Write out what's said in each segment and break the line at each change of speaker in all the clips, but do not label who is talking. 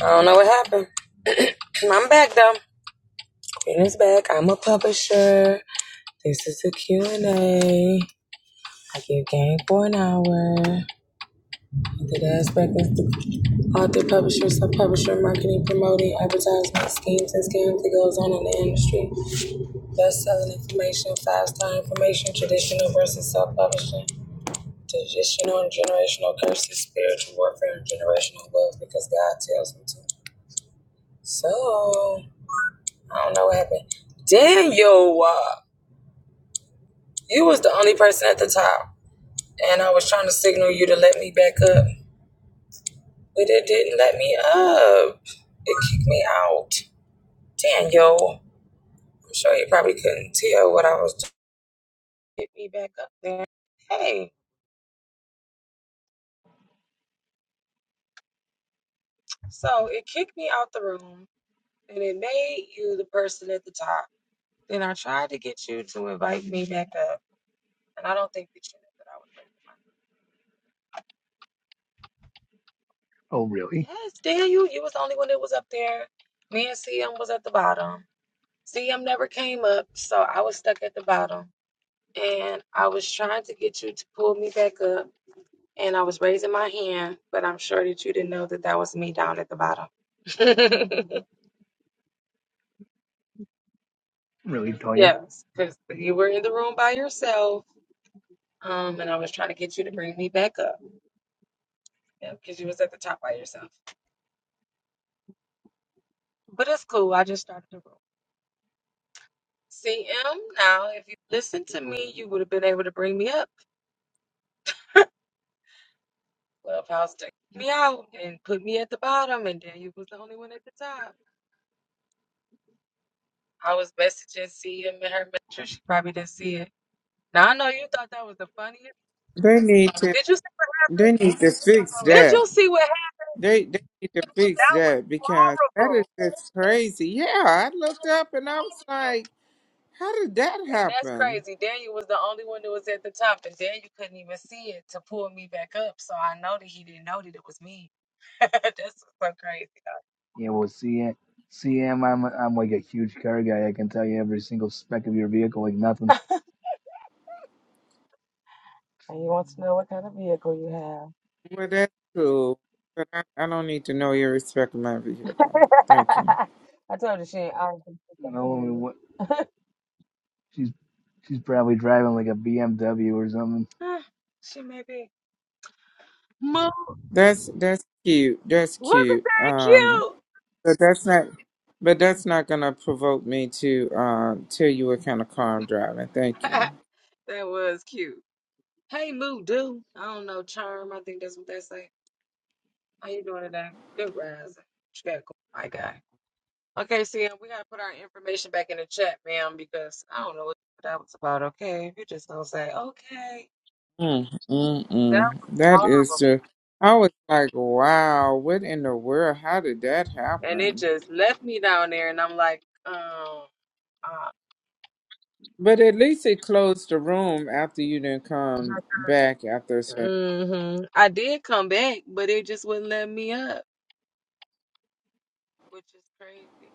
I don't know what happened. I'm back though. It is back. I'm a publisher. This is a Q and A. I give game for an hour. The aspect is the author, publisher, sub-publisher, marketing, promoting, advertisement, schemes, and scams that goes on in the industry. Best-selling information, five-star information, traditional versus self-publishing, traditional and generational curses, spiritual warfare, and generational wealth because God tells me to. So, I don't know what happened. Daniel! uh, You was the only person at the top, and I was trying to signal you to let me back up, but it didn't let me up. It kicked me out. Daniel, I'm sure you probably couldn't tell what I was doing. Get me back up there. Hey, so it kicked me out the room, and it made you the person at the top. Then I tried to get you to invite me back up, and I don't think that you knew that I was ready
Oh, really?
to. mind. Yes, Daniel, you was the only one that was up there. Me and CM was at the bottom. CM never came up, so I was stuck at the bottom. And I was trying to get you to pull me back up, and I was raising my hand, but I'm sure that you didn't know that that was me down at the bottom.
Really, Toya?
yes, because you were in the room by yourself, um, and I was trying to get you to bring me back up because you was at the top by yourself. But it's cool. I just started the room. CM, now if you listened to me, you would have been able to bring me up. Clubhouse took me out and put me at the bottom, and then you was the only one at the top. I was messaging CM in her message. She probably didn't see it. Now I know you thought that was the funniest.
They need to
Did you see what,
they need to fix
did
that.
you see what happened?
They they need to fix
That
that
was
because that is
horrible.
just crazy. Yeah, I looked up and I was like, how did that
And that's
happen?
crazy. Daniel was the only one that was at the top, and Daniel couldn't even see it to pull me back up. So I know that he didn't know that it was me. that's so crazy.
Yeah, well, CM, CM, I'm I'm like a huge car guy. I can tell you every single spec of your vehicle like nothing.
And you want to know what kind of vehicle you
Well, that's cool, but I, I don't need to know your respect of my
have.
vehicle. Thank you.
I told you she ain't I do she's
You
gonna
know, I
kill
mean,
you.
what? She's she's probably driving like a BMW or something.
Ah, she may be. Moo,
That's that's cute. That's
look
cute.
at
Um, but that's not. But that's not gonna provoke me to uh, tell you what kind of car I'm driving. Thank
that
you.
cute. that was cute. Hey, Moo Doo. I don't know, Charm. I think that's what they say. How you doing today? Good rising. What you got going? I got. Okay, see, we gotta put our information back in the chat, ma'am, because I don't know what that was about. Okay, if you just don't say okay,
Mm, mm,
that
mm. That
was
is
horrible,
just, I was like, wow, what in the world? How did that
and it
happen?
just left me down there, and I'm like, um, uh,
But at least it closed the room after you didn't come back after a certain.
mm-hmm. I did come back, but it just wouldn't let me up, which is crazy.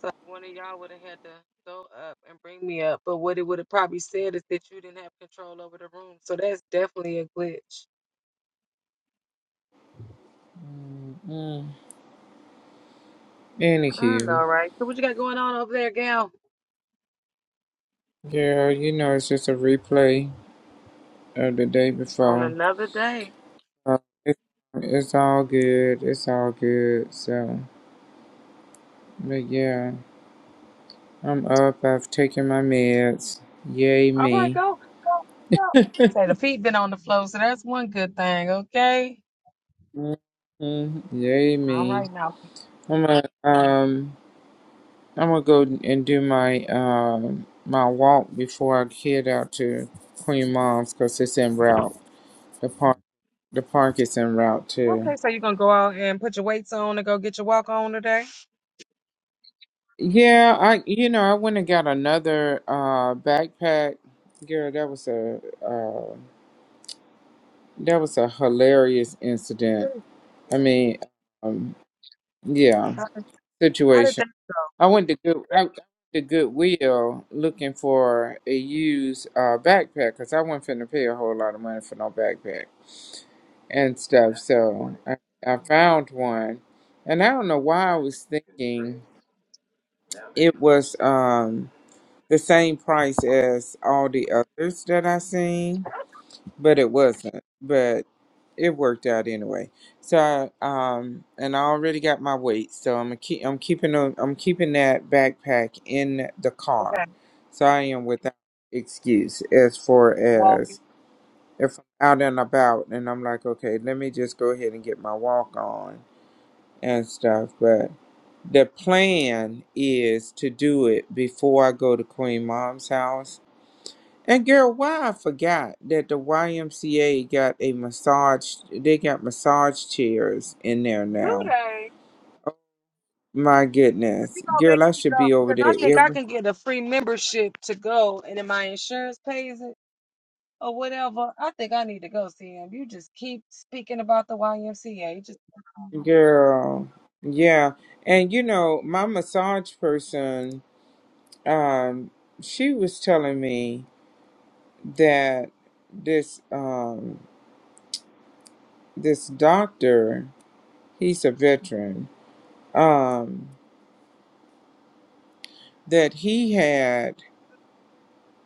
So one of y'all would have had to go up and bring me up. But what it would have probably said is that you didn't have control over the room. So that's definitely a glitch.
Mm, mm.
I
Anywho,
know, right? So what you got going on over there, gal?
girl, you know it's just a replay of the day
On
before.
another day.
Uh, it, it's all good. It's all good. So, but yeah, I'm up. I've taken my meds. Yay
All right,
me.
go, go, go. Say the feet been on the floor, so that's one good thing, okay?
Mm-hmm. Yay
All
me.
right now.
I'm gonna um I'm gonna go and do my um my walk before I head out to Queen Mom's because it's en route. The park the park is en route too.
Okay, so you're gonna go out and put your weights on and go get your walk on today?
Yeah, I you know I went and got another uh backpack. Girl, that was a uh that was a hilarious incident.
What is yeah.
I mean, um yeah,
How, how
situation.
did that go?
I went to good I went to Goodwill looking for a used uh, backpack because I wasn't finna pay a whole lot of money for no backpack and stuff. So I, I found one, and I don't know why I was thinking it was um the same price as all the others that I seen but it wasn't. But it worked out anyway. So I, um, and I already got my weight, so I'm a keep. I'm keeping a, I'm keeping that backpack in the car,
Okay,
so I am without excuse as far
walking.
as if I'm out and about and I'm like, okay, let me just go ahead and get my walk on and stuff. But the plan is to do it before I go to Queen Mom's house and girl, why I forgot that the YMCA got a massage. They got massage chairs in there now.
Good
My goodness,
You gonna
girl, I
make me go
should be over
because
there
I think I
every
can get a free membership to go, and then my insurance pays it or whatever. I think I need to go see him. You just keep speaking about the YMCA. You Just
girl. Yeah, and you know my massage person, um, she was telling me that this um this doctor, he's a veteran, um, that he had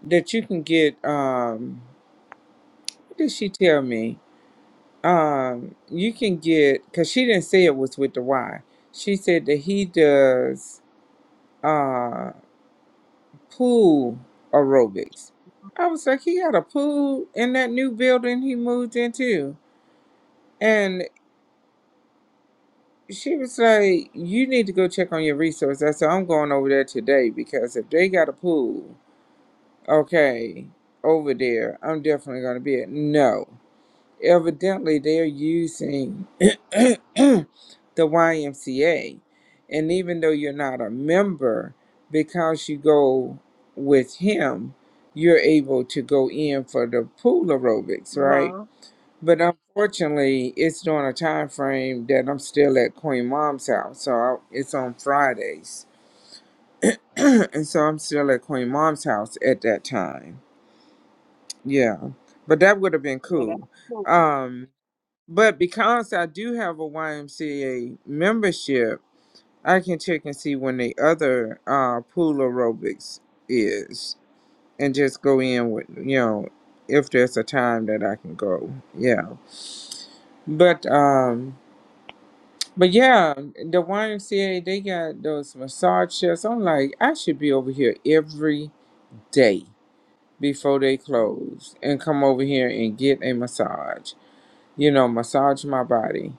that you can get um What did she tell me? Um, you can get because she didn't say it was with the Y. She said that he does uh pool aerobics. I was like, he got a pool in that new building he moved into, and she was like, you need to go check on your resources. I said, I'm going over there today because if they got a pool, okay, over there, I'm definitely gonna be it. No. evidently they're using the YMCA. And even though you're not a member, because you go with him, you're able to go in for the pool aerobics, right?
uh-huh.
But unfortunately, it's during a time frame that I'm still at Queen Mom's house. So I, it's on Fridays. and so I'm still at Queen Mom's house at that time. Yeah. But that would have been
Yeah, that's
cool.
cool.
Um, but because I do have a YMCA membership, I can check and see when the other uh, pool aerobics is and just go in with, you know, if there's a time that I can go. Yeah. But, um, but yeah, the YMCA, they got those massage chairs. I'm like, I should be over here every day before they close and come over here and get a massage, you know, massage my body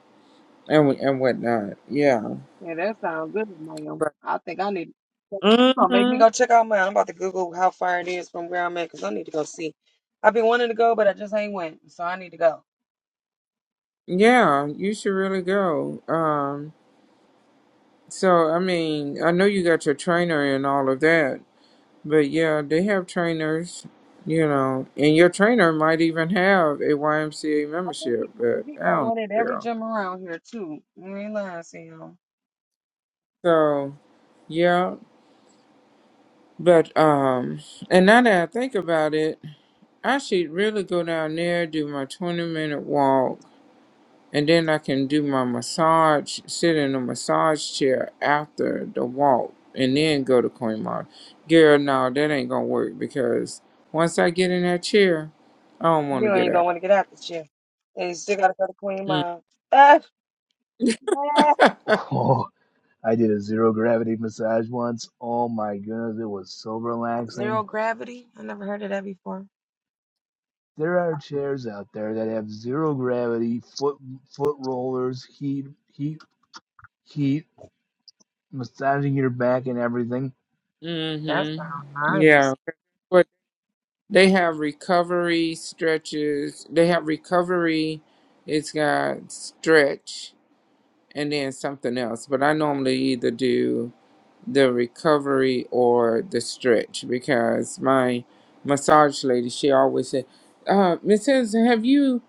and, and whatnot. Yeah.
Yeah, that sounds good, ma'am. I think I need. You gonna make me
Mm-hmm.
go check out mine. I'm about to Google how far it is from where I'm at because I need to go see. I've been wanting to go, but I just ain't went, so I need to go.
Yeah, you should really go. Um, so I mean, I know you got your trainer and all of that, but yeah, they have trainers, you know, and your trainer might even have a YMCA
I think you,
membership, but
you
I
got
don't
one at
know,
every
girl.
gym around here too. You ain't lying, Sam.
So yeah, but um, and now that I think about it, I should really go down there, do my twenty minute walk, And then I can do my massage, sit in a massage chair after the walk, and then go to Queen Mall. Girl, no, that ain't gonna work because once I get in that chair, I don't want to
You
get
ain't gonna want
out.
to get out this year, and you still gotta go to Queen Mile. Ah, ah.
Oh, I did a zero gravity massage once. Oh my goodness, it was so
Zero
relaxing.
gravity. I never heard of that before.
There are chairs out there that have zero gravity, foot foot rollers, heat heat heat massaging your back and everything.
That
Mm-hmm.
sounds
Yeah,
nice.
but they have recovery stretches. They have recovery. It's got stretch and then something else. But I normally either do the recovery or the stretch because my massage lady she always said uh miss henderson have you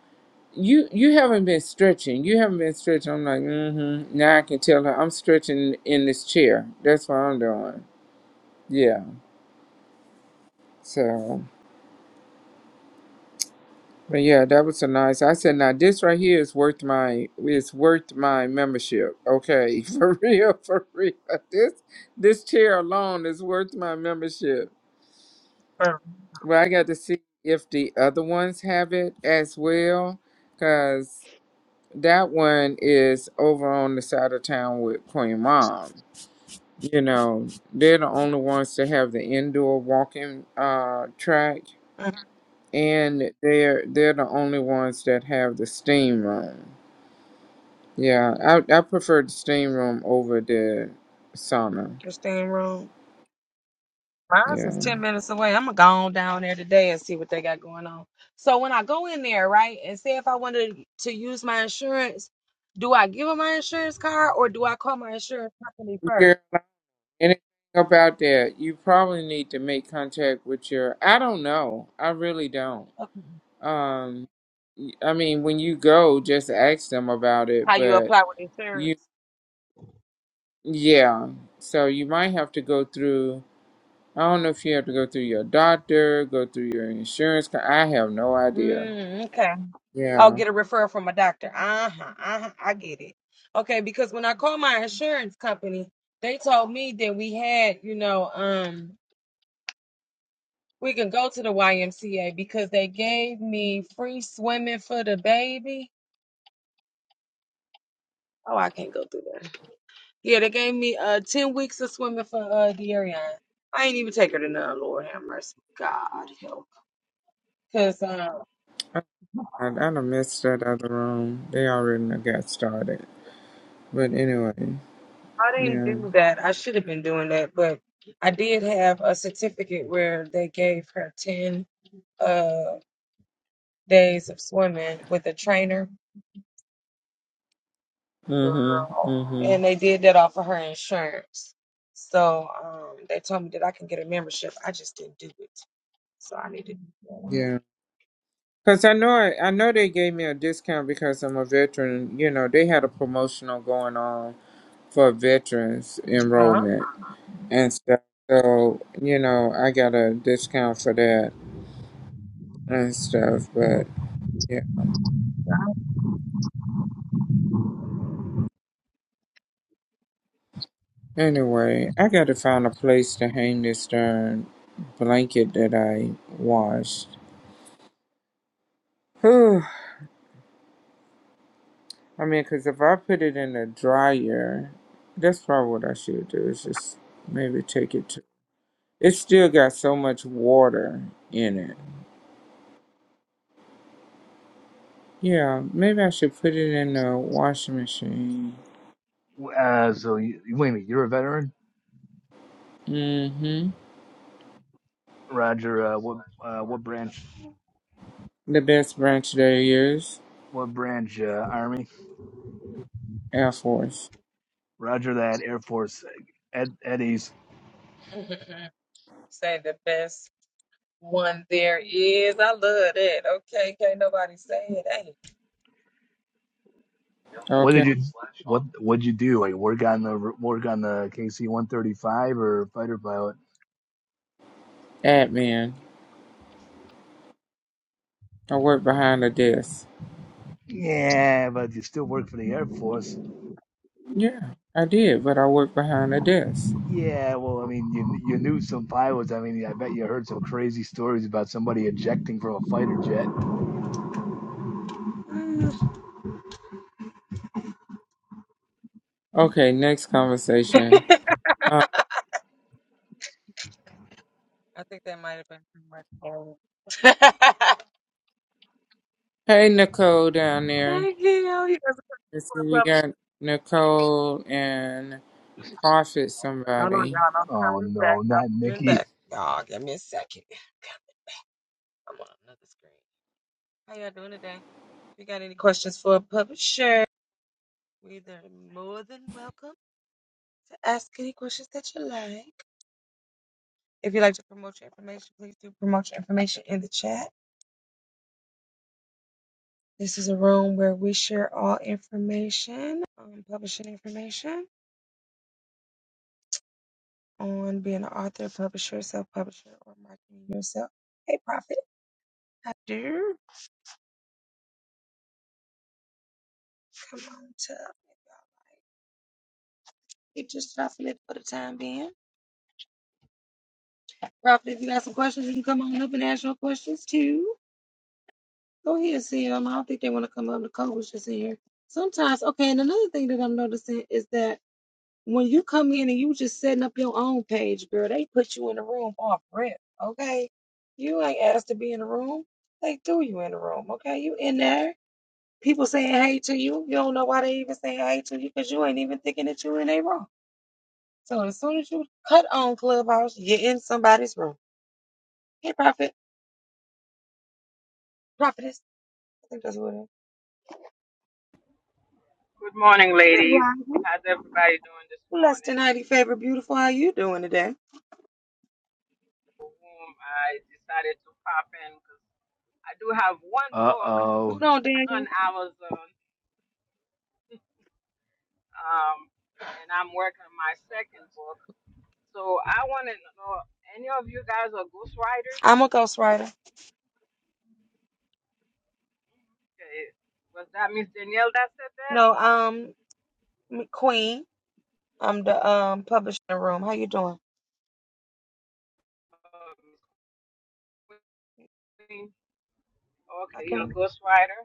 you you haven't been stretching you haven't been stretching i'm like mm-hmm now i can tell her i'm stretching in this chair that's what i'm doing yeah so but yeah that was a nice i said now this right here is worth my is worth my membership okay for real for real this this chair alone is worth my membership Well, I got to see if the other ones have it as well, because that one is over on the side of town with Queen Mom. You know, they're the only ones to have the indoor walking uh, track,
Mm,
and they're they're the only ones that have the steam room. Yeah, I I prefer the steam room over the sauna.
Just staying wrong. Mine's is
Yeah.
10 minutes away. I'm gonna go on down there today and see what they got going on. So when I go in there, right, and say if I wanted to use my insurance, do I give them my insurance card or do I call my insurance company first?
Anything about that? You probably need to make contact with your. I don't know. I really don't.
Okay.
Um, I mean, when you go, just ask them about it.
How you
But
apply with
you,
insurance?
yeah. So you might have to go through. I don't know if you have to go through your doctor, go through your insurance. co- I have no idea.
Mm, okay. I'll
Yeah.
get a referral from a doctor. Uh-huh. Uh-huh. I get it. Okay, because when I called my insurance company, they told me that we had, you know, um, we can go to the YMCA because they gave me free swimming for the baby Oh, I can't go through that. Yeah, they gave me uh ten weeks of swimming for uh De'Arian. I ain't even take her to none. Lord have mercy. God help. Cause um,
I, I I
I
done missed that other room. They already done got started. But anyway,
didn't
yeah.
do that. I should have been doing that, but I did have a certificate where they gave her ten uh days of swimming with a trainer,
Mm-hmm. Mm-hmm.
and they did that off of her insurance. So um, they told me that I can get a membership. I just didn't do it, so I need to. do
Yeah. Cause I know I, I know they gave me a discount because I'm a veteran. You know they had a promotional going on for veterans
that. Uh
enrollment and stuff. So you know I got a discount for that and stuff. But yeah. Anyway, I got to find a place to hang this darn blanket that I washed. Whew. I mean, cause if I put it in the dryer, that's probably what I should do. Is just maybe take it to It still got so much water in it. Yeah, maybe I should put it in the washing machine.
Uh, so you, wait a minute, you're a veteran,
Mm-hmm.
Roger. Uh, what uh, what branch?
The best branch there is
What branch? Uh, Army.
Air Force.
Roger that. Air Force. Ed, Eddie's.
huh. Say the best one there is. I love that. Okay, can't nobody say it. Hey,
What did
Okay.
you? What what'd you do? Like work on the work on the KC one thirty five or fighter pilot?
Admin. I work behind a desk.
Yeah, but you still work for the Air Force.
Yeah, I did, but I work behind a desk.
Yeah, well, I mean, you you knew some pilots. I mean, I bet you heard some crazy stories about somebody ejecting from a fighter jet.
Mm.
Okay, next conversation. Uh,
I think that might have been from Mark Kelly.
hey, Nicole down there.
Hey, Gail, he doesn't come
Let's see,
to
you
public.
got Nicole and Prophet
Hold on,
somebody.
y'all. I'm
Oh
coming back.
no, not
I'm coming
Nikki.
back. Y'all, give me a second. I'm on another screen. How y'all doing today? you got any questions for a publisher, we are more than welcome to ask any questions that you like. If you'd like to promote your information, please do promote your information in the chat. This is a room where we share all information, um, publishing information on being an author, publisher, self publisher, or marketing yourself. Hey, Prophet, how do? Come on, to Keep just dropping it for the time being. Prophet, if you got some questions, you can come on up and ask your questions too. Go ahead, see them. I don't think they want to come up. Nicole was just in here. Sometimes, okay, and another thing that I'm noticing is that When you come in and you just setting up your own page, girl, they put you in the room off rip, okay? You ain't asked to be in the room. They threw you in the room, okay? You in there. People saying hey to you. You don't know why they even saying hey to you because you ain't even thinking that you in a room. So as soon as you cut on Clubhouse, you're in somebody's room. Hey, Prophet, Prophetess, I think that's what it is.
Good morning,
Good
ladies.
rising.
How's everybody doing this
Blessed and
morning?
highly favored, beautiful. How you doing today?
For whom I decided to pop in because I do have one
Uh
book
oh.
Hold on,
on
Daniel.
Amazon, um, and I'm working on my second book. So I wanted to know any of you guys are ghostwriters?
I'm a ghostwriter.
Okay. Was that Miss Danielle that said that?
No, um, Queen. I'm the um publishing room. How you doing?
Or Miss Queen?
I
Okay, you're
can.
a ghostwriter.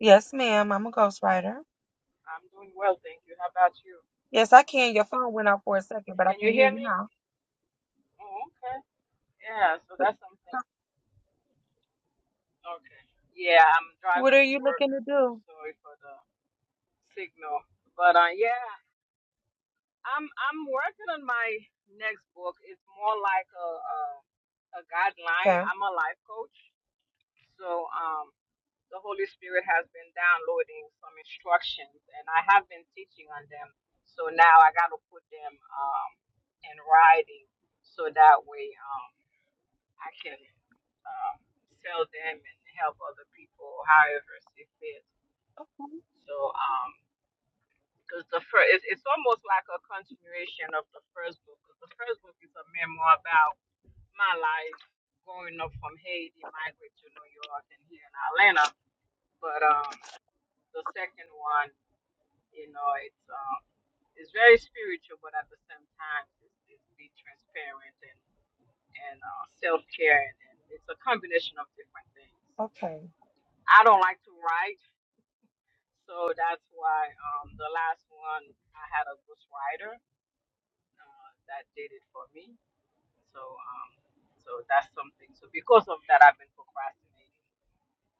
Yes, ma'am. I'm a ghostwriter.
I'm doing well, thank you. How about you?
Yes, I can. Your phone went out for a second, but I
Can
can
you
hear
hear
you
me?
now.
Oh, okay. Yeah, so
But,
that's something.
uh,
Okay. Yeah, I'm
What
driving
are
to
you
work,
looking to
so
do?
sorry for the signal. But uh, yeah, I'm I'm working on my next book. It's more like a a, a guideline.
Okay.
I'm a life coach, so um, the Holy Spirit has been downloading some instructions, and I have been teaching on them. So now I got to put them um, in writing, so that way um, I can um, sell them and help other people, however it fits.
Okay.
So, um, because the first, it's, it's almost like a continuation of the first book. 'cause the first book is a memoir about my life growing up from Haiti, migrate to New York, and here in Atlanta. But um, the second one, you know, it's um, it's very spiritual, but at the same time, it's, it's be transparent and and uh, self care, and, and it's a combination of different things.
Okay.
I don't like to write, so that's why um, the last one I had a ghostwriter uh, that did it for me. So um, so that's something. So because of that, I've been procrastinating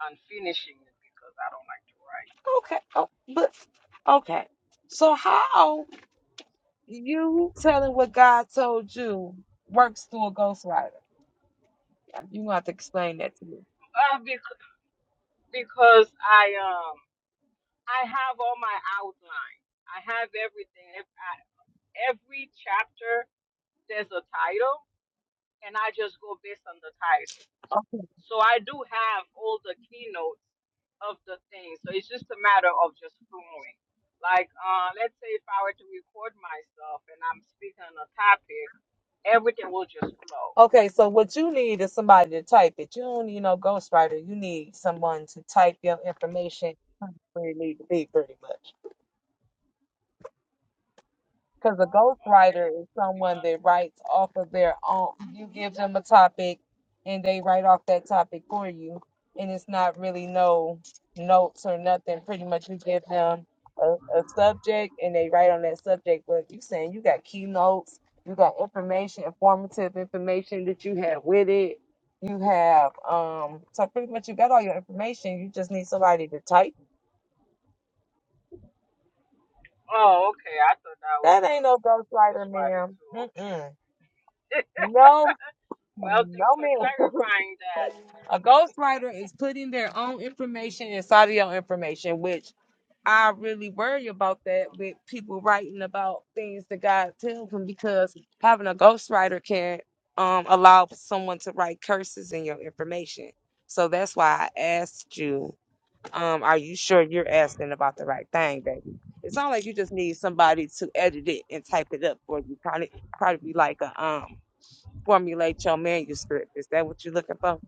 on finishing it because I don't like to write.
Okay. Oh, but okay. So how you telling what God told you works through a ghostwriter? You gonna have to explain that to
Uh, bec- because I um I have all my outline. I have everything. If I, every chapter there's a title, and I just go based on the title.
me.
So I do have all the keynotes of the thing. So it's just a matter of just flowing. Like, uh, let's say if I were to record myself and I'm speaking on a topic, everything will just flow.
Okay, so what you need is somebody to type it. You don't need no ghostwriter. You need someone to type your information where it need to be, pretty much. Because a
Oh,
ghostwriter
okay.
is
You
someone
want?
that writes off of their own. You give them a topic, and they write off that topic for you, and it's not really no notes or nothing. Pretty much, you give them a, a subject, and they write on that subject. But you saying you got keynotes, you got information, informative information that you have with it. You have um, so pretty much you got all your information. You just need somebody to type.
Oh, okay. I thought that was
That ain't
uh,
no ghostwriter,
ghostwriting
ma'am.
too. Okay.
Mm-mm. No
Well, thanks
No
for
man.
clarifying that.
A ghostwriter is putting their own information inside of your information, which I really worry about that
Oh,
with people writing about things that God tells them because having a ghostwriter can um allow someone to write curses in your information. So that's why I asked you, um, are you sure you're asking about the right thing, baby? It's not like you just need somebody to edit it and type it up for you. Probably probably be like a um formulate your manuscript. Is that what you're looking for?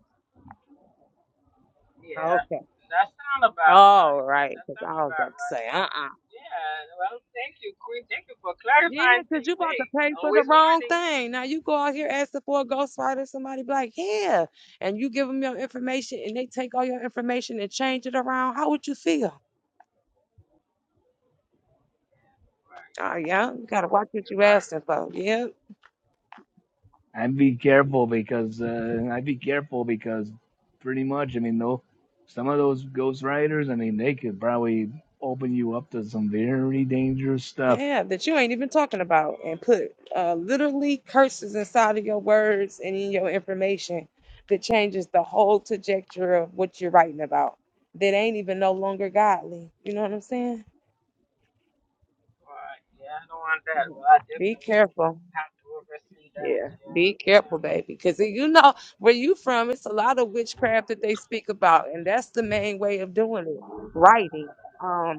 yeah,
Okay.
that sound about
All
right.
right.
That
Because
sound
I was
about
about to
right.
say, uh uh
Yeah. Well, thank you, Queen. Thank you for
Yeah,
clarifying
because you
things.
about to
Hey,
pay for the
always
wrong
learning.
thing. Now you go out here asking for a ghostwriter, somebody be like, yeah. And you give them your information and they take all your information and change it around. How would you feel?
Right,
Oh, yeah. You got to watch what
you're
you
right.
asking for. Yeah.
I'd be careful because uh, I'd be careful because pretty much, I mean, though some of those ghost riders, I mean, they could probably open you up to some very dangerous
Yeah,
stuff.
yeah, that you ain't even talking about, and
Mm,
put uh, literally curses inside of your words and in your information that changes the whole trajectory of what you're writing about. That ain't even no longer godly. You know what I'm saying?
right, yeah, I don't want that.
Yeah.
Well, I
Be
definitely would
careful.
have to oversee that.
Yeah,
Yeah,
be
yeah,
careful, baby, because you know where you from. It's a lot of witchcraft that they speak about, and that's the main way of doing it, writing. um,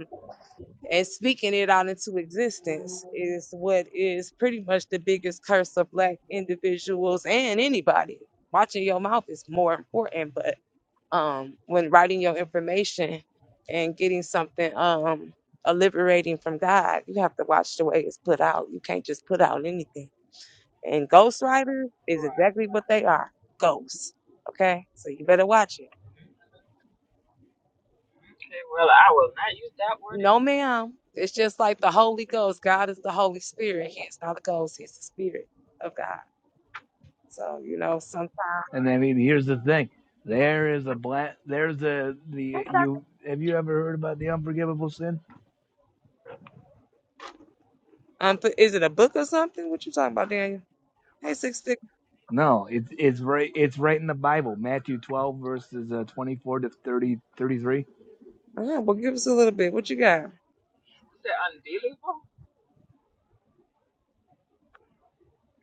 and speaking it out into existence is what is pretty much the biggest curse of black individuals and anybody. Watching your mouth is more important, but um, when writing your information and getting something um, a liberating from God, you have to watch the way it's put out. You can't just put out anything. And ghostwriters is
right.
exactly what they are ghosts. Okay? So you better watch it.
Okay, well, I will not use that word
No,
anymore.
ma'am. It's just like the Holy Ghost. God is the Holy Spirit. He is not the ghost. He's the Spirit of God. So you know, sometimes.
And I
Right.
mean, here's the thing: there is a black, there's a
Hey,
the
Doctor.
you. Have you ever heard about the unforgivable sin?
Um, but is it a book or something? What you talking about, Daniel? Hey, six six.
No, it's it's right it's right in the Bible, Matthew 12 verses uh, 24 to 30 33.
Uh, well, give us a little bit. What you got?
Is it unbelievable?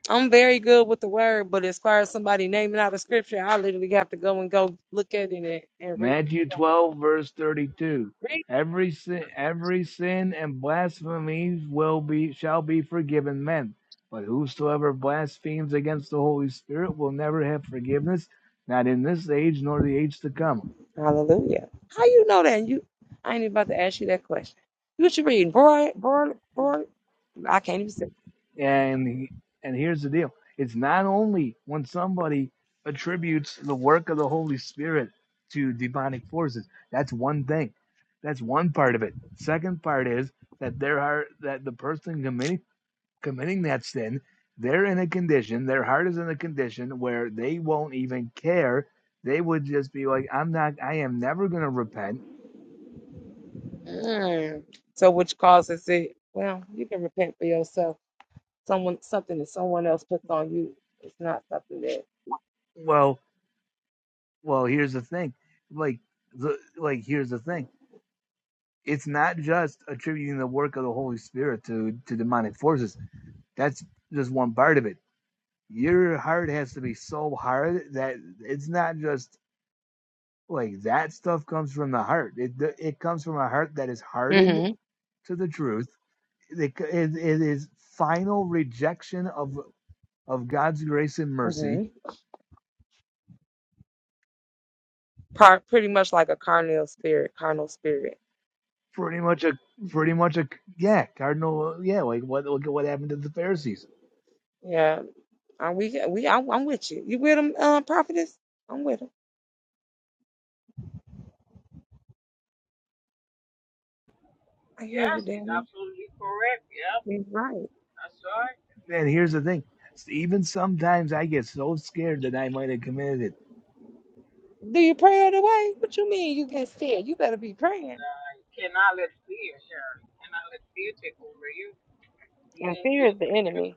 I'm very good with the word, but as far as somebody naming out a scripture, I literally have to go and go look at it and, and read.
Matthew 12, verse 32.
Read.
Every sin, every sin and blasphemy will be shall be forgiven men, but whosoever blasphemes against the Holy Spirit will never have forgiveness, not in this age nor the age to come.
Hallelujah. How you know that? You, I ain't even about to ask you that question. What you reading, boy? Boy? Boy? I can't even. see.
And and here's the deal: it's not only when somebody attributes the work of the Holy Spirit to demonic forces. That's one thing. That's one part of it. Second part is that there are that the person committing committing that sin, they're in a condition, their heart is in a condition where they won't even care. They would just be like, I'm not, I am never going to repent.
Mm. So which causes it, well, you can repent for yourself. Someone something that someone else puts on you. It's not something that
Well, well, here's the thing. Like, the, like, here's the thing. It's not just attributing the work of the Holy Spirit to, to demonic forces. That's just one part of it. Your heart has to be so hard that it's not just like that stuff comes from the heart. It, it comes from a heart that is hardened
Mm-hmm.
to the truth it is final rejection of of God's grace and mercy.
Mm-hmm. par, pretty much like a carnal spirit, carnal spirit.
Pretty much a pretty much a yeah cardinal yeah like what look at what happened to the Pharisees.
Yeah. Are we we I'm, I'm with you. You with him, um, prophetess? I'm with him. I hear you,
Yes, he's
Danny.
absolutely correct. Yep,
He's right.
that's right.
And here's the thing, even sometimes I get so scared that I might have committed it.
Do you pray it away? What you mean you get scared? You better be
And,
praying.
uh, you cannot let fear, yeah, you cannot let fear take over you. He
And
didn't,
fear is the enemy.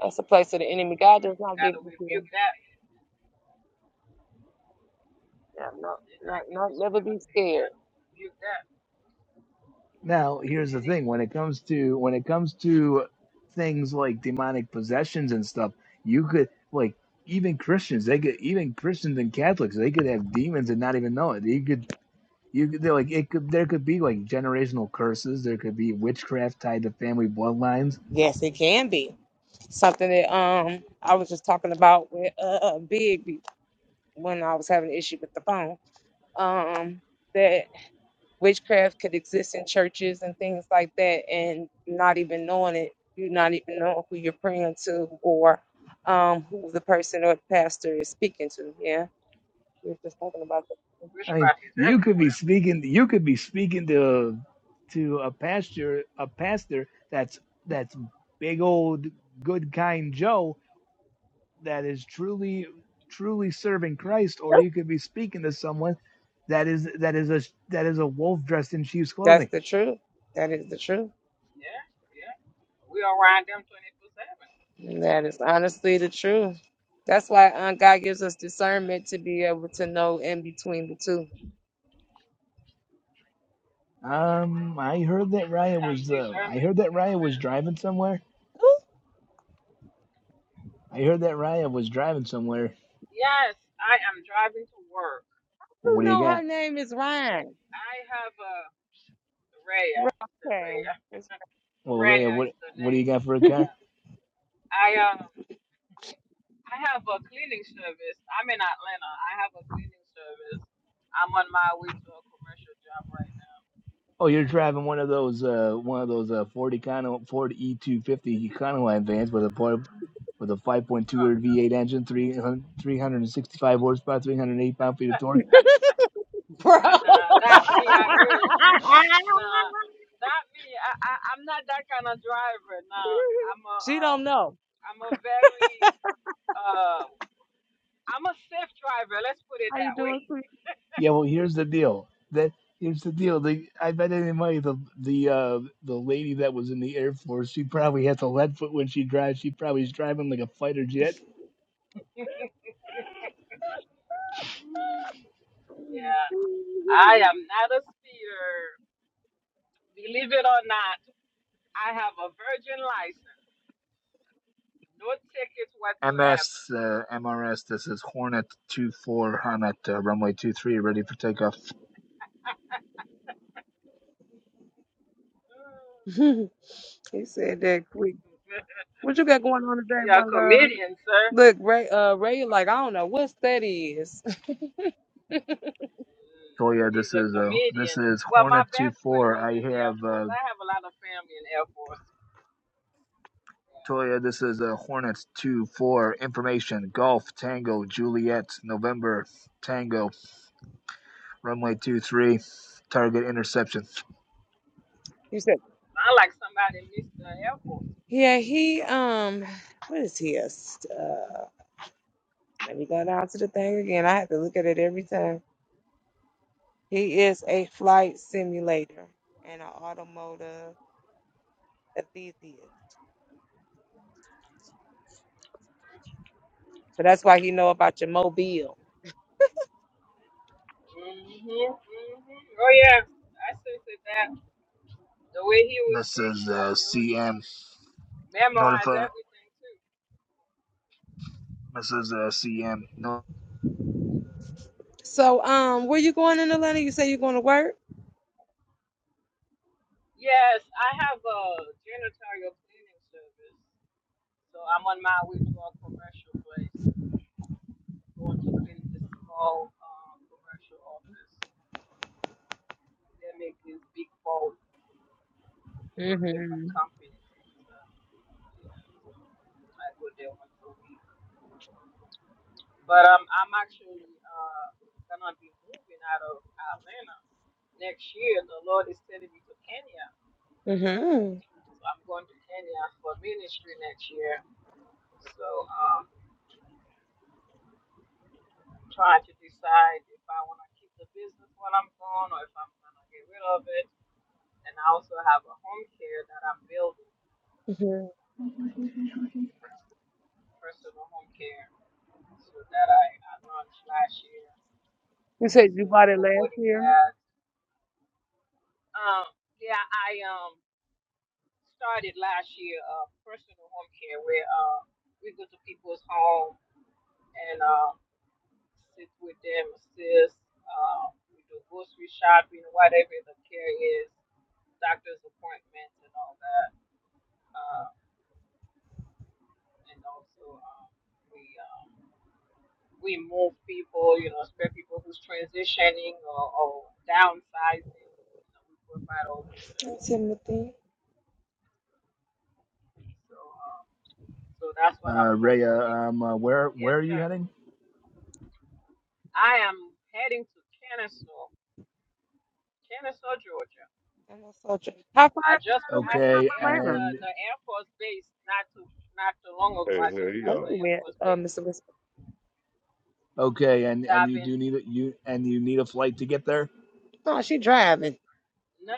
That's the place of the enemy.
you
God does not give
gotta
you fear.
rebuke that.
Yeah, no,
Did
not,
not give
not,
the
never
spirit of
be
fear,
scared.
gotta rebuke that.
Now here's the
And it,
thing when it comes to when it comes to things like demonic possessions and stuff, you could like even Christians they could even Christians and Catholics they could have demons and not even know it. You could You they're like it could there could be like generational curses. There could be witchcraft tied to family bloodlines.
Yes, it can be something that um I was just talking about with uh uh, Big be- when I was having an issue with the phone. Um, that witchcraft could exist in churches and things like that, and not even knowing it, you not even know who you're praying to or um who the person or pastor is speaking to. Yeah, we were just talking about that.
I mean,
witchcraft is
you could be
everywhere.
speaking. You could be speaking to to a pastor a pastor that's that's big old good kind Joe that is truly truly serving Christ, or
Yep.
you could be speaking to someone that is that is a that is a wolf dressed in sheep's
That's
clothing.
the truth. That is the truth.
Yeah, yeah. We are around them 24 7.
That is honestly the truth. That's why uh, God gives us discernment to be able to know in between the two.
Um, I heard that
And
Raya
sometimes
was
these
uh, I
women
heard that
don't
Raya
come
was
in.
driving somewhere.
Who
I heard that Raya was driving somewhere
Yes, I am driving to work.
who
What do you
know her
got?
name is Ryan?
I have a Raya.
Ri-
Is it
Okay.
Raya?
It's
Well, Ray,
Raya
what
is the
what do you
name.
got for a car?
Yeah. I um I have a cleaning service. I'm in Atlanta. I have a cleaning service. I'm on my way to a commercial job right now.
Oh, you're driving one of those uh one of those uh Ford Econo Ford E250 Econoline vans with a port with a 5.2
Oh
liter
no.
V8 engine, 300, 365 horsepower, 308 pound feet of torque.
Ryan.
Bro.
Nah, not me. I wish. Nah, not me. I, I I'm not that kind of driver. Nah. I'm a
she
um
don't know.
I'm a very uh. I'm a safe driver. Let's put it
How you
that way.
doing, sweet?
Yeah, well, here's the deal. That here's the deal. The, I bet any money the the uh the lady that was in the Air Force, she probably has a lead foot when she drives. She probably is driving like a fighter jet
Yeah, I am not a speeder. Believe it or not, I have a virgin license, no tickets whatsoever.
MS uh, MRS, this is Hornet 24 Hornet uh, runway two Three, ready for takeoff.
Mm.
he said that quick. What you got going on today,
You're a
one love?
comedian, sir.
Look, Ray. Uh, Ray, like I don't know what that is.
Mm,
Toya,
He's
this
a
is uh, this
comedian.
is
Well, my
Hornet Two
best friend
Four.
was
I
in the Air
have
Force.
uh,
I have a lot of family in Air Force.
Toya, this is uh, Hornet Two Four. information Golf Tango Juliet November Tango runway Two Three, target interception.
You said,
I like somebody missed the Air Force.
yeah. He um, what is he? A, Let me go down to the thing again. I have to look at it every time. He is a flight simulator and an automotive enthusiast. So that's why he know about your mobile.
hmm hmm Oh yeah, I said that. The way he was
This is
speaking, I
uh,
said, oh
CM
yeah. memorize
notify
everything too.
This is uh, CM no
So, um, where you going in Atlanta? You say you're going to work?
Yes, I have a janitorial cleaning service, so I'm on my way to a commercial place, going to clean this small um, commercial office. They make this big bowl for different
mm
companies. So, yeah, I go there once a week. But um, I'm actually uh, gonna be moving out of Atlanta next year. The Lord is sending me to Kenya
hmm hmm
So I'm going to Kenya for ministry next year. So um, I'm trying to decide if I want to keep the business while I'm gone or if I'm going to get rid of it. And I also have a home care that I'm building,
hmm
personal home care, so that I, I launched last year.
You said you
So
bought it last
promoting
year?
that. Um, yeah, I um started last year uh, personal home care where uh, we go to people's home and. uh, sit with them, assist. Um, we do grocery shopping, whatever the care is, doctor's appointments, and all that. Uh, and also, um, we um, we move people, you know, especially people who's transitioning or, or downsizing. You know, we provide all those services.
Timothy.
So, um, so that's what I'm
uh,
promoting.
Raya um uh, where
Yes,
where are you
sir.
heading?
I am heading to Kennesaw, Kennesaw, Georgia.
I'm a soldier. How far
I
is
just
it away
passed
from
the
Okay,
air
Atlanta?
the,
and.
the Air Force base not too not too long ago.
Hey,
I just
hey,
Thank
passed
yeah.
the
you,
Air
man.
Force
Uh,
base.
Mr. Whisper.
Okay, and
So
and
I've
you do
been
need a you and you need a flight to get there.
No, she driving.
no.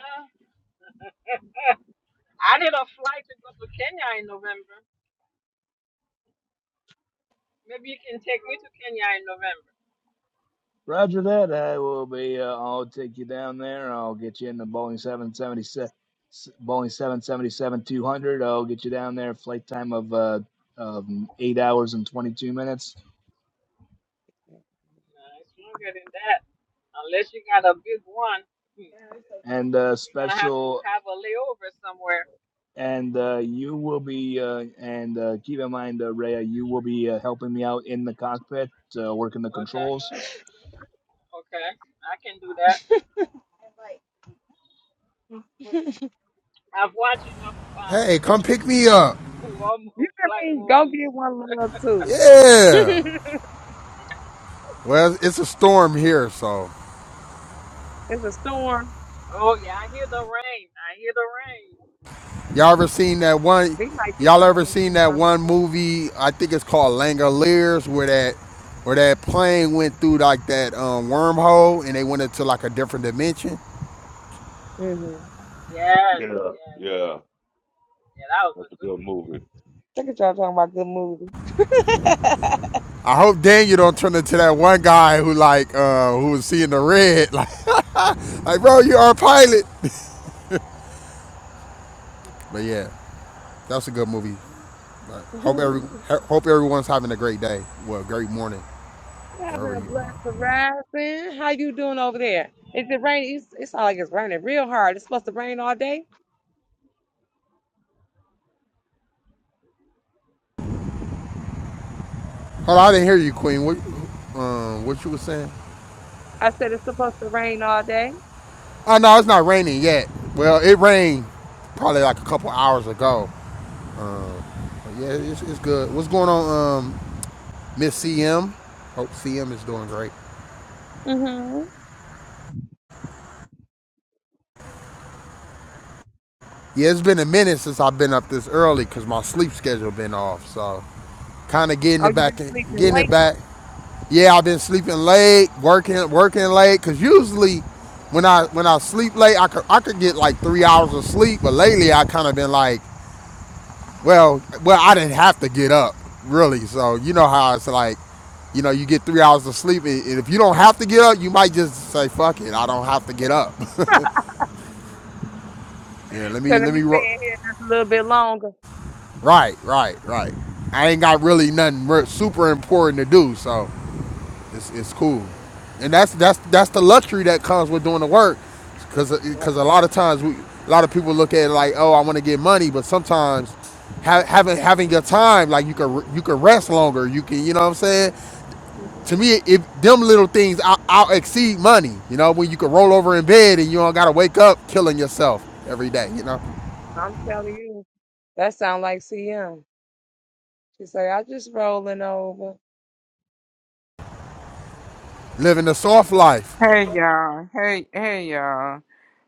I did a flight to go to Kenya in November. Maybe you can take me to Kenya in November.
Roger that. I will be. Uh, I'll take you down there. I'll get you in the Boeing seven seventy seven, Boeing seven seventy seven two hundred. I'll get you down there. Flight time of uh of eight hours and twenty two minutes,
No, it's longer than that. Unless you got a big one, hmm,
and uh,
you're gonna have to
special.
have a layover somewhere.
And uh, you will be. Uh, and uh, keep in mind, uh, Rhea, you will be uh, helping me out in the cockpit, uh, working the
Okay,
controls.
okay, I can do that.
I
I've watched enough um
Hey, come pick me up.
war mo- flight
mean, go
movies.
get one love too.
Yeah.
it's
Well, it's a storm here, so
a storm.
Oh yeah, I hear the rain. I hear the rain.
y'all ever seen that one?
We might get
Y'all
some of
ever
those
seen that
tomorrow.
He
one
said,
movie? I think it's called Langoliers, where that where that plane went through like that um, wormhole and they went into like a different dimension.
Mm-hmm.
"Yes,
Yeah,
yes,
yeah.
yeah." That was
That's
a
a
good
good
movie,
movie.
actually.
Look at y'all talking about good movies?
Yeah.
I hope Daniel don't turn into that one guy who like uh, who was seeing the red, like like bro, you are a pilot. But yeah, that's a good movie. Hope every
movie.
hope everyone's having a great day. Well, great morning wherever
Having a
you are.
blast horizon. How you doing over there? Is it
yes,
raining? It's, it's all like it's raining real hard. It's supposed to rain all day.
Hold on, I didn't hear you, Queen. What, um, what you were saying?
I said it's supposed to rain all day.
Oh no, it's not raining yet. Well, it rained probably like a couple hours ago. But yeah, it's, it's good. What's going on, um, Miss CM? Hope CM is doing great.
hmm
Yeah, it's been a minute since I've been up this early because my sleep schedule been off. So, kind of getting
Oh,
it
you
back,
been sleeping
getting it
late,
back. Yeah, I've been sleeping late, working, working late. Cause usually, when I when I sleep late, I could I could get like three hours of sleep. But lately, I kind of been like Well, well, I didn't have to get up really. So you know how it's like, you know, you get three hours of sleep, and and if you don't have to get up, you might just say, "Fuck it, I don't have to get up." yeah, let
so
me,
let
let
me
me.
stay
Ro-
in here just a little bit longer.
right, right, right. I ain't got really nothing re- super important to do, so it's it's cool. And that's that's that's the luxury that comes with doing the work, because
Yes,
because a
hmm
lot of times we a lot of people look at it like, oh, I want to get money, but sometimes ha- having having your time, like you can re- you can rest longer. You can you know what I'm saying. to
Mhm.
me, if them little things out, out exceed money, you know, when you can roll over in bed and you don't gotta wake up killing yourself every day, you know,
I'm telling you, that sound like CM. She said, I just rolling over.
living a soft life.
Hey y'all. Hey hey y'all.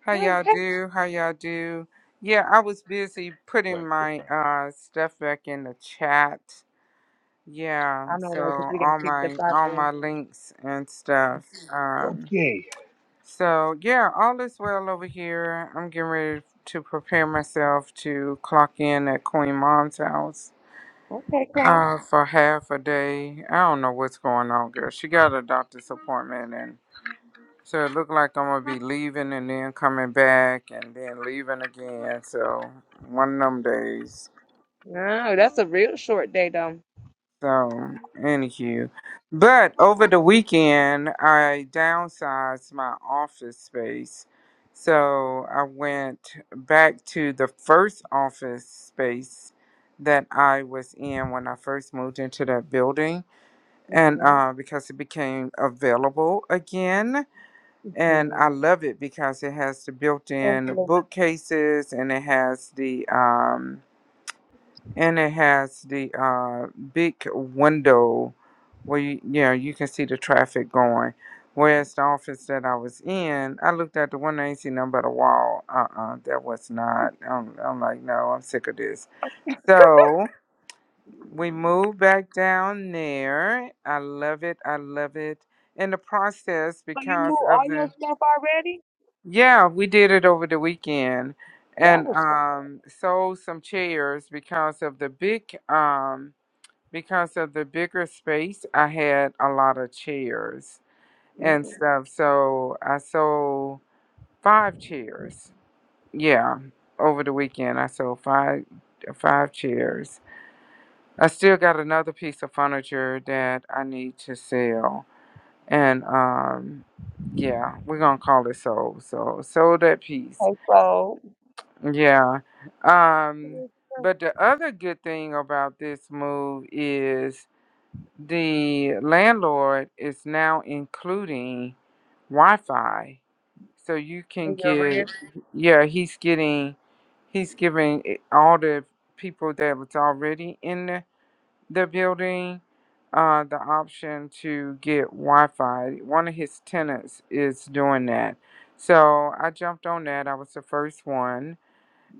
How
Hey,
y'all
hey.
do? How y'all do? Yeah, I was busy putting my uh stuff back in the chat. Yeah,
I know,
so
right? Because we got
all
kicked up
my
out of
all
here.
my links and stuff. Um
Okay.
so yeah, all is well over here. I'm getting ready to prepare myself to clock in at Queen Mom's house
Okay, Clyde.
uh for half a day. I don't know what's going on, girl. She got a doctor's appointment so it looked like I'm gonna be leaving and then coming back and then leaving again. So one of them days.
No, that's a real short day though.
So anywho, but over the weekend I downsized my office space. So I went back to the first office space that I was in when I first moved into that building, and
Mm-hmm.
uh, because it became available again And
hmm
I love it because it has the built-in
Angela.
bookcases and it has the um and it has the uh big window where you, you know you can see the traffic going. Whereas the office that I was in, I looked at the window, I ain't see nothing but a wall. Uh-uh, that was not. I'm, I'm like, no, I'm sick of this. So we moved back down there. I love it. I love it. In the process,
So you moved
because
all
of
your
the
stuff already?
Yeah, we did it over the weekend
That
and
was
um sold some chairs because of the big um because of the bigger space I had a lot of chairs and
mm
stuff. So I sold five chairs. Yeah. Over the weekend I sold five five chairs. I still got another piece of furniture that I need to sell. And um yeah, we're gonna call it sold. So sold that piece
okay. So
Yeah. Um, but the other good thing about this move is the landlord is now including Wi-Fi. So you can
in your rent,
get, yeah, he's getting, he's giving it- all the people that was already in the, the building uh, the option to get Wi-Fi. One of his tenants is doing that. So I jumped on that. I was the first one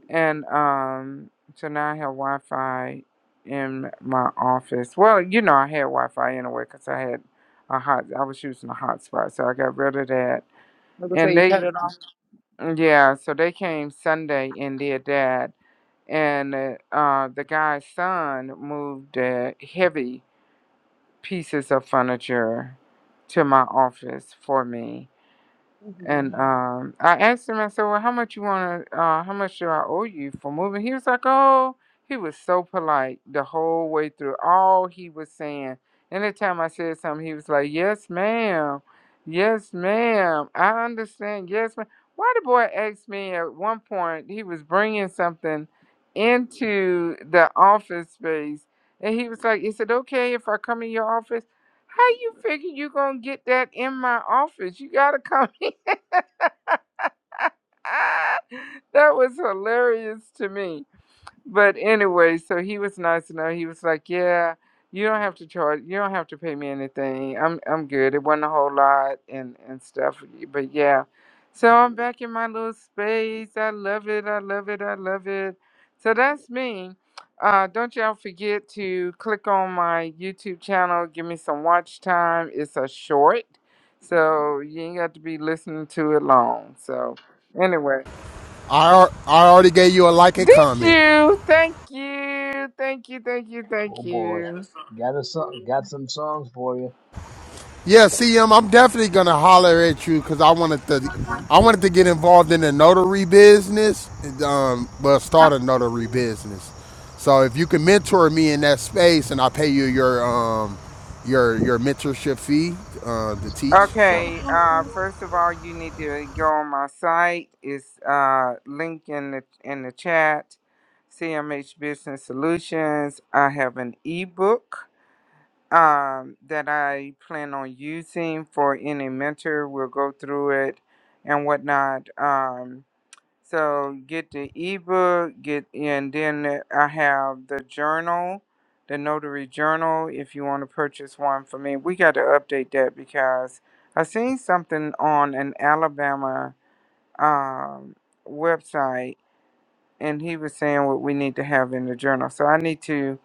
and um, so now I have Wi Fi in my office. Well, you know, I had Wi Fi anyway because I had a hot, I was using a hotspot, so I got rid of that.
like I say,
And
you
they,
cut it off.
yeah, so they came Sunday and did that. And uh, uh, the guy's son moved uh, heavy pieces of furniture to my office for me. And
Mhm.
um, I asked him, I said, well, how much you want to, uh, how much do I owe you for moving? He was like, oh, he was so polite the whole way through. All he was saying, anytime I said something, he was like, yes, ma'am. Yes, ma'am. I understand. Yes, ma'am. Why the boy asked me at one point, he was bringing something into the office space. And he was like, is it okay if I come in your office? How you figure you gonna get that in my office? You gotta come that was hilarious to me. But anyway, so he was nice enough. He was like, "Yeah, you don't have to charge. You don't have to pay me anything. I'm I'm good. It wasn't a whole lot and and stuff. But yeah, so I'm back in my little space. I love it. I love it. I love it. So that's me. Uh, don't y'all forget to click on my YouTube channel. Give me some watch time. It's a short, so you ain't got to be listening to it long. So anyway.
I I already gave you a like
Did
and comment.
you? Thank you. Thank you. Thank you.
Oh
Thank
boy.
you.
Got a song got some songs for you.
Yeah, CM, I'm definitely gonna holler at you because I wanted to, I wanted to get involved in the notary business, and, um, well, start a notary business. So if you can mentor me in that space, and I pay you your um, your your mentorship fee uh, to teach, so.
Okay. Uh, first of all, you need to go on my site. It's uh link in the in the chat. CMH Business Solutions. I have an ebook um that I plan on using for any mentor. We'll go through it and whatnot. Um, So get the ebook, get and then I have the journal, the notary journal. If you want to purchase one for me, we got to update that because I seen something on an Alabama um, website, and he was saying what we need to have in the journal. So I need to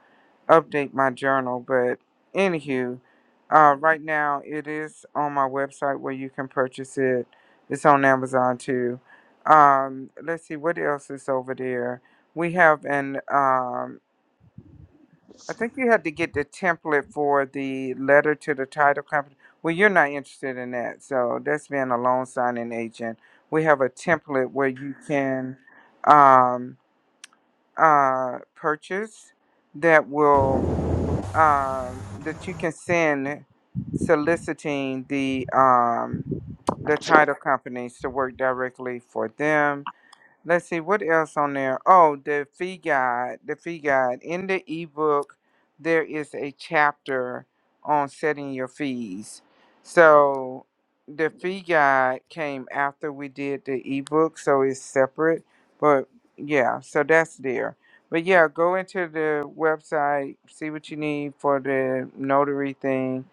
update my journal. But anywho, uh, right now it is on my website where you can purchase it. It's on Amazon too. Um, let's see what else is over there. We have an um, I think you had to get the template for the letter to the title company. Well, you're not interested in that, so that's being a loan signing agent. We have a template where you can um, uh, purchase that will um, that you can send soliciting the um, the title companies to work directly for them Let's see what else on there. Oh, the fee guide. The fee guide. In the ebook, there is a chapter on setting your fees. So the fee guide came after we did the ebook, so it's separate. But yeah, so that's there. But yeah, go into the website, see what you need for the notary thing.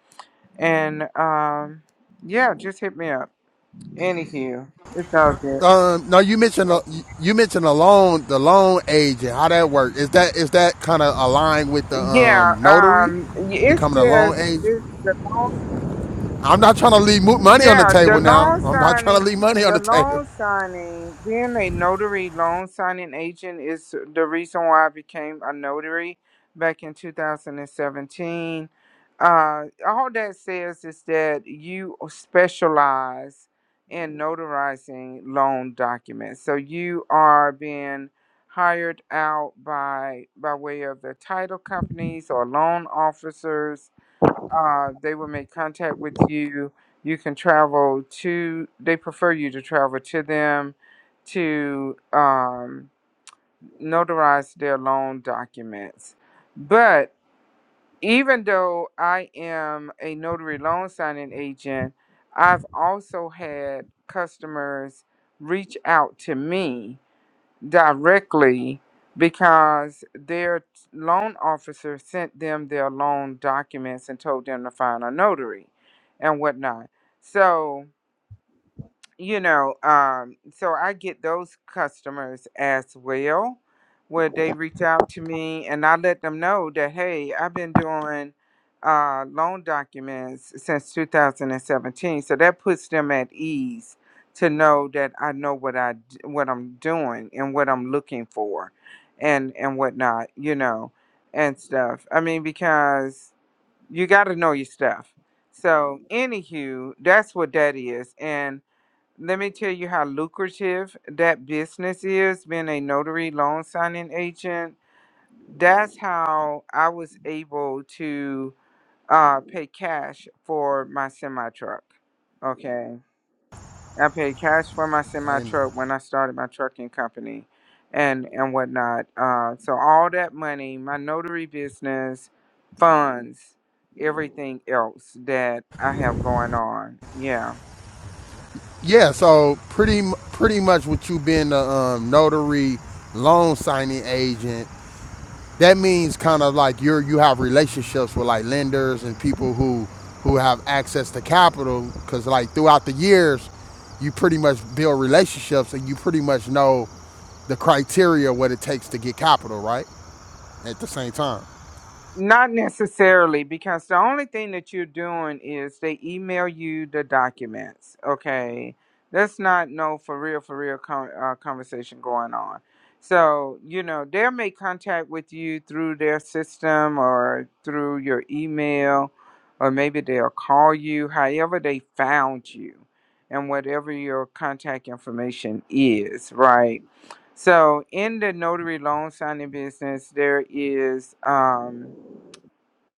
And um yeah, just hit me up. Anywho, it's all good.
Um, no, you mentioned uh, you mentioned the loan the loan agent. How that work? Is that is that kind of aligned with the
Yeah,
um, notary
um, it's
becoming a loan
just
agent?
it's the long
I'm not trying to leave mo- money on the
yeah, the
table now.
loan
I'm not trying to
signing,
leave money on
the
the table.
loan signing, being a notary loan signing agent is the reason why I became a notary back in 2017. Uh, all that says is that you specialize in notarizing loan documents. So you are being hired out by by way of the title companies or loan officers uh, they will make contact with you. You can travel to, they prefer you to travel to them to um, notarize their loan documents. But even though I am a notary loan signing agent, I've also had customers reach out to me directly because their loan officer sent them their loan documents and told them to find a notary and whatnot. So you know, um, so I get those customers as well, where they reach out to me and I let them know that, hey, I've been doing uh, loan documents since 2017. So that puts them at ease to know that I know what I d- what I'm doing and what I'm looking for, and and whatnot, you know, and stuff. I mean, because you got to know your stuff. So, anywho, that's what that is, and let me tell you how lucrative that business is, being a notary loan signing agent. That's how I was able to uh, pay cash for my semi truck. Okay. I paid cash for my semi
Amen.
truck when I started my trucking company and, and whatnot. Uh, so, all that money, my notary business funds everything else that I have going on. Yeah.
Yeah, so pretty m- pretty much with you being the um, notary loan signing agent, that means kind of like you're you have relationships with like lenders and people who who have access to capital because like throughout the years you pretty much build relationships and you pretty much know the criteria what it takes to get capital right at the same time
Not necessarily, because the only thing that you're doing is they email you the documents. Okay, that's not no for real, for real con- uh, conversation going on. So you know they'll make contact with you through their system or through your email, or maybe they'll call you. However, they found you, and whatever your contact information is, right? So in the notary loan signing business, there is. Um,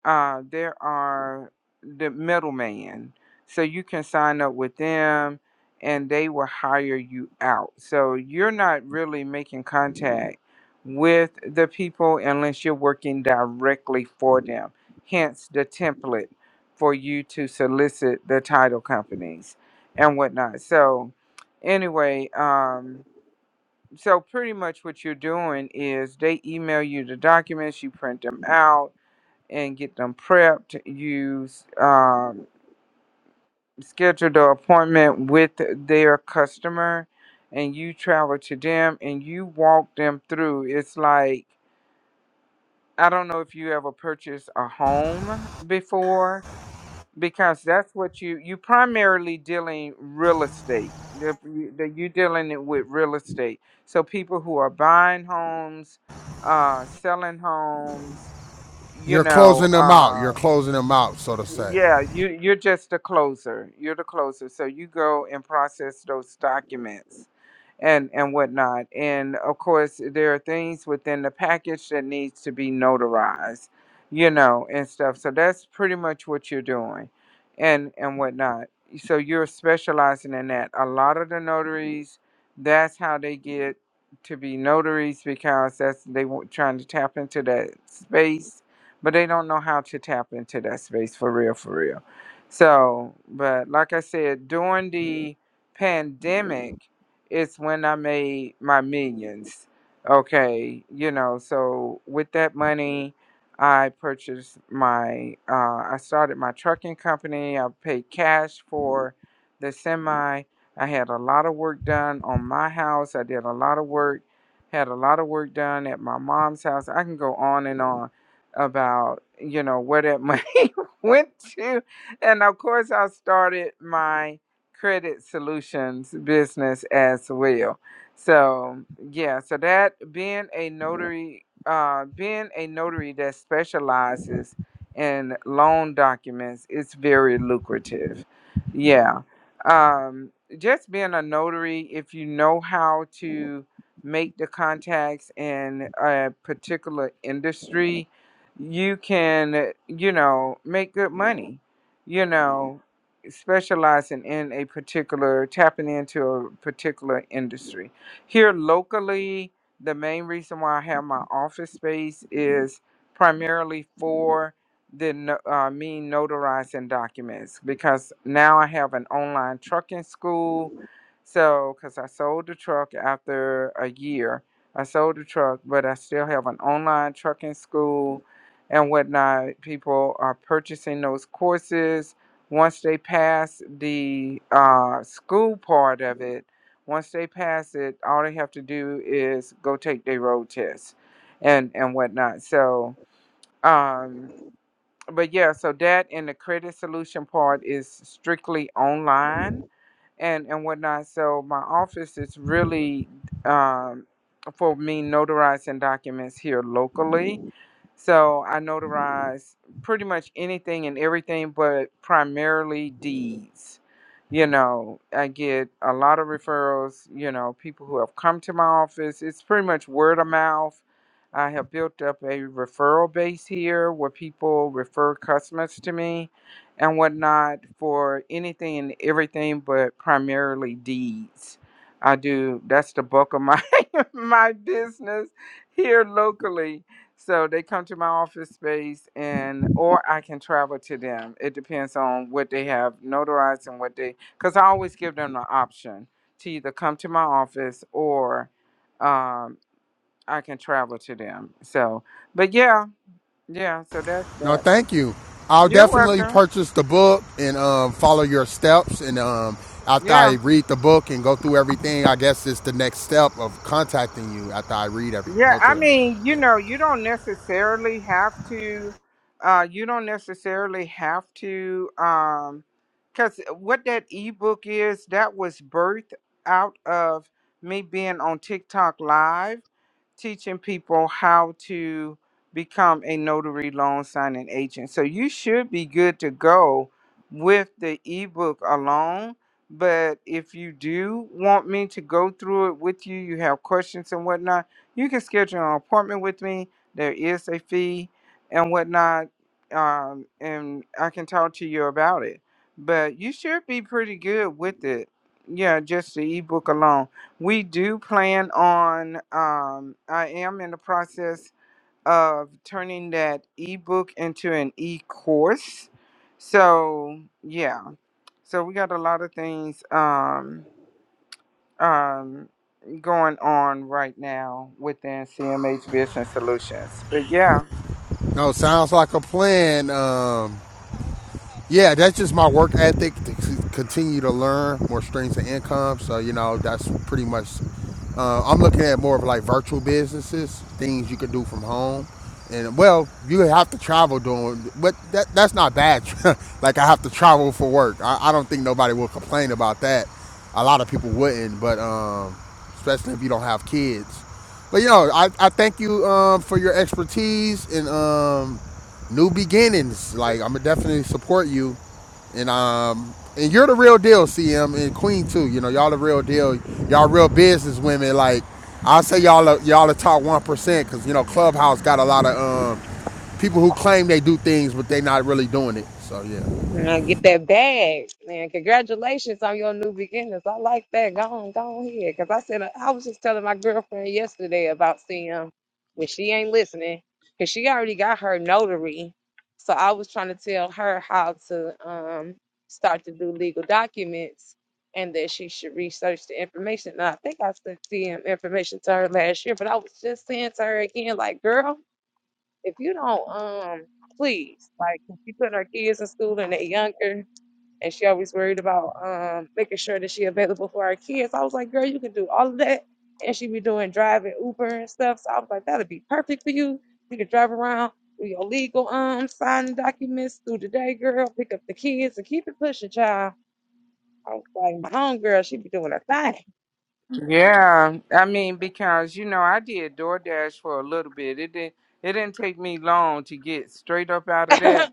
uh, there are the middleman. So you can sign up with them and they will hire you out. So you're not really making contact with the people unless you're working directly for them. Hence the template for you to solicit the title companies and whatnot. So anyway, um, so pretty much what you're doing is they email you the documents, you print them out and get them prepped. You um, schedule the appointment with their customer and you travel to them and you walk them through. It's like, I don't know if you ever purchased a home before because that's what you you primarily dealing real estate The- the- you're dealing it with real estate so people who are buying homes uh selling homes you
you're
know
closing them out you're
uh,
closing them out so to say
Yeah, you you're just a closer. You're the closer, so you go and process those documents, and and whatnot. And of course, there are things within the package that needs to be notarized, you know, and stuff. So that's pretty much what you're doing, and and whatnot. So you're specializing in that. A lot of the notaries, that's how they get to be notaries because that's they wa- trying to tap into that space but they don't know how to tap into that space for real, for real. So, but like I said, during the pandemic, it's when I made my millions. Okay, you know, so with that money, I purchased my, uh, I started my trucking company. I paid cash for the semi. I had a lot of work done on my house. I did a lot of work, had a lot of work done at my mom's house. I can go on and on about you know where that money went to and of course i started my credit solutions business as well so yeah so that being a notary uh being a notary that specializes in loan documents it's very lucrative yeah um just being a notary if you know how to make the contacts in a particular industry you can, you know, make good money, you know, specializing in a particular, tapping into a particular industry. Here locally, the main reason why I have my office space is primarily for the no- uh, me notarizing documents because now I have an online trucking school. So, because I sold the truck after a year, I sold the truck, but I still have an online trucking school and whatnot. People are purchasing those courses. Once they pass the uh, school part of it, once they pass it, all they have to do is go take their road test and, and whatnot. So, um, but yeah, so that and the credit solution part is strictly online and, and whatnot. So, my office is really um, for me notarizing documents here locally so I notarize pretty much anything and everything, but primarily deeds. You know, I get a lot of referrals, you know, people who have come to my office. It's pretty much word of mouth. I have built up a referral base here where people refer customers to me and whatnot for anything and everything, but primarily deeds. I do, that's the bulk of my, my business here locally so they come to my office space and or I can travel to them. It depends on what they have notarized and what they cuz I always give them the option to either come to my office or um I can travel to them. So, but yeah, yeah, so that's
No,
that.
thank you. I'll
You're
definitely
welcome.
purchase the book and um, follow your steps. And um, after I
Yeah.
read the book and go through everything, I guess it's the next step of contacting you after I read every
Yeah,
go
I
through everything.
mean, you know,
Yeah.
you don't necessarily have to, uh, you don't necessarily have to, um, because what that ebook is, that was birthed out of me being on TikTok live teaching people how to become a notary loan signing agent. So you should be good to go with the ebook alone. But if you do want me to go through it with you, you have questions and whatnot, you can schedule an appointment with me. There is a fee and whatnot, um, and I can talk to you about it. But you should be pretty good with it. Yeah, just the ebook alone. We do plan on, um, I am in the process of turning that ebook into an e course. So, yeah. So, we got a lot of things um, um, going on right now within CMH Business Solutions. But, yeah.
No, sounds like a plan. Um, yeah, that's just my work ethic to continue to learn more streams of income. So you know, that's pretty much. Uh, I'm looking at more of like virtual businesses, things you can do from home, and well, you have to travel doing, but that that's not bad. like I have to travel for work. I, I don't think nobody will complain about that. A lot of people wouldn't, but um, especially if you don't have kids. But you know, I, I thank you um, for your expertise and um, new beginnings. Like I'm gonna definitely support you, and um, and you're the real deal, CM and Queen too. You know, y'all the real deal. Y'all real business women. Like I say, y'all y'all the top one percent because you know Clubhouse got a lot of um people who claim they do things but they not really doing it. So yeah,
Now get that bag, man. Congratulations on your new beginnings. I like that. Go on, go on here. Cause I said I was just telling my girlfriend yesterday about seeing when she ain't listening, cause she already got her notary. So I was trying to tell her how to um start to do legal documents and that she should research the information. Now I think I sent the um, information to her last year, but I was just saying to her again, like, girl if you don't um please like if she put her kids in school and they're younger and she always worried about um making sure that she available for her kids i was like girl you can do all of that and she be doing driving uber and stuff so i was like that would be perfect for you you could drive around do your legal um signing documents through the day girl pick up the kids and keep it pushing child i was like my home girl she be doing her thing
Yeah. I mean, because, you know, I did DoorDash for a little bit. It, did, not it didn't take me long to get straight up out of that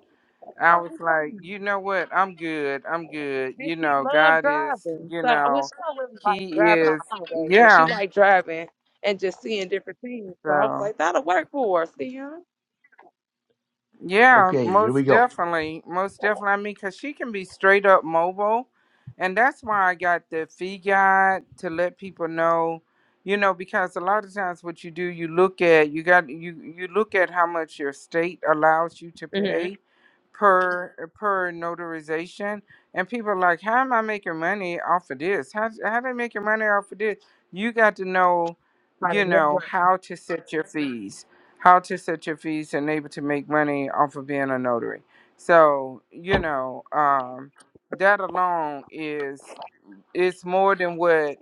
I
All
was
the
like,
time.
you know what? I'm good. I'm good.
And
You
she
know,
loved
God is,
driving.
you
So, well, she
know,
don't really like
He
driving on
is,
the highway, but she
yeah.
liked driving and just seeing different things. So I was
So,
like, that'll work for her, see her?
yeah,
Okay, here we
most
go.
definitely. Most definitely. I mean, because she can be straight up mobile. And that's why I got the fee guide to let people know, you know, because a lot of times what you do, you look at, you got, you, you look at how much your state allows you to
Mm-hmm.
pay per er, per notarization and people are like how am i making money off of this how how they making money off of this you got to know
By the
you know
network.
how to set your fees how to set your fees and able to make money off of being a notary so you know um that alone is it's more than what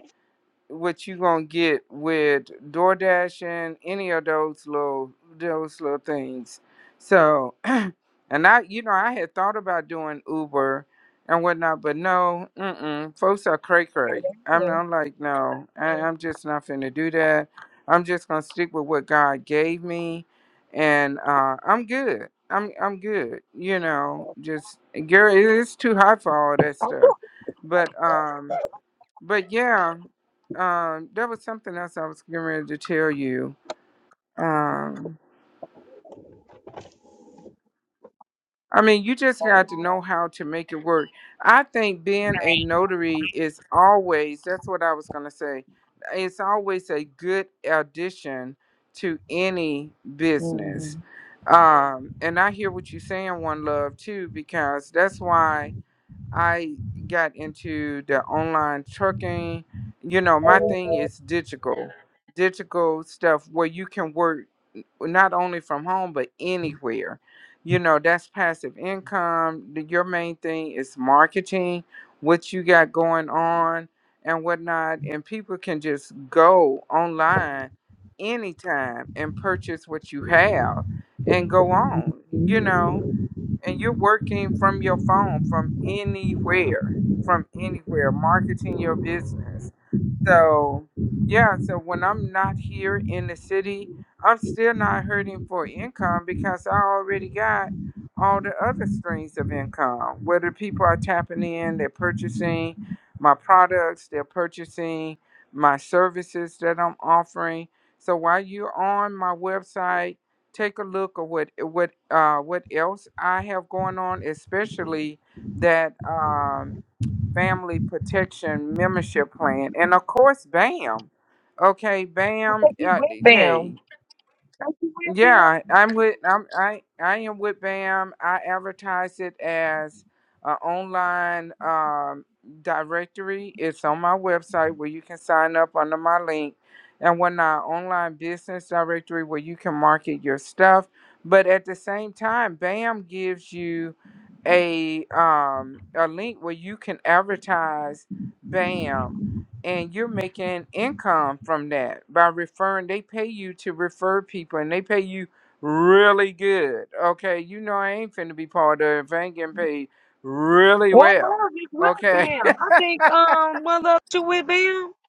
what you gonna get with DoorDash and any of those little those little things. So, and I, you know, I had thought about doing Uber and whatnot, but no, mm-mm, folks are cray cray. I'm,
Yeah.
I'm like, no, I, I'm just not finna do that. I'm just gonna stick with what God gave me, and uh, I'm good. I'm I'm good. You know, just girl, it's too high for all that stuff. But um, but yeah um, there was something else I was getting ready to tell you. Um, I mean, you just got to know how to make it work. I think being a notary is always, that's what I was going to say, it's always a good addition to any business.
Mm-hmm.
Um, and I hear what you're saying, One Love, too, because that's why. I got into the online trucking. You know, my thing is digital, digital stuff where you can work not only from home but anywhere. You know, that's passive income. The- Your main thing is marketing, what you got going on and whatnot. And people can just go online anytime and purchase what you have and go on, you know and you're working from your phone from anywhere from anywhere marketing your business so, yeah, so when I'm not here in the city, I'm still not hurting for income because I already got all the other streams of income. Whether people are tapping in, they're purchasing my products, they're purchasing my services that I'm offering. So while you're on my website, take a look at what what uh, what else I have going on, especially that. Um, Family Protection Membership Plan. And of course, BAM. Okay,
I
BAM.
think he
Uh,
went
hey,
down. I think he went down.
yeah, I'm with I'm I I am with BAM. I advertise it as an online um, directory. It's on my website where you can sign up under my link, and we're not online business directory where you can market your stuff. But at the same time, BAM gives you a um, a link where you can advertise BAM and you're making income from that by referring they pay you to refer people and they pay you really good okay you know i ain't finna be part of it if i ain't getting paid really
One
well
love is with
okay
Bam. I think um one love you with Bam.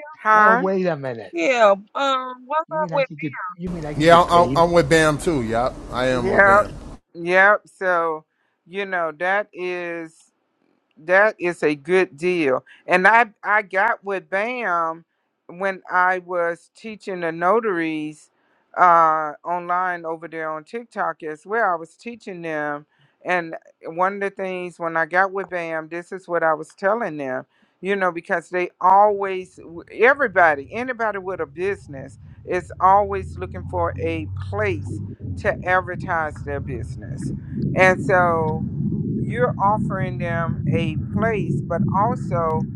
Well
huh
wait a minute.
Yeah. Um. What's
You
up
mean I
with?
could get you mean I could
yeah,
get
I'm,
paid?
I'm with Bam too. Yeah, I am with
yep
Bam.
yep so you know that is That is a good deal. And I I got with BAM when I was teaching the notaries uh online over there on TikTok as well. I was teaching them and one of the things when I got with BAM, this is what I was telling them, you know, because they always everybody, anybody with a business is always looking for a place to advertise their business. And so you're offering them a place, but also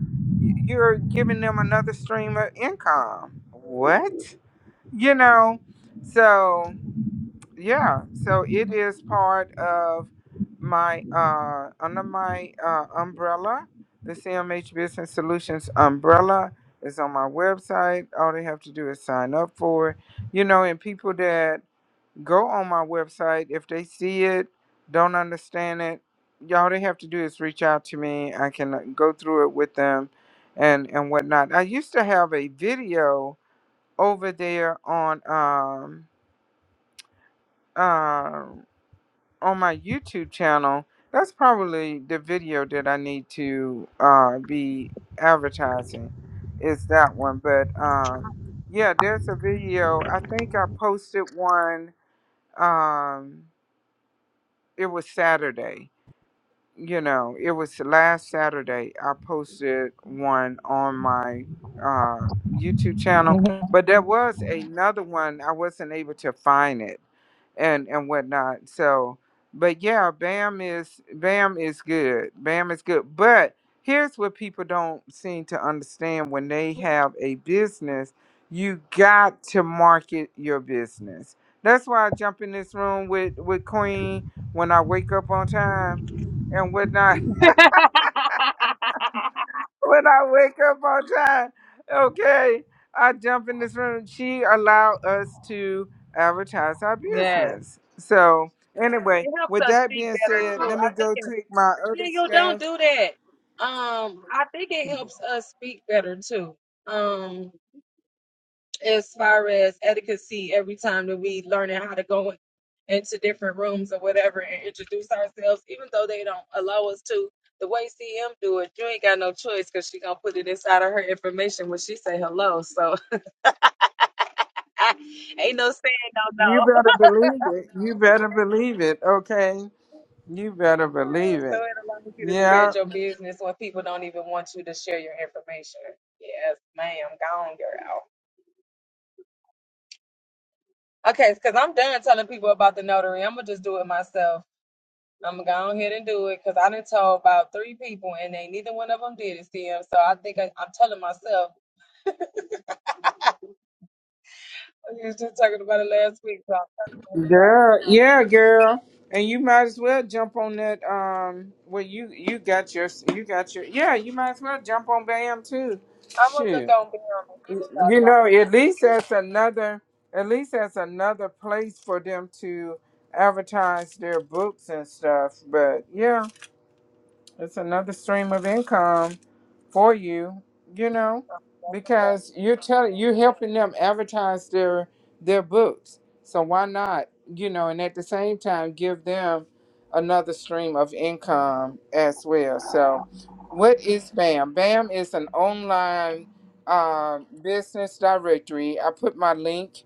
you're giving them another stream of income. What? You know, so yeah, so it is part of my uh under my uh umbrella, the CMH Business Solutions umbrella is on my website. All they have to do is sign up for it. You know, and people that Go on my website. If they see it, don't understand it, y'all they have to do is reach out to me. I can uh, go through it with them and and whatnot. I used to have a video over there on um um on my YouTube channel. That's probably the video that I need to uh be advertising. Is that one. But um yeah, there's a video. I think I posted one. Um, it was Saturday you know, it was last Saturday. I posted one on my uh, YouTube channel, but there was another one. I wasn't able to find it and and whatnot. So, but yeah, Bam is Bam is good. Bam is good. But here's what people don't seem to understand: when they have a business, you got to market your business. That's why I jump in this room with with Queen when I wake up on time and when I when I wake up on time, okay, I jump in this room. She allowed us to advertise our
yes.
business. So anyway,
It helps
with
us
that
speak
being
better
said,
too.
let
I
me
think
go
it.
take my
Yeah,
other
you don't
stuff.
do that. Um. I think it helps us speak better too. Um. As far as etiquette, every time that we learning how to go into different rooms or whatever and introduce ourselves, even though they don't allow us to. The way CM do it, you ain't got no choice because she gonna put it inside of her information when she say hello. So Ain't no saying no,
You
no.
better believe it. You better believe it. Okay. You better believe
So
it.
it allows you to spread
Yeah.
your business when people don't even want you to share your information. Yes, ma'am. Gone girl. Okay, because I'm done telling people about the notary. I'm going to just do it myself. I'm going to go on ahead and do it because I done told about three people and they neither one of them did it, Sam. So I think I, I'm telling myself. You was just talking about it last week. So I'm, telling
Girl. Yeah, girl. And you might as well jump on that um well you you got your you got your yeah, you might as well jump on BAM too.
myself. I'm going to look
Shoot.
on Beyond and see what y'all
you know,
talking
at least that's another at least that's another place for them to advertise their books and stuff. But yeah. It's another stream of income for you, you know, because you're telling you're helping them advertise their their books. So why not, you know, and at the same time give them another stream of income as well. So what is BAM? BAM is an online uh, business directory. I put my link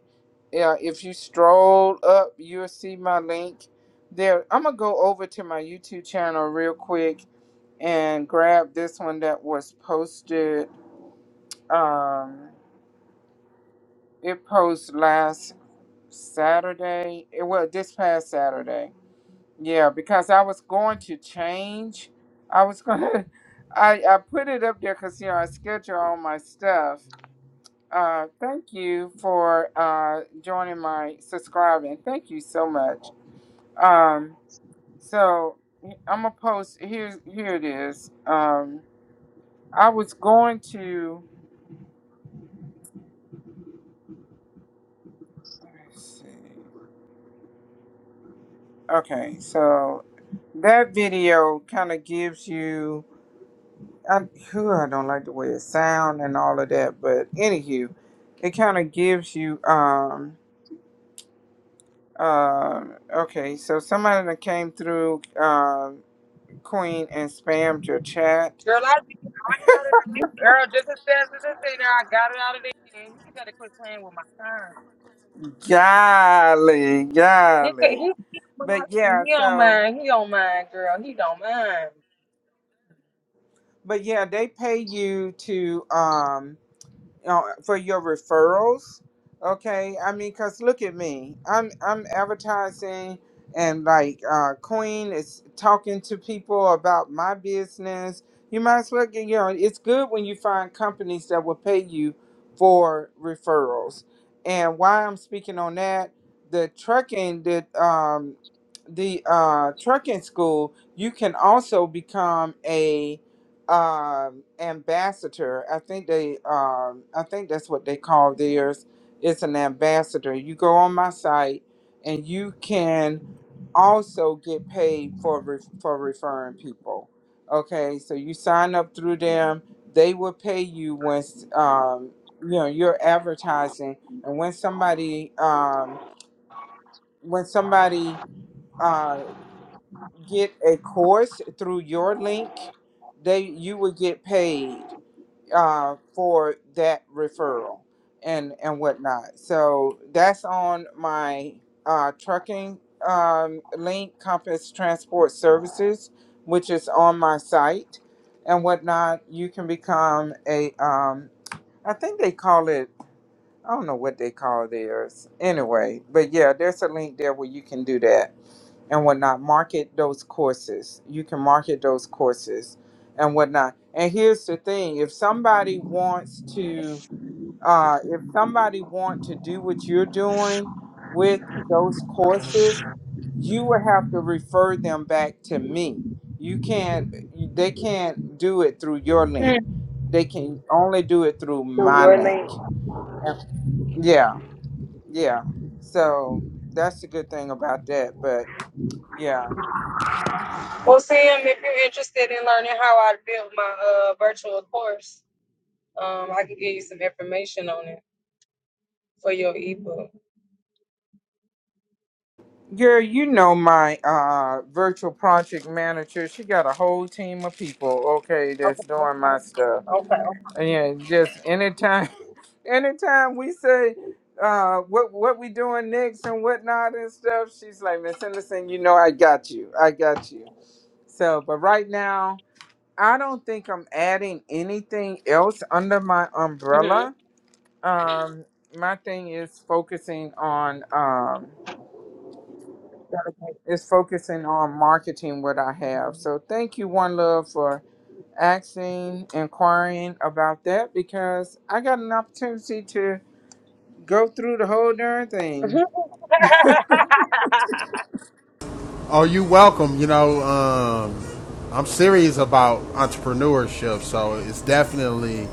yeah, if you stroll up, you'll see my link there. I'm gonna go over to my YouTube channel real quick and grab this one that was posted. Um, it posted last Saturday. It well this past Saturday. Yeah, because I was going to change. I was gonna. I I put it up there because you know I schedule all my stuff. Uh, thank you for uh joining my subscribing. Thank you so much Um, so I'm gonna post here. Here it is. Um, I was going to. Let me see. Okay, so that video kind of gives you. I, whew, I don't like the way it sound and all of that, but anywho, it kind of gives you. Um, um okay, so somebody that came through, um, Queen, and spammed your chat.
about. Girl, I you girl, just as fast as it's in there, I got it out of there. You gotta quit playing with my time.
Golly,
He said
golly,
he he went out
but
and
yeah,
he don't
so.
mind. He don't mind, girl. He don't mind.
But yeah, they pay you to um you know, for your referrals. Okay, I mean, cause look at me, I'm I'm advertising and like uh, Queen is talking to people about my business. You might as well get you know it's good when you find companies that will pay you for referrals. And why I'm speaking on that, the trucking the um the uh trucking school, you can also become a um, ambassador. I think they, um, I think that's what they call theirs. It's an ambassador. You go on my site, and you can also get paid for re- for referring people. Okay, so you sign up through them. They will pay you once um, you know you're advertising, and when somebody um, when somebody uh, get a course through your link, they you will get paid uh, for that referral and and whatnot. So that's on my uh, trucking um, link, Compass Transport Services, which is on my site and whatnot. You can become a um, I think they call it. I don't know what they call theirs. Anyway, but yeah, there's a link there where you can do that and whatnot. Market those courses. You can market those courses and whatnot. And here's the thing: if somebody wants to, uh, if somebody want to do what you're doing with those courses, you will have to refer them back to me. You can't. you- They can't do it through your link. They can only do it through my link. And- Yeah, yeah. So that's the good thing about that. But yeah.
Well, Sam, if you're interested in learning how I built my uh virtual course, um, I can give you some information on it for your ebook.
Girl, you know my uh virtual project manager. She got a whole team of people, okay, that's doing
Okay,
my stuff.
okay, okay,
And yeah, just anytime anytime we say uh what what we doing next and whatnot and stuff, she's like, Miss Henderson, you know I got you. I got you. So but right now, I don't think I'm adding anything else under my umbrella. Um my thing is focusing on um
okay.
is focusing on marketing what I have. So thank you, One Love, for asking, inquiring about that because I got an opportunity to go through the whole darn thing.
Oh, you welcome. You know, um, I'm serious about entrepreneurship, so it's definitely,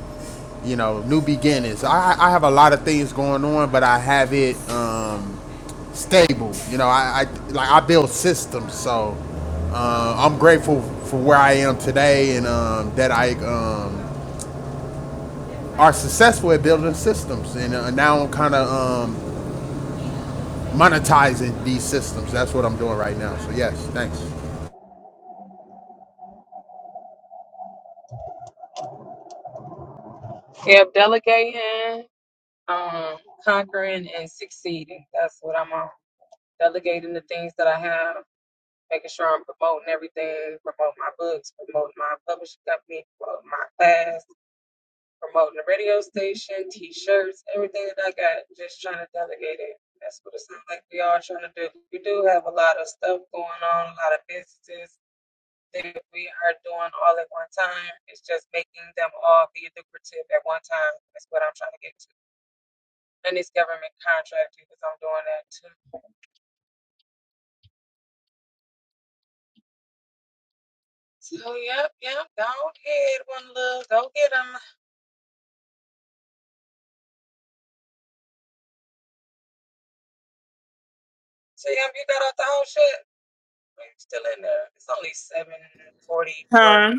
you know, new beginnings. I, I have a lot of things going on, but I have it um, stable. You know, I, I like I build systems, so uh, I'm grateful for where I am today and um, that I um, are successful at building systems, and uh, now I'm kind of um, monetizing these systems. That's what I'm doing right now. So yes, thanks.
Yep, delegating, um, conquering, and succeeding. That's what I'm on. Delegating the things that I have making sure I'm promoting everything, promoting my books, promoting my publishing company, promoting my class, promoting the radio station, t-shirts, everything that I got, just trying to delegate it. That's what it sounds like we are trying to do. We do have a lot of stuff going on, a lot of businesses that we are doing all at one time. It's just making them all be lucrative at one time. That's what I'm trying to get to. And this government contract because I'm doing that too. So yep, yep. Go ahead, one love. Go get them. So yeah, if you got out the whole shit. You're still in there. It's only seven forty four.
Huh?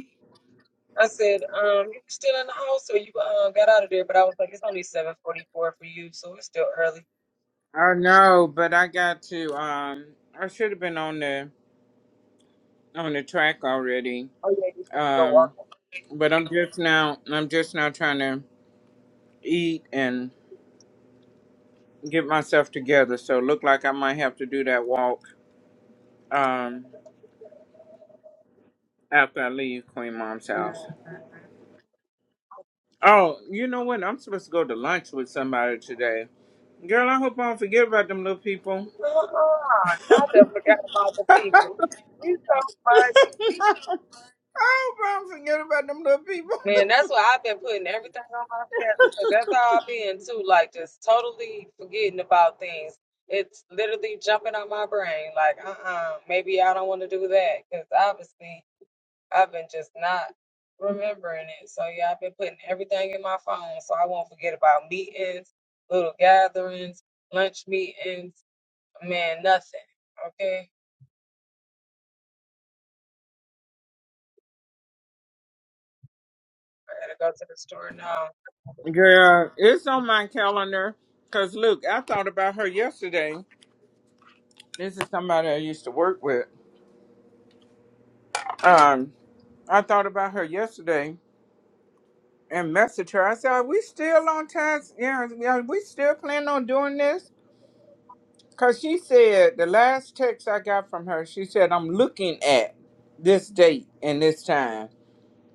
I said, um, you still in the house or you uh, got out of there? But I was like, it's only seven forty four for you, so it's still early.
I know, but I got to um I should have been on the on the track already.
Oh yeah, you can go
Um
walk.
but I'm just now I'm just now trying to eat and get myself together. So look like I might have to do that walk um after I leave Queen Mom's
Mm.
house. Oh, you know what? I'm supposed to go to lunch with somebody today. Girl, I hope I don't forget about them little people.
Uh-uh, y'all done forgot about the people. You so funny.
I hope I don't forget about them little people.
Man, that's why I've been putting everything on my schedule because that's how I've been too, like just totally forgetting about things. It's literally jumping on my brain, like, uh-uh, maybe I don't want to do that because obviously I've been just not remembering it. So yeah, I've been putting everything in my phone so I won't forget about meetings, little gatherings, lunch meetings, man, nothing. Okay, I gotta go to the store now.
Girl, it's on my calendar. Cause look, I thought about her yesterday. This is somebody I used to work with. Um, I thought about her yesterday and messaged her. I said, "Are we still on task? Yeah, are we still planning on doing this?" Cause she said the last text I got from her, she said, "I'm looking at this date and this time."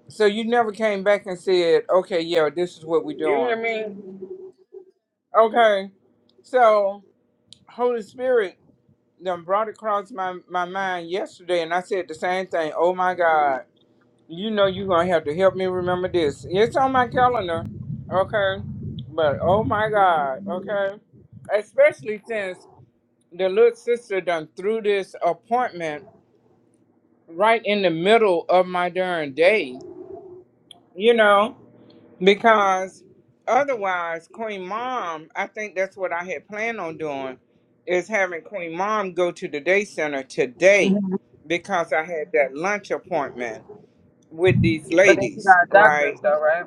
So you never came back and said, okay, yeah, this is what we're
You hear
doing.
me?
Okay. So Holy Spirit done brought across my, my mind yesterday and I said the same thing. Oh my God, you know you're gonna have to help me remember this. It's on my calendar, okay? But oh my God, okay. Especially since the little sister done threw this appointment right in the middle of my darn day. You know? Because otherwise, Queen Mom, I think that's what I had planned on doing, is having Queen Mom go to the day center
Mhm.
today because I had that lunch appointment with these
But then you
ladies,
got doctors
right?
though, right?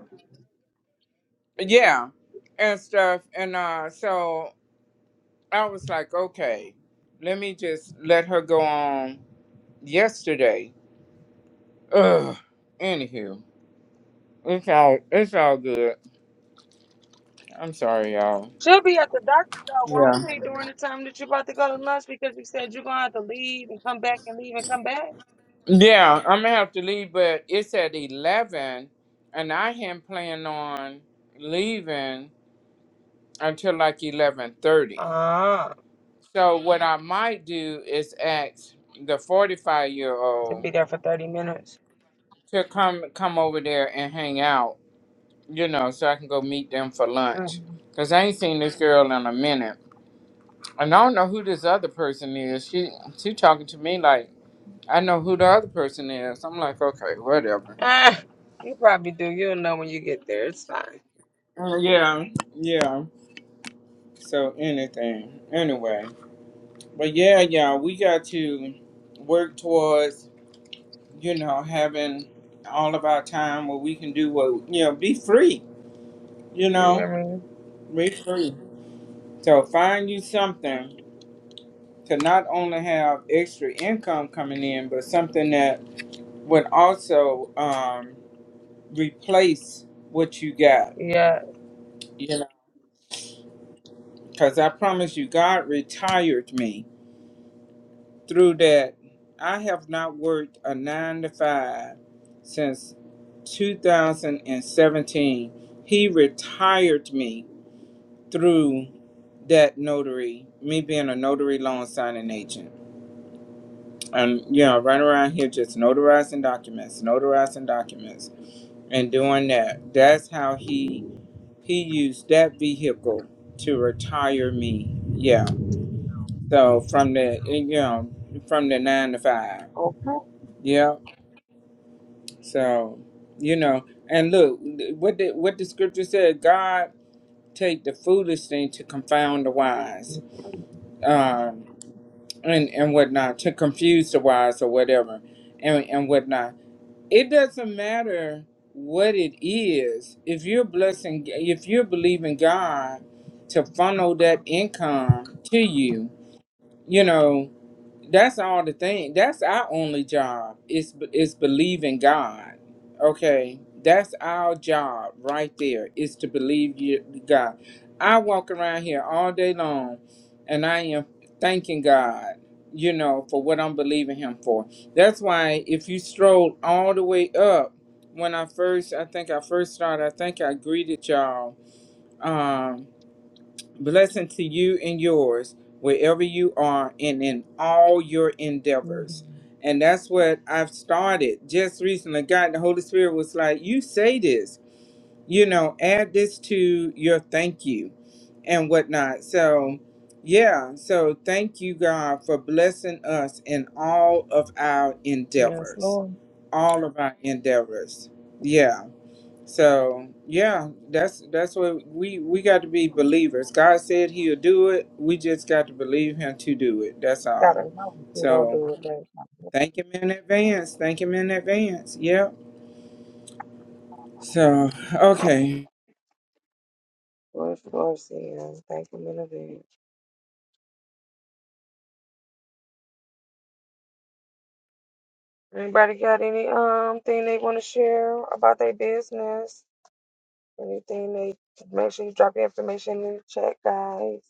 Yeah, and stuff. And uh, so I was like, okay, let me just let her go on yesterday. Ugh. Anywho, it's all it's all good. I'm sorry, y'all.
She'll be at the doctor though, won't
Yeah.
she, during the time that you're about to go to lunch because you said you're gonna have to leave and come back and leave and come back?
Yeah, I'm gonna have to leave, but it's at eleven, and I am planning on leaving until like eleven thirty.
Ah,
So what I might do is ask the forty-five year
to
old
be there for 30 minutes.
to come come over there and hang out, you know, so I can go meet them for lunch.
Mm.
Cause I ain't seen this girl in a minute, and I don't know who this other person is. She she talking to me like I know who the other person is. I'm like, okay, whatever.
Ah, you probably do. You'll know when you get there. It's fine.
Uh, yeah, yeah. So anything, anyway, but yeah, yeah, we got to work towards you know having all of our time where we can do what you know, be free, you
You
know,
hear me?
be free. So find you something to not only have extra income coming in, but something that would also um, replace what you got,
Yeah.
you know. Because I promise you, God retired me through that I have not worked a nine to five since 2017. He retired me through that notary, me being a notary loan signing agent. And you know, running around here just notarizing documents, notarizing documents, and doing that. That's how he he used that vehicle to retire me. Yeah. So from the you know from the nine to five.
Okay.
Yeah. So, you know, and look what the what the scripture said: God take the foolish thing to confound the wise, um, and and whatnot to confuse the wise or whatever, and and whatnot. It doesn't matter what it is if you're blessing, if you're believing God to funnel that income to you you know that's all the thing that's our only job is is believe in god okay that's our job right there is to believe you god i walk around here all day long and i am thanking god you know for what i'm believing him for that's why if you stroll all the way up when i first i think i first started i think i greeted y'all um, Blessing to you and yours wherever you are and in all your
hmm
endeavors. And that's what I've started just recently. God, the Holy Spirit was like, You say this, you know, add this to your thank you and whatnot. So, yeah, so thank you, God, for blessing us in all of our
Yes,
endeavors.
Lord.
All of our endeavors. Yeah. So yeah, that's that's what we we got to be believers. God said He'll do it. We just got to believe Him to do it. That's all.
Gotta know what you gonna
So
do with that.
thank Him in advance. Thank Him in advance. Yep. So okay.
Lord, Lord, see you. Thank you in advance. Anybody got any um thing they want to share about their business? Anything they make sure you drop your information in the chat, guys.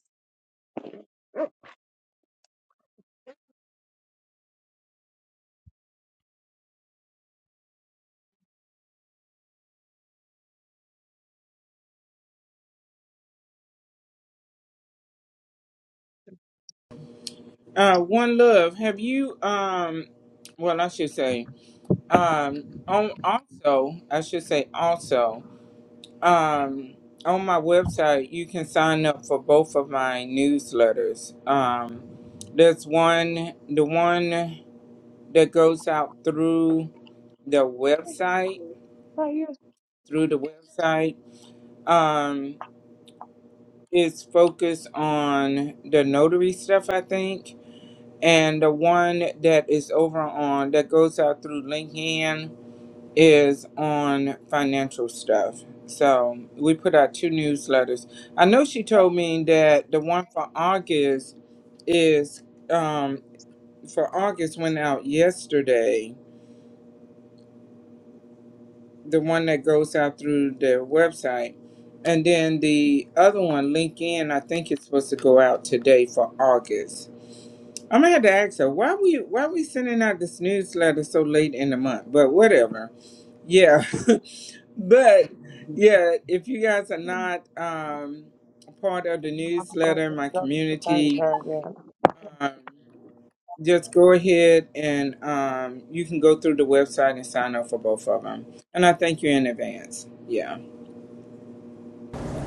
Uh, one love. Have you um? Well, I should say um. On also, I should say also. Um, on my website, you can sign up for both of my newsletters. Um, there's one, the one that goes out through the website,
Oh, you was
through the website, um, is focused on the notary stuff, I think. And the one that is over on, that goes out through LinkedIn, is on financial stuff. So we put out two newsletters. I know she told me that the one for August is um, for August went out yesterday. The one that goes out through their website, and then the other one, LinkedIn, I think it's supposed to go out today for August. I'm gonna have to ask her why we why we sending out this newsletter so late in the month, but whatever. Yeah, But yeah, if you guys are not um, a part of the
talking about
newsletter,
this
my
girl, this girl, this
community,
girl,
um, just go ahead and um, you can go through the website and sign up for both of them. And I thank you in advance. Yeah,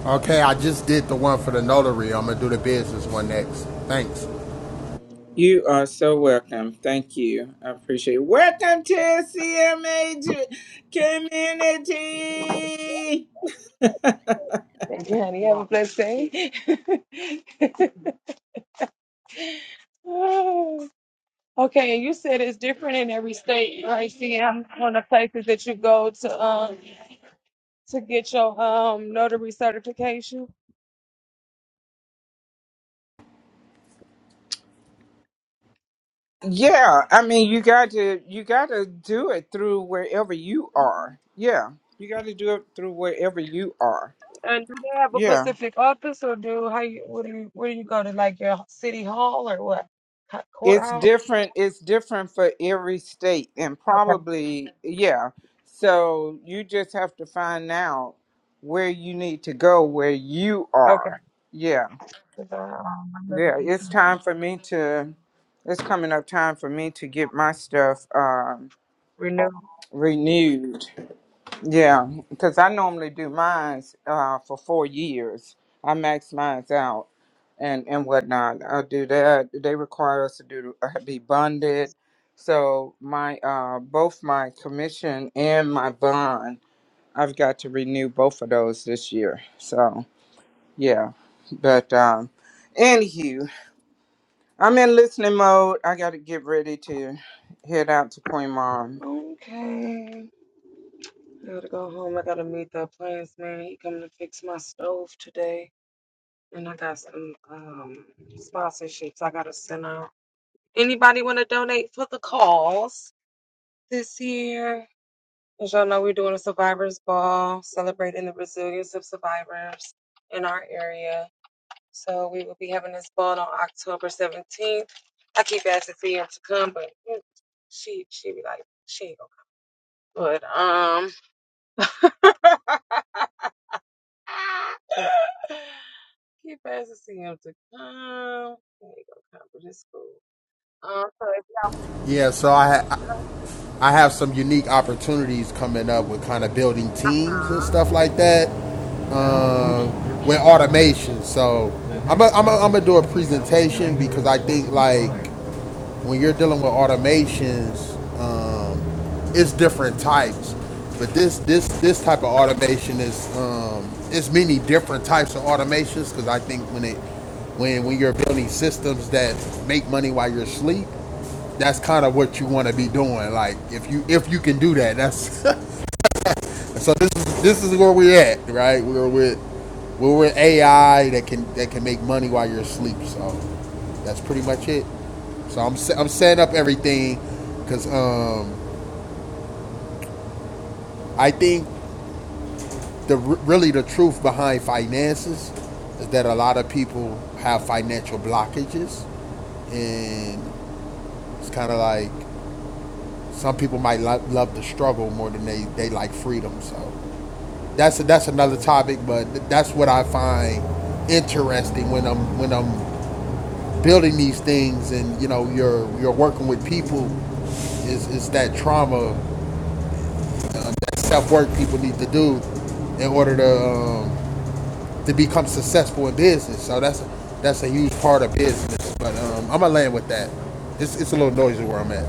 Okay, I just did the one for the notary. I'm gonna do the business one next. Thanks.
you are so welcome. Thank you. I appreciate it. Welcome to CMA Ju- Community.
yeah. Thank you, honey. Have a blessed day. okay, and you said it's different in every state, right? See, I'm one of the places that you go to um to get your um notary certification.
Yeah, I mean, you got to you got to do it through wherever you are. Yeah, you got to do it through wherever you are.
And do they have a
Yeah,
Pacific office, or do how you what do you where do you go to like your city hall or what Co-
it's
courthouse?
different. It's different for every state, and
Okay,
probably yeah. So you just have to find out where you need to go, where you
okay.
are. Yeah,
'Cause I, um, I remember
yeah.
when
It's
she said
time for me to. It's coming up time for me to get my stuff um,
Renew.
renewed. Yeah, because I normally do mine uh, for four years. I max mine out and, and whatnot. I do that. They require us to do uh, be bonded. So my uh, both my commission and my bond, I've got to renew both of those this year. So yeah, but um, anywho, I'm in listening mode. I got to get ready to head out to Queen Mom.
Okay, gotta go home. I gotta meet the appliance man. He coming to fix my stove today, and I got some um sponsorships I gotta send out. Anybody want to donate for the cause this year? As y'all know, we're doing a survivors ball celebrating the resilience of survivors in our area. So we will be having this ball on October 17th. I keep asking CM to come, but mm, she she be like, she ain't gonna come. But um keep asking CM to come. She ain't gonna come, but it's cool. Um so if y'all
Yeah, so I ha-
don't- come.
I have some unique opportunities coming up with kind of building teams and stuff like that uh, with automation. So I'm gonna I'm a, I'm gonna do a presentation because I think like when you're dealing with automations, um, it's different types. But this this this type of automation is um, it's many different types of automations because I think when it when when you're building systems that make money while you're asleep, that's kind of what you want to be doing. Like if you if you can do that, that's So this is this is where we're at, right? We're with we're with AI that can that can make money while you're asleep. So that's pretty much it. So I'm I'm setting up everything because um, I think the really the truth behind finances is that a lot of people have financial blockages, and it's kind of like some people might lo- love the struggle more than they they like freedom. So that's that's another topic, but that's what I find interesting when I'm when I'm building these things, and you know, you're you're working with people. Is is that trauma self work people need to do in order to um, to become successful in business? So that's that's a huge part of business. But um, I'm gonna land with that. It's it's a little noisy where I'm at.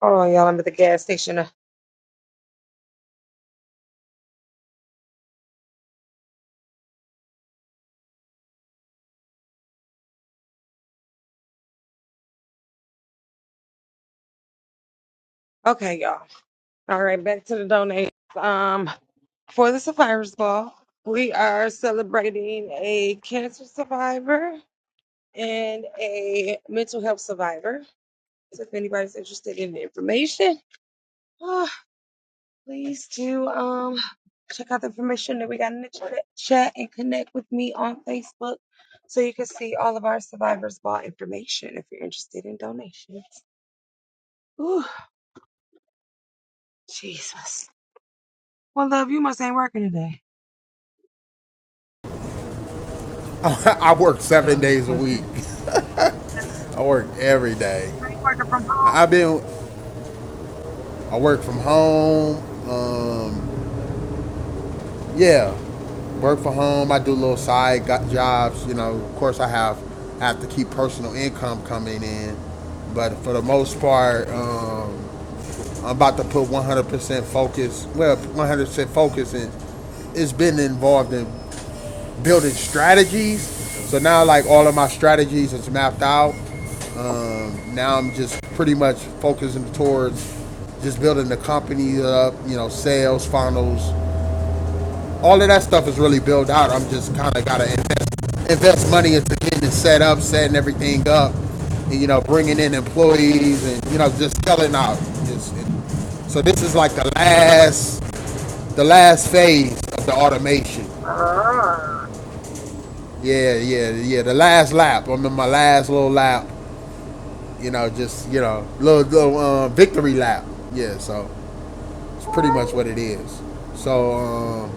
Hold on, y'all, I'm at the gas station. Okay, y'all. All right, back to the donate. Um, for the survivors ball, we are celebrating a cancer survivor and a mental health survivor. So if anybody's interested in the information, ah, please do um check out the information that we got in the chat chat and connect with me on Facebook so you can see all of our survivors ball information if you're interested in donations. Ooh, Jesus. Well, love, you must ain't working today.
I work seven days a week. I work every day.
Are you working from home?
I- I've been I work from home. Um, Yeah, work from home. I do little side got jobs. You know, of course, I have I have to keep personal income coming in, but for the most part, um, I'm about to put 100% focus. Well, 100% focus, and it's been involved in building strategies. So now, like all of my strategies is mapped out. Um, now I'm just pretty much focusing towards just building the company up. You know, sales funnels all of that stuff is really built out. I'm just kind of got to invest invest money into getting it set up, setting everything up, and, you know, bringing in employees and you know just selling out. Just, so this is like the last, the last phase of the automation.
Oh,
Yeah, yeah, yeah. The last lap. I'm in my last little lap. You know, just you know, little little uh, victory lap. Yeah. So it's pretty much what it is. So um,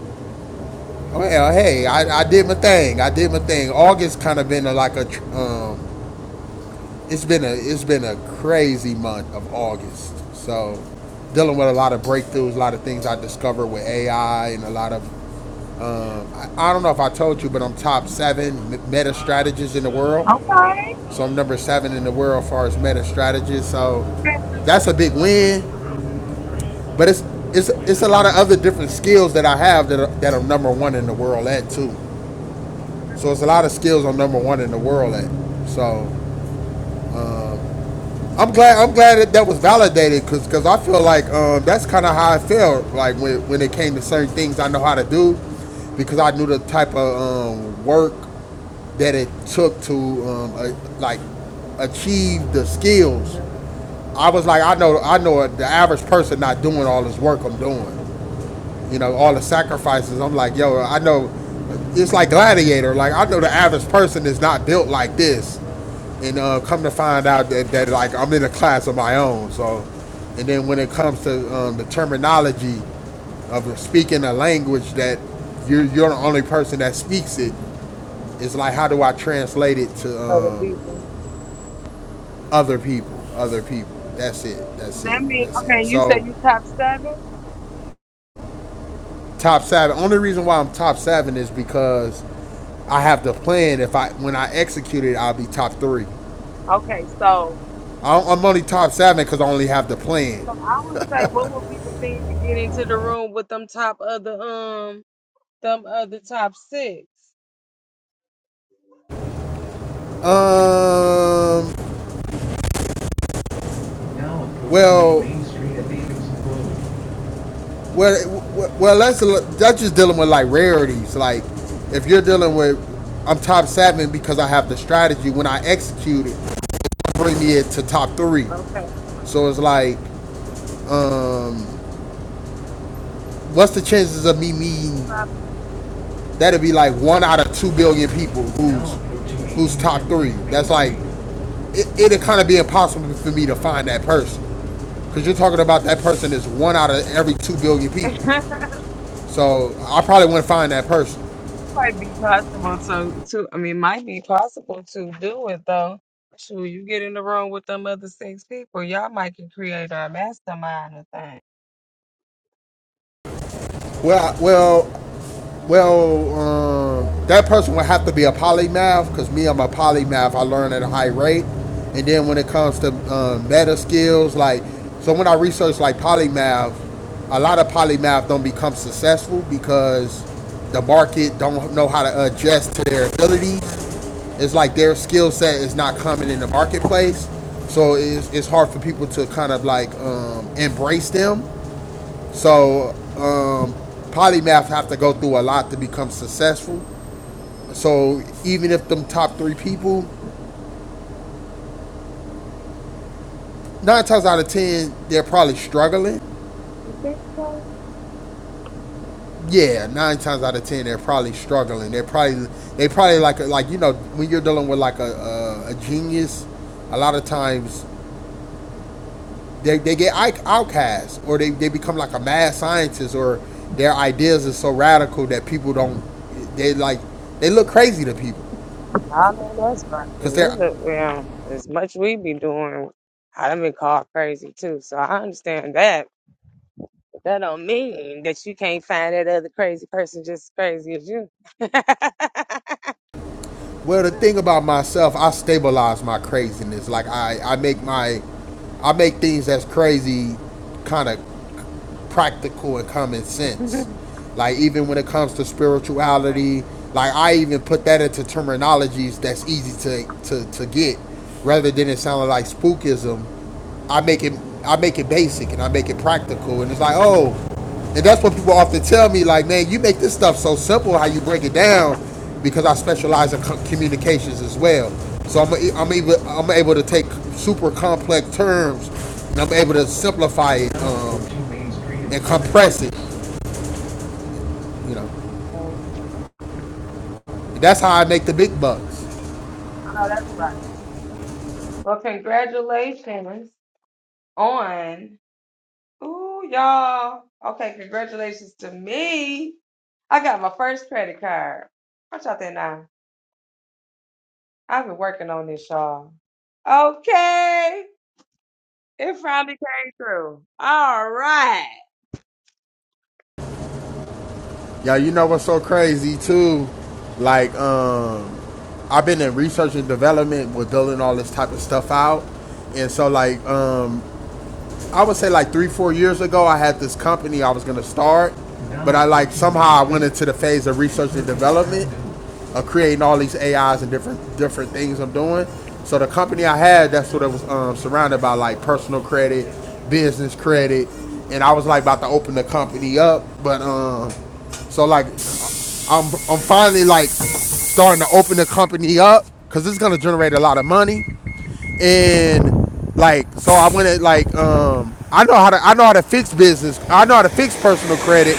Well, hey, I, I did my thing. I did my thing. August kind of been a, like a tr- um, it's been a it's been a crazy month of August. So dealing with a lot of breakthroughs, a lot of things I discovered with AI, and a lot of um, I, I don't know if I told you, but I'm top seven meta strategists in the world.
okay.
So I'm number seven in the world as far as meta strategists. So that's a big win. But it's it's it's a lot of other different skills that I have that are, that are number one in the world at too. So it's a lot of skills I'm number one in the world at. So I'm glad I'm glad that that was validated because cause I feel like um, that's kind of how I felt like when when it came to certain things I know how to do because I knew the type of um, work that it took to um, a, like achieve the skills.
Mm-hmm.
I was like, I know, I know the average person not doing all this work I'm doing. you know, all the sacrifices. I'm like, yo, I know it's like Gladiator. Like, I know the average person is not built like this. And uh, come to find out that, that, like, I'm in a class of my own. So, and then when it comes to um, the terminology of speaking a language that you're, you're the only person that speaks it, it's like, how do I translate it to
Of the
um,
people.
other people? Other people. That's it.
So
That's
that
it.
means,
That's
okay,
it.
you said
So,
you top seven?
Top seven. Only reason why I'm top seven is because I have the plan. If I when I execute it, I'll be top three.
Okay, so
I, am only top seven because I only have the plan.
so I would say what would be the thing to get into the room with them top other um them other top six?
Um. Well- Well, well, that's a, that's just dealing with like rarities. Like, if you're dealing with, I'm top seven because I have the strategy. When I execute it, bring me it to top three.
Okay.
So it's like, what's the chances of me meeting that'd be like one out of two billion people who's who's top three. That's like it, it'd kind of be impossible for me to find that person because you're talking about that person is one out of every two billion people.
Probably
So I probably wouldn't find that person.
might be possible to to I mean might be possible to do it though. Sure, you get in the room with them other six people, y'all might can create a mastermind or thing.
Well, well, Well, um, that person would have to be a polymath because me, I'm a polymath. I learn at a high rate. And then when it comes to um, meta skills, like, so when I research like polymath, a lot of polymath don't become successful because the market don't know how to adjust to their abilities.
Mm.
It's like their skill set is not coming in the marketplace. So it's, it's hard for people to kind of like um, embrace them so um, polymath have to go through a lot to become successful. So even if them top three people, nine times out of ten, they're probably struggling.
You think so?
Yeah, nine times out of ten, they're probably struggling. They're probably they probably like like you know when you're dealing with like a a, a genius, a lot of times they, they get outcast or they, they become like a mad scientist or their ideas are so radical that people don't they like they look crazy to people
Y'all know that's right. 'cause We
because they're
look, well, as much we be doing, I done been called crazy too. So I understand that. But that don't mean that you can't find that other crazy person just as crazy as you. so,
Well, the thing about myself, I stabilize my craziness. Like I, I make my, I make things that's crazy, kind of practical and common sense. Like even when it comes to spirituality, like I even put that into terminologies that's easy to to, to get, rather than it sounding like spookism. I make it I make it basic and I make it practical, and it's like oh, and that's what people often tell me like man, you make this stuff so simple how you break it down, because I specialize in co- communications as well. So I'm i I'm able I'm able to take super complex terms and I'm able to simplify it. Um, and compress it. You know, that's how I make the big bucks.
I know that's right. Well, congratulations on Ooh, y'all. Okay, congratulations to me. I got my first credit card. What y'all think now? I've been working on this, y'all. Okay. It finally came through. All right.
Yo, you know what's so crazy too? Like, um, I've been in research and development with building all this type of stuff out, and so like, um, I would say like three, four years ago, I had this company I was gonna start, but I like somehow I went into the phase of research and development, of creating all these AIs and different different things I'm doing. So the company I had, that's what it was um, surrounded by like personal credit, business credit, and I was like about to open the company up, but um, so like I'm I'm finally like starting to open the company up because it's gonna generate a lot of money and like so I went at like um I know how to I know how to fix business. I know how to fix personal credit.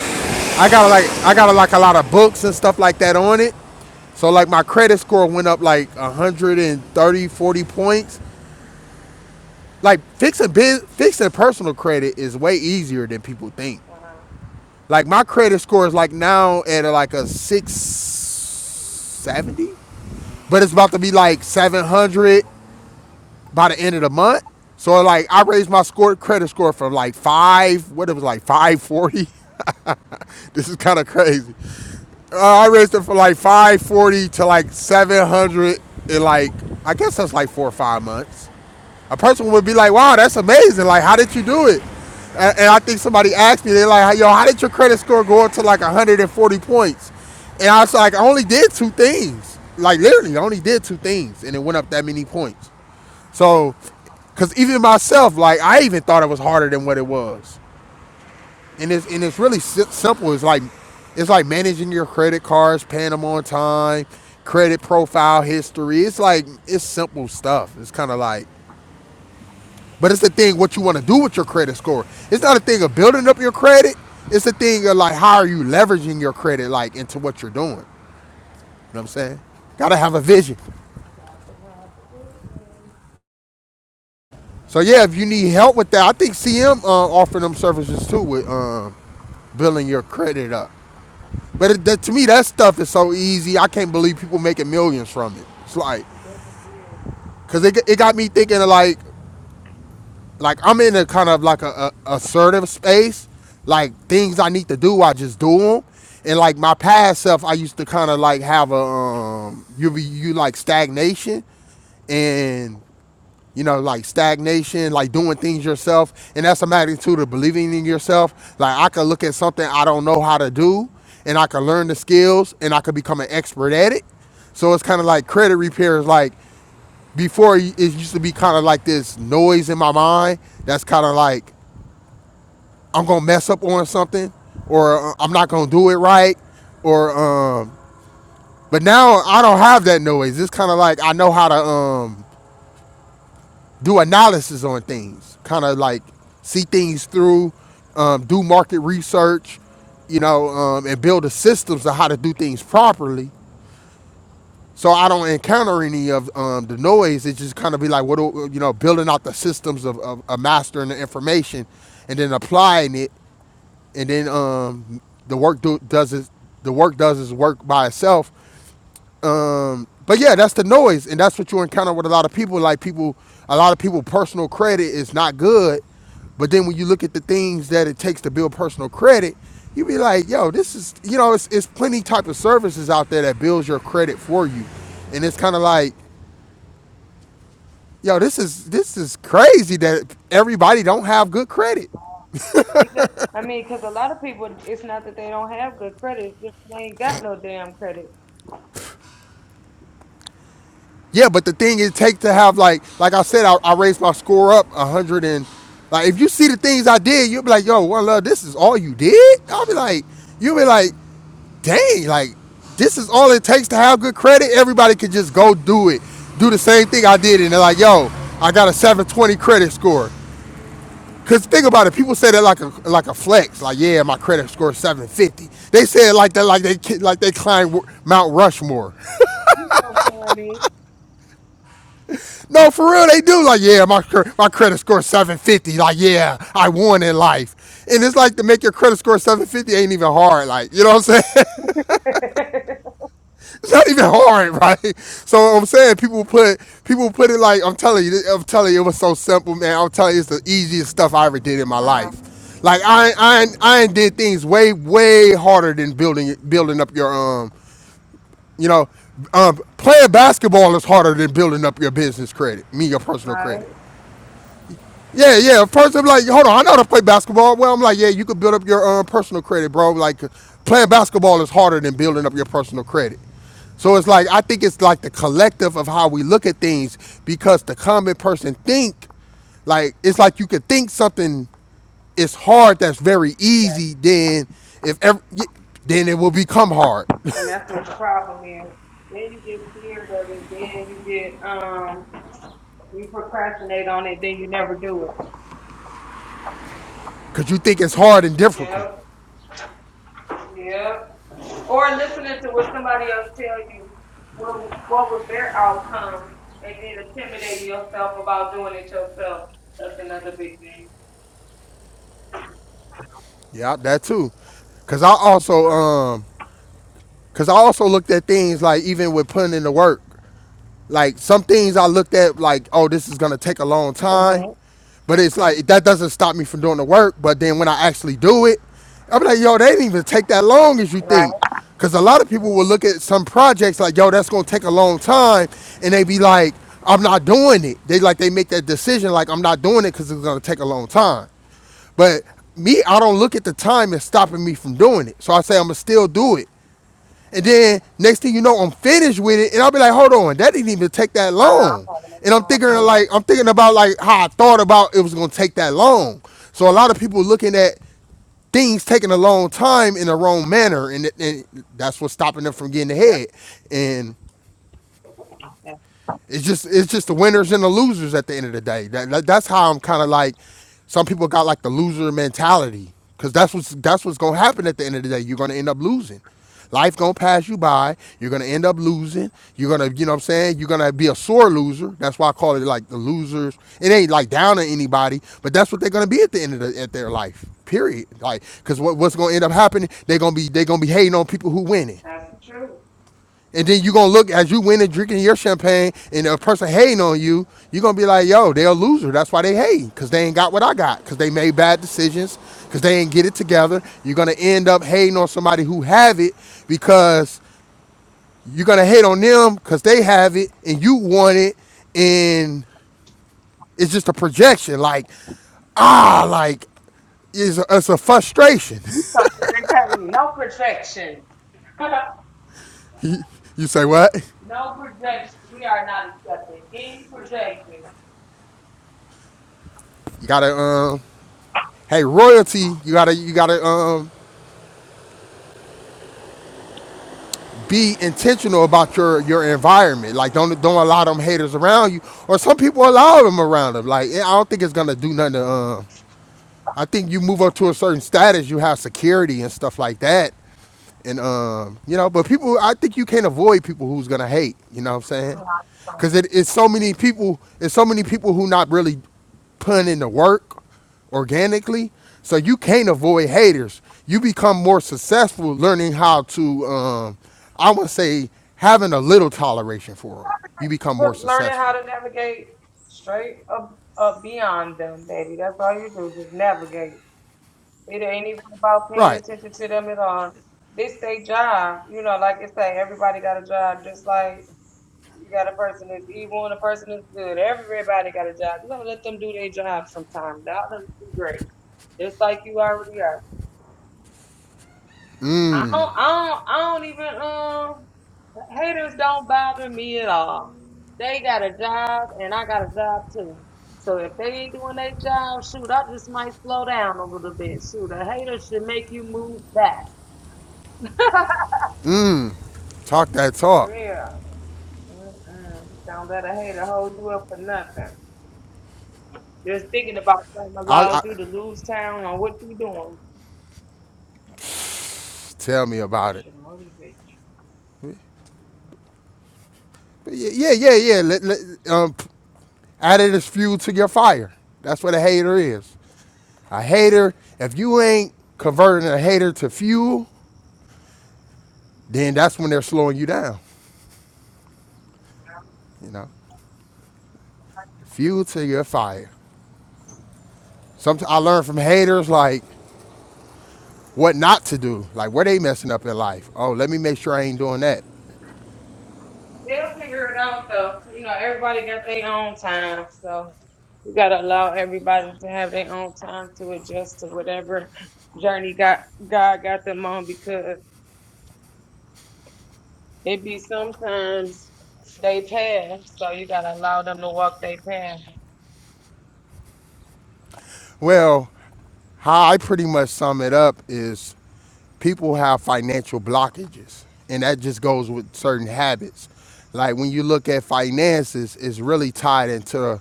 I got like I got like a lot of books and stuff like that on it. So like my credit score went up like 130 40 points. Like fixing biz, fixing personal credit is way easier than people think.
Uh-huh.
Like my credit score is like now at like a 670, but it's about to be like 700 by the end of the month. So like I raised my score credit score from like five, what it was like five forty. this is kind of crazy. Uh, I raised it from like five forty to like seven hundred in like I guess that's like four or five months. A person would be like, "Wow, that's amazing! Like, how did you do it?" And, and I think somebody asked me, they're like, "Hey, "Yo, how did your credit score go up to like 140 points?" And I was like, "I only did two things. Like literally, I only did two things, and it went up that many points."
I'm gonna do
So,
it.
because even myself, like I even thought it was harder than what it was, and it's and it's really si- simple. It's like it's like managing your credit cards, paying them on time, credit profile history. It's like it's simple stuff. It's kind of like, but it's the thing what you want to do with your credit score. It's not a thing of building up your credit. It's the thing of like how are you leveraging your credit like into what you're doing. You know what I'm saying? Gotta have a vision.
I think I have to do it, man.
So yeah, if you need help with that, I think CM uh, offering them services too with um, building your credit up. But it, that, to me, that stuff is so easy. I can't believe people making millions from it. It's like,
It definitely
cause it, it got me thinking of like, like I'm in a kind of like a, a assertive space. Like things I need to do, I just do them. And like my past self, I used to kind of like have a um, you be you like stagnation and you know, like stagnation, like doing things yourself. And that's a magnitude of believing in
is.
yourself. Like I could look at something I don't know how to do and I could learn the skills and I could become an expert at it. So it's kind of like credit repair is like before it used to be kind of like this noise in my mind that's kind of like I'm going to mess up on something or uh, I'm not going to do it right or um but now I don't have that noise. It's kind of like I know how to um do analysis on things, kind of like see things through, um, do market research, you know, um, and build the systems of how to do things properly. So I don't encounter any of um, the noise. It just kind of be like, what do, you know, building out the systems of, of, of mastering the information, and then applying it, and then um, the work do, does it. The work does its work by itself, um, but yeah, that's the noise, and that's what you encounter with a lot of people. Like people, a lot of people, personal credit is not good. But then when you look at the things that it takes to build personal credit, you be like, yo, this is you know, it's it's plenty type of services out there that builds your credit for you, and it's kind of like, yo, this is this is crazy that everybody don't have good credit.
We just, I mean, because a lot of people, it's not that they don't have good credit, it's just they ain't got no damn credit.
Yeah, but the thing it takes to have like like I said, I, I raised my score up a hundred and like if you see the things I did, you'll be like, yo, one love, this is all you did? I'll be like, you'll be like, dang, like this is all it takes to have good credit. Everybody could just go do it. Do the same thing I did, and they're like, yo, I got a 720 credit score. Cause think about it, people say that like a like a flex, like yeah, my credit score is 750. They say it like that, like they ki- like they climbed Mount Rushmore.
You know what I mean?
No, for real, they do. Like, yeah, my my credit score 750. Like, yeah, I won in life. And it's like to make your credit score 750 ain't even hard. Like, you know what I'm saying?
uh-huh.
it's not even hard, right? So I'm saying people put people put it like I'm telling you. I'm telling you, it was so simple, man. I'm telling you, it's the easiest stuff I ever did in my life. Like I I I ain't did things way way harder than building building up your um you know um playing basketball is harder than building up your business credit, me your personal
Right?
credit. Yeah, yeah. First, I'm like, hold on, I know how to play basketball. Well, I'm like, yeah, you could build up your um, personal credit, bro. Like, playing basketball is harder than building up your personal credit. So it's like I think it's like the collective of how we look at things because the common person think like it's like you could think something is hard that's very
Yeah.
easy then if ever then it will become hard
And that's what the problem is. Then you get scared of it, then you get, um, you procrastinate on it, then you never do it.
because you think it's hard and difficult
Yep, yep. or listening to what somebody else tell you what, what was their outcome and then intimidating yourself about doing it yourself. That's another big thing.
yeah that too because i also um because i also looked at things like even with putting in the work Like some things I looked at like, oh, this is gonna take a long time.
hmm
But it's like that doesn't stop me from doing the work. But then when I actually do it, I'm like, yo, they didn't even take that long as you
Right.
think. Cause a lot of people will look at some projects like, yo, that's gonna take a long time, and they be like, I'm not doing it. They like they make that decision like I'm not doing it because it's gonna take a long time. But me, I don't look at the time as stopping me from doing it. So I say I'm gonna still do it. And then next thing you know, I'm finished with it, and I'll be like, hold on, that didn't even take that
I know. I'm
long.
having
And
a
I'm thinking
problem.
like I'm thinking about like how I thought about it was gonna take that long. So a lot of people looking at things taking a long time in the wrong manner, and, and that's what's stopping them from getting
Yep.
ahead. And
And
it's just it's just the winners and the losers at the end of the day. That, that that's how I'm kind of like. Some people got like the loser mentality because that's what's that's what's gonna happen at the end of the day. You're gonna end up losing. Life gonna pass you by. You're gonna end up losing. You're gonna you know what I'm saying. You're gonna be a sore loser. That's why I call it like the losers. It ain't like down on anybody, but that's what they're gonna be at the end of the, at their life. Period. Like because what, what's gonna end up happening? They're gonna be they're gonna be hating on people who winning.
That's the truth.
And then you're gonna look as you win and drinking your champagne, and a person hating on you, you're gonna be like, yo, they're a loser. That's why they hate, because they ain't got what I got, because they made bad decisions, because they ain't get it together. You're gonna end up hating on somebody who have it because you're gonna hate on them because they have it and you want it, and it's just a projection, like, ah, like it's a, it's a frustration.
You come here and tell me no projection.
you say what?
no projection. We are not accepting any projection.
You gotta um, hey royalty. You gotta you gotta um be intentional about your your environment. Like don't don't allow them haters around you, or some people allow them around them. Like I don't think it's gonna do nothing. To, um, I think you move up to a certain status, you have security and stuff like that, and um, you know, but people, I think you can't avoid people who's gonna hate. You know what I'm saying? Because it, it's so many people. It's so many people who not really putting in the work organically. So you can't avoid haters. You become more successful learning how to, um, I would say, having a little toleration for them. You become more
But learning how
successful.
to navigate straight up, up beyond them, baby. That's all you do. Just navigate. It ain't even about paying
Right.
attention to them at all. This they job, you know, like I say, everybody got a job, just like you got a person that's evil and a person that's good. Everybody got a job. You gotta let them do their job sometime. That'll let them be great. Just like you already are. I don't I don't I don't even um haters don't bother me at all. They got a job and I got a job too. So if they ain't doing their job, shoot, I just might slow down a little bit. Shoot, a hater should make you move fast.
Talk that
For
talk.
real. Mm-mm. Don't let a hater hold you up for nothing. Just thinking about something
I,
allows
I
you to lose town on what you doing.
tell me
that
about it.
should motivate you.
yeah, yeah, yeah. yeah. Let, let, um, added as fuel to your fire. That's what a hater is. A hater, if you ain't converting a hater to fuel, then that's when they're slowing you down. You know, fuel to your fire. Sometimes I learned from haters like what not to do, like where they messing up in life. Oh, let me make sure I ain't doing that.
They'll figure it out though. You know, everybody got their own time, so. You gotta allow everybody to have their own time to adjust to whatever journey got God got them on because it be sometimes they path, so you gotta allow them to walk their path.
Well, how I pretty much sum it up is people have financial blockages, and that just goes with certain habits. Like when you look at finances, it's really tied into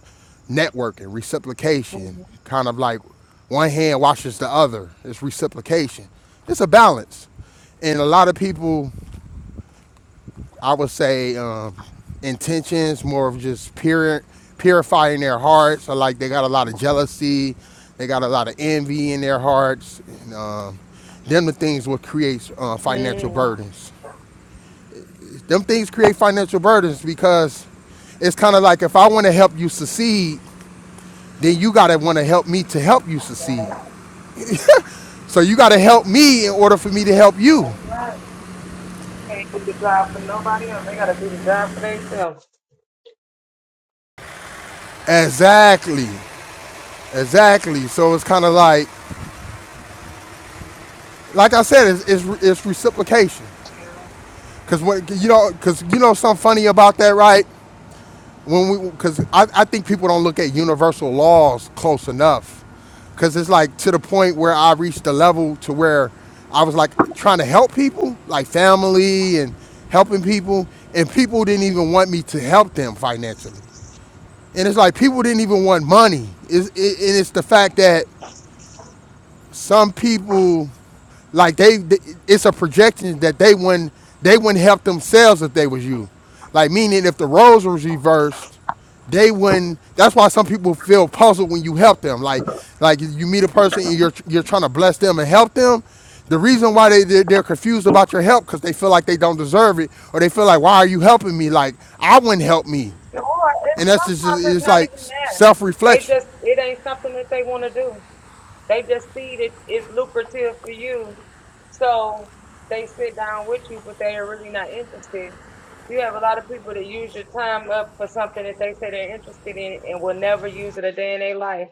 networking, reciprocation,
Mhm.
kind of like one hand washes the other. It's reciprocation, it's a balance. And a lot of people I would say um, intentions, more of just pure, purifying their hearts. So like they got a lot of jealousy, they got a lot of envy in their hearts. And, um, them the things what creates uh, financial
Mm.
burdens. Them things create financial burdens because it's kind of like if I want to help you succeed, then you gotta want to help me to help you succeed.
Right,
So you gotta help me in order for me to help you.
that's right. Can't do the job for nobody else. They gotta do the job for themselves.
Exactly, exactly. So it's kind of like, like I said, it's, it's, it's reciprocation. Cause when you know, cause you know something funny about that, right? When we, cause I, I think people don't look at universal laws close enough, cause it's like to the point where I reached a level to where I was like trying to help people, like family and helping people, and people didn't even want me to help them financially, and it's like people didn't even want money. It's, it, and it's the fact that some people, like they, they- it's a projection that they wouldn't, they wouldn't help themselves if they was you. Like meaning, if the roles was reversed, they wouldn't. That's why some people feel puzzled when you help them. Like, like you meet a person and you're you're trying to bless them and help them. The reason why they they're, they're confused about your help because they feel like they don't deserve it, or they feel like why are you helping me? Like I wouldn't help me,
Or it,
and that's just
sometimes it's
it's
not
like
even that.
self
They
reflection.
just it ain't something that they wanna do. They just see that it's lucrative for you. So they sit down with you, but they are really not interested. You have a lot of people that use your time up for something that they say they're interested in and will never use it a day in their life.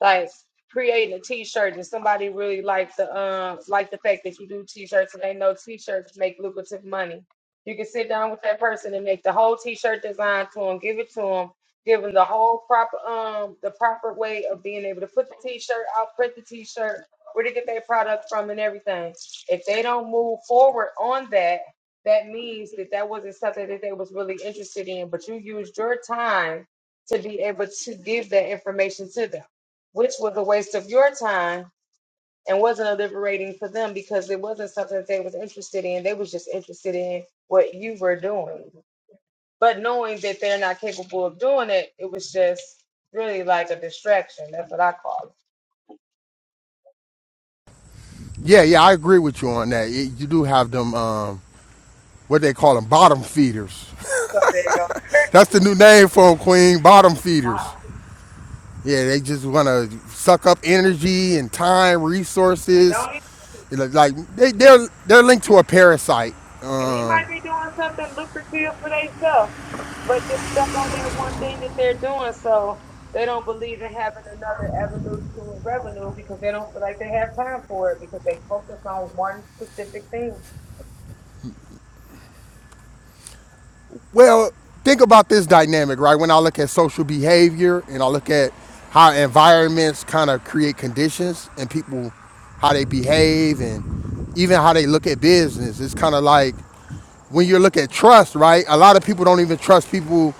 Like creating a t-shirt and somebody really liked the um like the fact that you do t-shirts and they know t-shirts make lucrative money. You can sit down with that person and make the whole t-shirt design to them, give it to them, Given the whole proper um the proper way of being able to put the t-shirt out, print the t-shirt, where to get their product from and everything. If they don't move forward on that, that means that that wasn't something that they was really interested in, but you used your time to be able to give that information to them, which was a waste of your time and wasn't a liberating for them because it wasn't something that they was interested in. They was just interested in what you were doing. But knowing that they're not capable of doing it, it was just really like a distraction. That's what I call it.
Yeah, yeah, I agree with you on that. It, you do have them. Um, what they call them, bottom feeders.
So there you go.
That's the new name for them, Queen, bottom feeders.
Wow.
Yeah, they just want to suck up energy and time,
And
resources.
don't even,
Like they, they're they're linked to a parasite.
and they
Um,
might be doing something lucrative for themselves, but just stuck on that one thing that they're doing. So they don't believe in having another avenue to revenue because they don't feel like they have time for it because they focus on one specific thing.
well, think about this dynamic, right? When I look at social behavior and I look at how environments kind of create conditions and people how they behave and even how they look at business. It's kind of like when you look at trust, right? A lot of people don't even trust people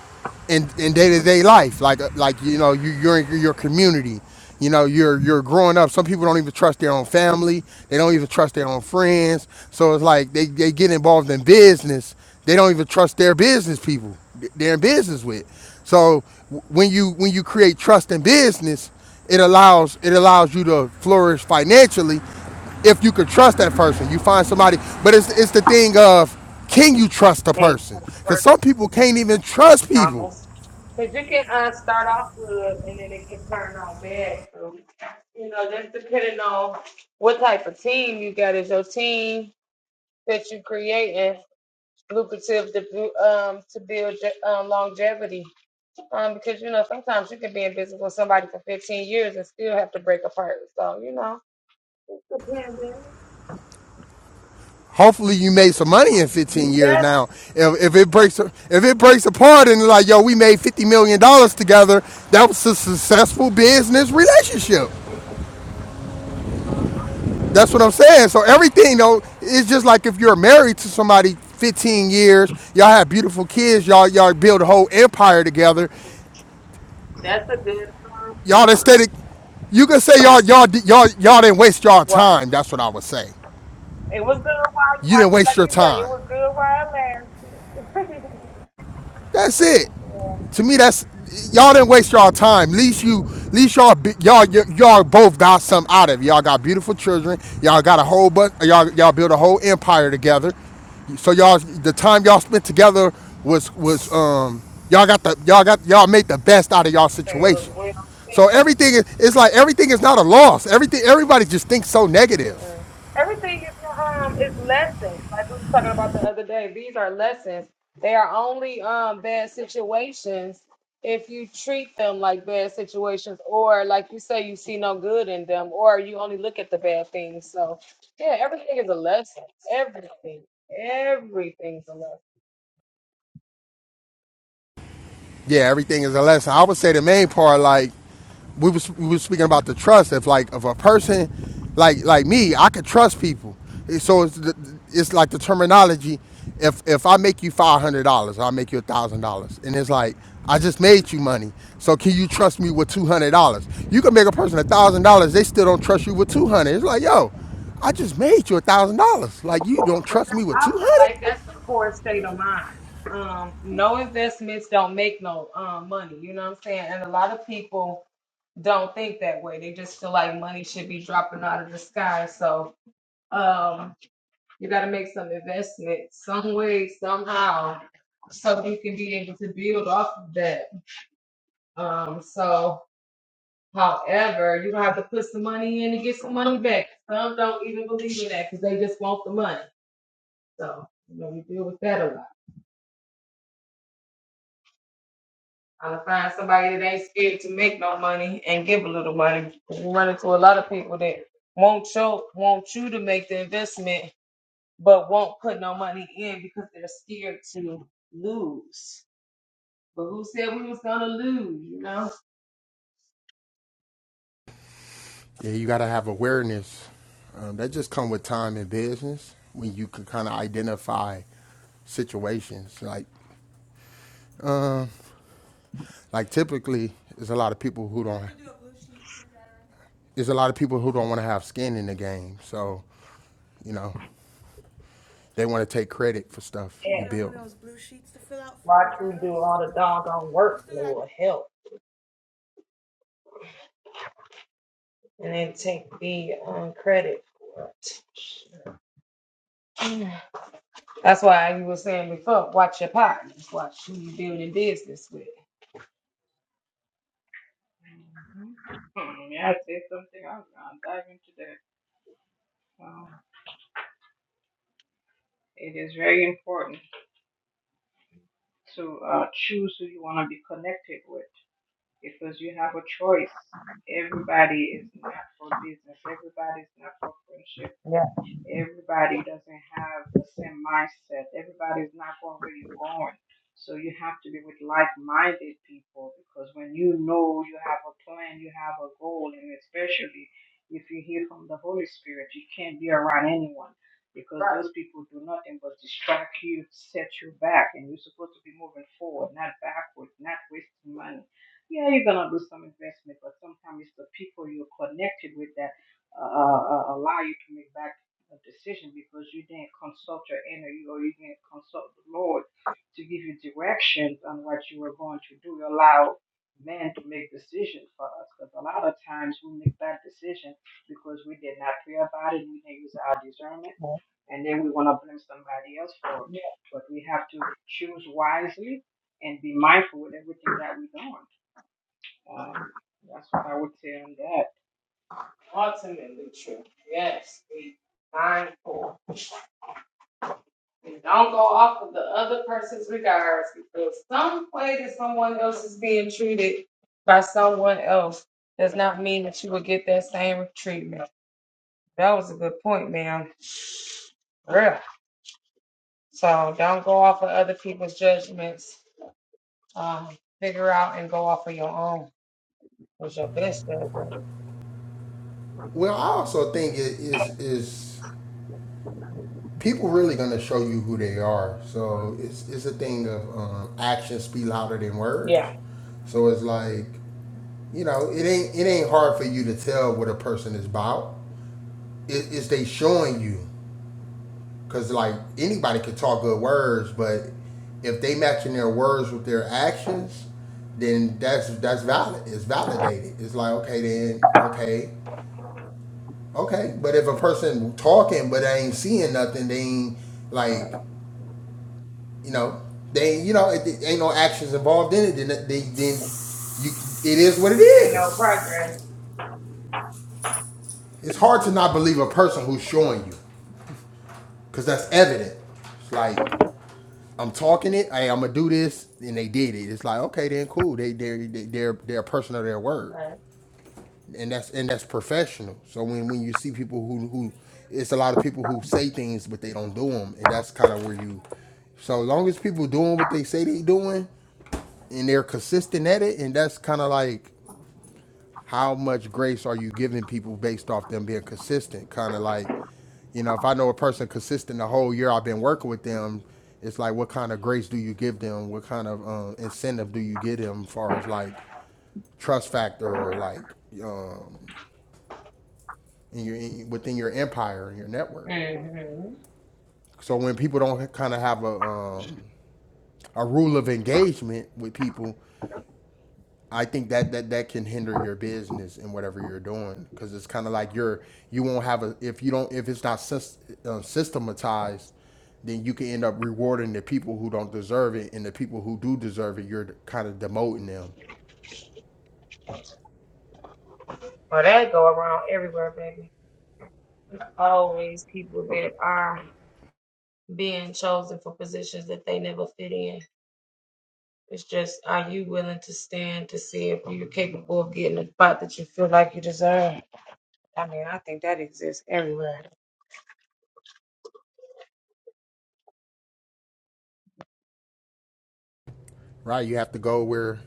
in in day to day life, like uh, like you know you you're in your community, you know you're you're growing up. Some people don't even trust their own
Mhm.
family. They don't even trust their own friends. So it's like they they get involved in business. They don't even trust their business people they're in business with. So w- when you when you create trust in business, it allows it allows you to flourish financially if you could trust that person. You find somebody, but it's it's the thing of can you trust a
Hey,
person? Because some people can't even trust people.
No. Because you can uh, start off good and then it can turn on bad. So, you know, just depending on what type of team you got. as your team that you creating lucrative to, bu- um, to build je- um, longevity? Um, because, you know, sometimes you can be in business with somebody for 15 years and still have to break apart. So, you know, it depends.
Hopefully, you made some money in 15
You
years.
better.
Now, if, if it breaks if it breaks apart and like yo, we made 50 million dollars together, that was a successful business
You
relationship.
hear me?
That's what I'm saying. So everything though, it's just like if you're married to somebody 15 years, y'all have beautiful kids, y'all y'all build a whole empire together.
That's a good um,
y'all aesthetic. You can say y'all y'all y'all y'all didn't waste y'all
word.
time. That's what I would say.
It was good while,
You didn't
like
waste
like
your
you said, it
time.
was good while it lasted.
That's it. To me, that's y'all didn't waste y'all time. At Least you, at least y'all, y'all, y'all both got something out of it. Y'all got beautiful children. Y'all got a whole bunch. Y'all, y'all built a whole empire together. So y'all, the time y'all spent together was was um y'all got the y'all got y'all made the best out of y'all
So It was
situation.
well.
So everything is it's like everything is not a loss. Everything everybody just thinks so negative.
Mm-mm. Everything is um is lessons. Like we were talking about the other day, these are lessons. They are only um bad situations if you treat them like bad situations, or like you say, you see no good in them, or you only look at the bad things. So yeah, everything is a lesson. Everything, everything's a lesson.
yeah, everything is a lesson. I would say the main part, like we was we was speaking about the trust. If like if a person, like like me, I could trust people. So it's the, it's like the terminology. If if I make you five hundred dollars, I make you a thousand dollars, and it's like I just made you money. So can you trust me with two hundred dollars? You can make a person a thousand dollars, they still don't trust you with two hundred. It's like yo, I just made you a thousand dollars. Like you don't trust me with
I
two
feel
hundred?
like that's the poor state of mind. Um, no investments don't make no um money. You know what I'm saying? And a lot of people don't think that way. They just feel like money should be dropping out of the sky. So um, you got to make some investment some way, somehow, so you can be able to build off of that. Um, so, however, you don't have to put some money in to get some money back. Some don't even believe in that because they just want the money. So, you know, we deal with that a lot. Trying to find somebody that ain't scared to make no money and give a little money. You run into a lot of people that won't you, want you to make the investment but won't put no money in because they're scared to lose. But who said we was gonna lose, you know?
Yeah, you got to have awareness. Um, that just come with time in business when you can kind of identify situations. Like, um, like typically, there's a lot of people who don't. There's a lot of people who don't want to have skin in the game. So, you know, they want to take credit for stuff you
And
built.
watch me do all the doggone work, Lord help, and then take the um, credit for it. That's why you were saying before, watch your partners, watch who you building business with.
hmm Hmm, Yeah, I said something. I'll, I'll dive into that. Um, it is very important to uh, choose who you want to be connected with because you have a choice. Everybody is not for business. Everybody's not for friendship
Yeah.
Everybody doesn't have the same mindset. Everybody's not going where you're going. So you have to be with like-minded people because when you know you have a plan, you have a goal, and especially if you hear from the Holy Spirit, you can't be around anyone because those people do nothing but distract you, set you back, and you're supposed to be moving forward, not backward, not wasting money. Yeah, you're gonna do some investment, but sometimes it's the people you're connected with that uh, uh, uh, allow you to make bad a decision because you didn't consult your inner you or you didn't consult the Lord to give you directions on what you were going to do. You allow men to make decisions for us because a lot of times we make bad decisions because we did not pray about it, we didn't use our discernment, and then we want to blame somebody else for it. But we have to choose wisely and be mindful with everything that we're doing. Um, that's what I would say on that.
Ultimately true. Yes, be mindful. And don't go off of the other person's regards because some way that someone else is being treated by someone else does not mean that you will get that same treatment. That was a good point, ma'am. Real. So don't go off of other people's judgments. Um, figure out and go off of your own. Was your best judgment.
Well, I also think it is is people really going to show you who they are. So it's it's a thing of um, actions speak louder than words.
Yeah.
So it's like You know, it ain't it ain't hard for you to tell what a person is about. It, it's they showing you, cause like anybody could talk good words, but if they matching their words with their actions, then that's that's valid. It's validated. It's like okay, then okay, okay. But if a person talking but they ain't seeing nothing, they ain't like you know they you know it, it ain't no actions involved in it. Then they then you it is what it
Ain't no
is.
progress.
It's hard to not believe a person who's showing you. Cause that's evident. It's like I'm talking it. Hey, I'm gonna do this, and they did it. It's like okay, then cool. They they they they're they're a person of their word,
Right.
and that's and that's professional. So when when you see people who who, it's a lot of people who say things but they don't do them, and that's kind of where you. So as long as people doing what they say they doing, and they're consistent at it, and that's kind of like how much grace are you giving people based off them being consistent? Kind of like, you know, if I know a person consistent the whole year I've been working with them, it's like, what kind of grace do you give them? What kind of um, incentive do you give them, as far as like trust factor or like uh, in your in, within your empire and your network?
hmm
So when people don't kind of have a um, a rule of engagement with people, I think that that that can hinder your business and whatever you're doing because it's kind of like you're you won't have a if you don't if it's not uh, systematized, then you can end up rewarding the people who don't deserve it and the people who do deserve it. You're kind of demoting them,
Well, that go around everywhere, baby. Always people that are. being chosen for positions that they never fit in. It's just, are you willing to stand to see if you're capable of getting a spot that you feel like you deserve? I mean, I think that exists everywhere.
right? You have to go where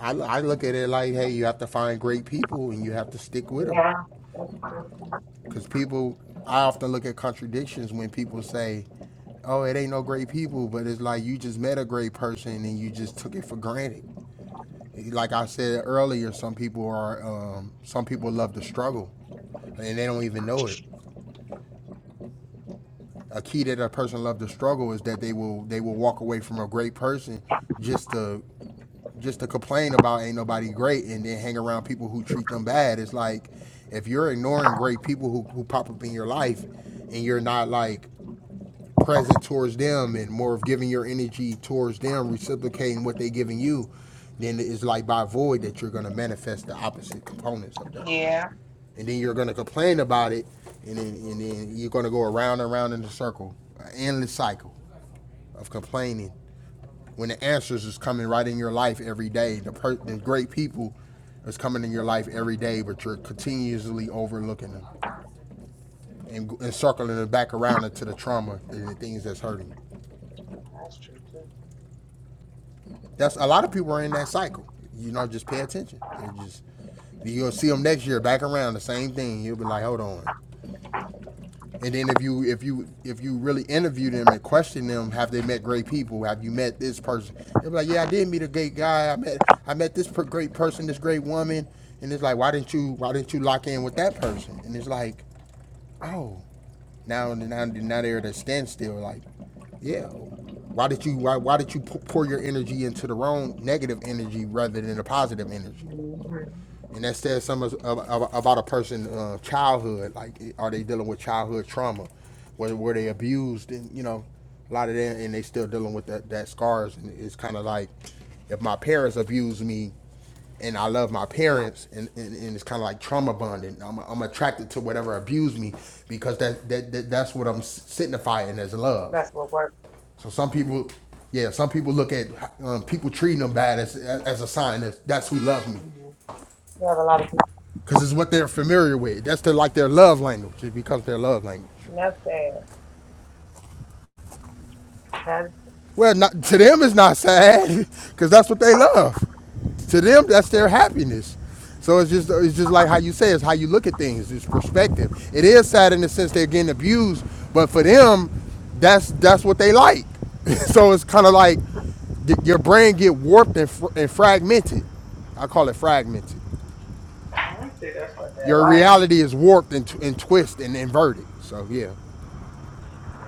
I I look at it like hey, you have to find great people and you have to stick with them
Yeah, that's true. too.
because people I often look at contradictions when people say oh, it ain't no great people, but it's like you just met a great person and you just took it for granted. like I said earlier, some people are um, some people love to struggle, and they don't even know it. A key that a person love to struggle is that they will they will walk away from a great person just to just to complain about ain't nobody great, and then hang around people who treat them bad. It's like if you're ignoring great people who, who pop up in your life, and you're not like present towards them and more of giving your energy towards them, reciprocating what they're giving you, then it's like by void that you're gonna manifest the opposite components of that.
Yeah,
And then you're gonna complain about it and then and then you're gonna go around and around in a circle, an endless cycle of complaining. When the answers is coming right in your life every day, the, per- the great people is coming in your life every day, but you're continuously overlooking them and, and circling them back around into the trauma and the things that's hurting you.
that's true too.
That's a lot of people are in that cycle. You know, just pay attention. It's just you'll see them next year back around the same thing. You'll be like, hold on. And then if you if you if you really interview them and question them, have they met great people? Have you met this person? They'll be like, yeah, I did meet a great guy. I met I met this great person, this great woman. And it's like, why didn't you why didn't you lock in with that person? And it's like, oh, now now now they're at a standstill. Like, yeah, why did you why why did you pour your energy into the wrong negative energy rather than the positive energy?
hmm
And that says something about a person's uh, childhood. Like, are they dealing with childhood trauma? Were, were they abused? And you know, a lot of them, and they still dealing with that, that scars. And it's kind of like, if my parents abused me, and I love my parents, and, and, and it's kind of like trauma bonding. I'm, I'm attracted to whatever abused me because that, that, that that's what I'm signifying as love.
That's what works.
So some people, yeah, some people look at um, people treating them bad as as a sign that that's who loves me
hmm You have a lot of people.
because it's what they're familiar with. That's their like their love language. It becomes their love language.
and That's sad. That,
Well, not, to them it's not sad because that's what they love. To them, that's their happiness. So it's just it's just like how you say it's how you look at things. It's perspective. It is sad in the sense they're getting abused, but for them, that's that's what they like. so it's kind of like th- your brain get warped and, fr- and fragmented. I call it fragmented.
I would say that's what they're
Your
like.
reality is warped and, t- and twisted and inverted. So yeah.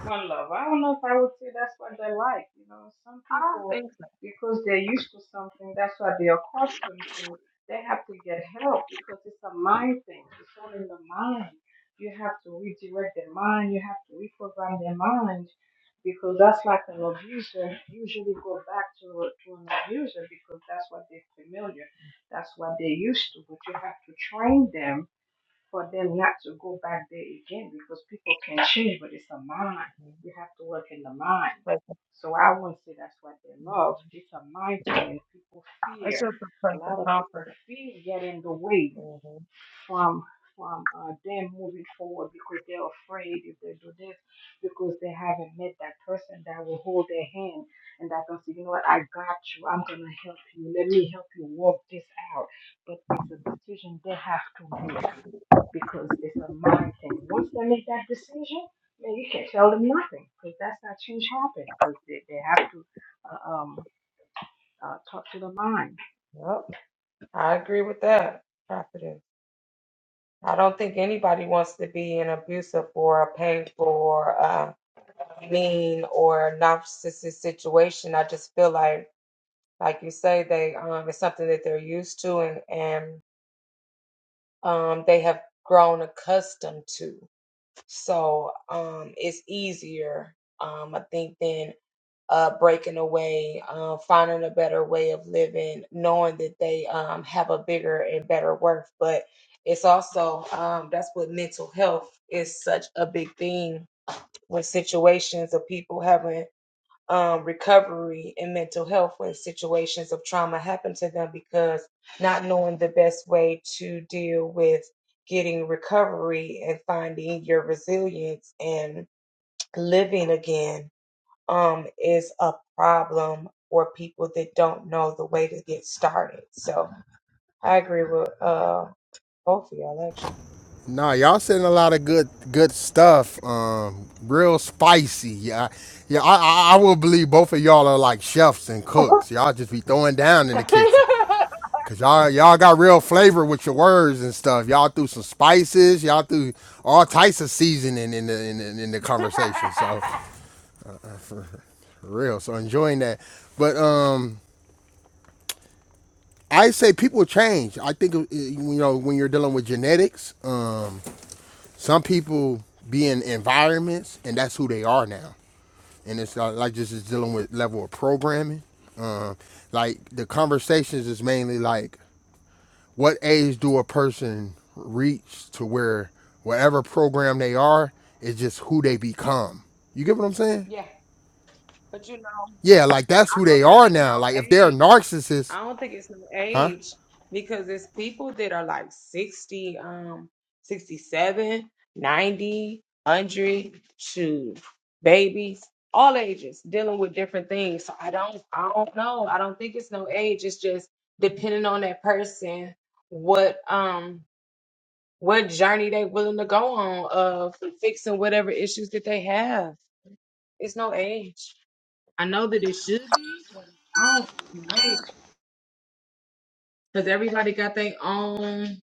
One love. I don't know if I would say that's what they like. You know, some
I don't
people,
think
because they're used to something, that's what they're accustomed to. They have to get help because it's a mind thing. It's all in the mind. You have to redirect their mind. You have to reprogram their mind because that's like an abuser. Usually go back to, to an abuser because that's what they're familiar. That's what they're used to. But you have to train them for them not to go back there again because people can change, but it's a mind.
so.
You have to work in the mind.
But,
So I won't say that's what they
mm,
love. It's a mind thing. People
it's
fear.
just a
A
place of
lot of people
comfort.
fear getting the way
hmm
from from uh, them moving forward because they're afraid if they do this because they haven't met that person that will hold their hand and that can say, you know what, I got you. I'm gonna help you. Let me help you work this out. But it's a decision they have to make because it's a mind thing. Once they make that decision, man, you can't tell them nothing because that's not change happen because they, they have to uh, um, uh, talk to the mind.
Yep, I agree with that. Profit. I don't think anybody wants to be in abusive or a painful or uh, mean or narcissistic situation. I just feel like, like you say, they um, it's something that they're used to and and um, they have grown accustomed to. So um, it's easier, um, I think, than uh, breaking away, uh, finding a better way of living, knowing that they um, have a bigger and better worth. But it's also um, that's what mental health is such a big thing with situations of people having um, recovery and mental health when situations of trauma happen to them because not knowing the best way to deal with getting recovery and finding your resilience and living again um, is a problem for people that don't know the way to get started. So I agree with uh, both of y'all actually.
Nah, y'all sending a lot of good good stuff. Um, real spicy. Yeah, yeah. I, I I will believe both of y'all are like chefs and cooks. Y'all just be throwing down in the kitchen, cause y'all y'all got real flavor with your words and stuff. Y'all threw some spices. Y'all threw all types of seasoning in the in the, in the conversation. So, uh, for real. So enjoying that. But um, I say people change. I think uh, you know when you're dealing with genetics. Um Some people be in environments and that's who they are now. And it's uh, like just is dealing with level of programming. Um, like the conversations is mainly like what age do a person reach to where whatever program they are is just who they become. You get what I'm saying?
yeah, but you know,
Yeah, like that's who
I don't
they
think
are
it's no
now. Like if they're
age.
narcissists,
I don't think it's no
huh?
age because it's people that are like 60, um, 67, 90, one hundred, shoot, babies, all ages dealing with different things. So I don't, I don't know. I don't think it's no age. It's just depending on that person, what, um, what journey they willing to go on of fixing whatever issues that they have. It's no age. I know that it should be, but I don't think it's no age. because everybody got their own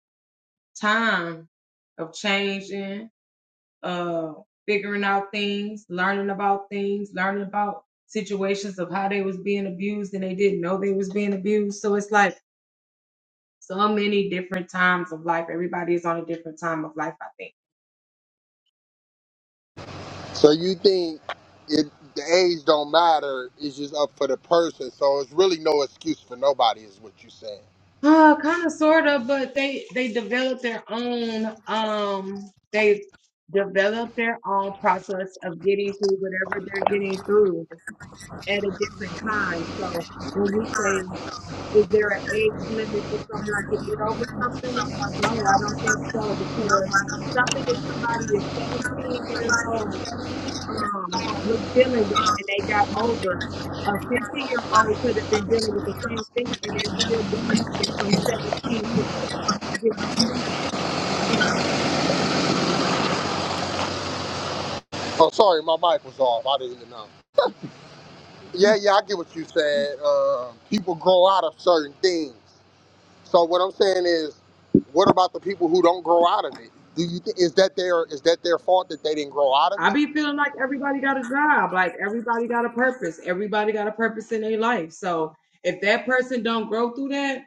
time of changing, uh, figuring out things, learning about things, learning about situations of how they was being abused and they didn't know they was being abused. So it's like so many different times of life. Everybody is on a different time of life, I think.
So you think it, the age don't matter? It's just up for the person. So it's really no excuse for nobody, is what you're saying.
Uh, kind of, sort of, but they they develop their own um they develop their own process of getting through whatever they're getting through at a different time. So when you say, is there an age limit for someone to get over something? No, I don't think so because something that somebody is 17 years old um, was dealing with and they got over, a 50 year old could have been dealing with the same thing and they're still doing it from 17 to 50. You know what I'm saying?
Oh, sorry, my mic was off. I didn't even know. Yeah, yeah, I get what you said. Uh, people grow out of certain things. So what I'm saying is, what about the people who don't grow out of it? Do you think is that their is that their fault that they didn't grow out of
I
it?
be feeling like everybody got a job, like everybody got a purpose, everybody got a purpose in their life. So if that person don't grow through that,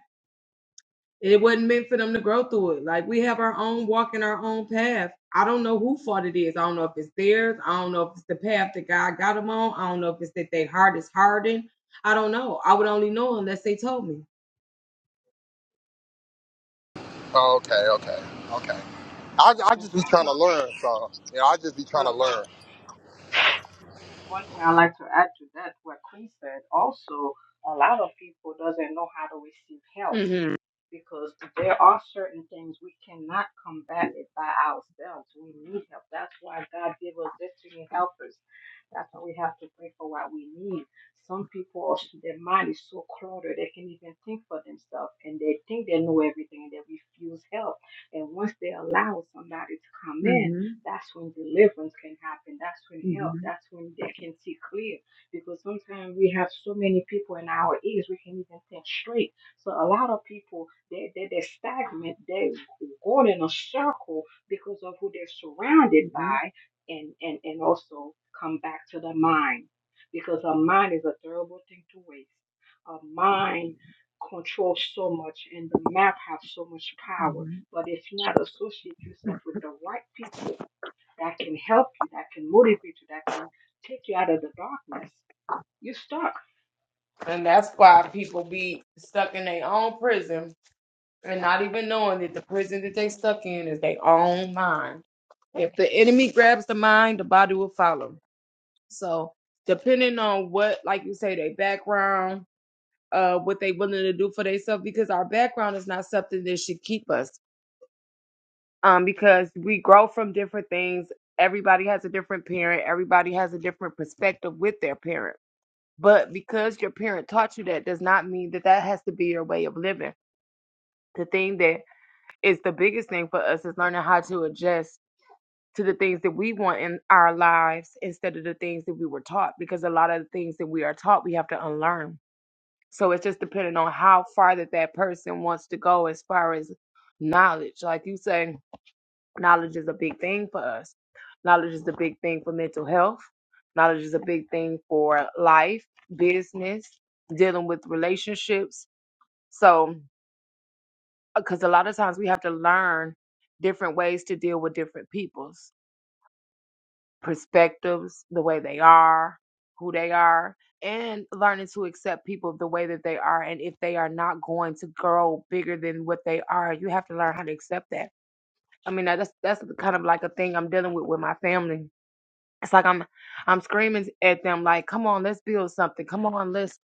It wasn't meant for them to grow through it. Like we have our own walk in our own path. I don't know who fault it is. I don't know if it's theirs. I don't know if it's the path that God got them on. I don't know if it's that their heart is hardened. I don't know. I would only know unless they told me.
Okay, okay, okay. I I
And
just be
some
trying to
people,
learn, so yeah, I just be trying to
well,
learn.
one thing I like to add to that, what Queen said, also a lot of people doesn't know how to receive help
hmm
because there are certain things we cannot combat it by ourselves. We need help. That's why God gave us destiny helpers That's why we have to pray for what we need. Some people, their mind is so cluttered, they can't even think for themselves and they think they know everything and they refuse help. And once they allow somebody to come in,
hmm
that's when deliverance can happen. That's when help,
hmm
that's when they can see clear. Because sometimes we have so many people in our ears, we can't even think straight. So a lot of people, they, they, they're stagnant, they're going in a circle because of who they're surrounded
hmm
by and, and, and also come back to the mind because our mind is a terrible thing to waste. Our mind controls so much and the map has so much power. But if you not associate yourself with the right people that can help you, that can motivate you, that can take you out of the darkness, you're stuck.
And that's why people be stuck in their own prison and not even knowing that the prison that they stuck in is their own mind. If the enemy grabs the mind, the body will follow. So depending on what, like you say, their background, uh, what they willing to do for themselves, because our background is not something that should keep us. Um, because we grow from different things. Everybody has a different parent. Everybody has a different perspective with their parent. But because your parent taught you that, does not mean that that has to be your way of living. The thing that is the biggest thing for us is learning how to adjust to the things that we want in our lives instead of the things that we were taught. Because a lot of the things that we are taught, we have to unlearn So it's just depending on how far that that person wants to go as far as knowledge. Like you say, knowledge is a big thing for us. Knowledge is a big thing for mental health. Knowledge is a big thing for life, business, dealing with relationships. So, because a lot of times we have to learn different ways to deal with different peoples. perspectives, the way they are, who they are, and learning to accept people the way that they are. And if they are not going to grow bigger than what they are, you have to learn how to accept that. I mean, that's that's kind of like a thing I'm dealing with with my family. It's like I'm I'm screaming at them like, "Come on, let's build something. Come on, let's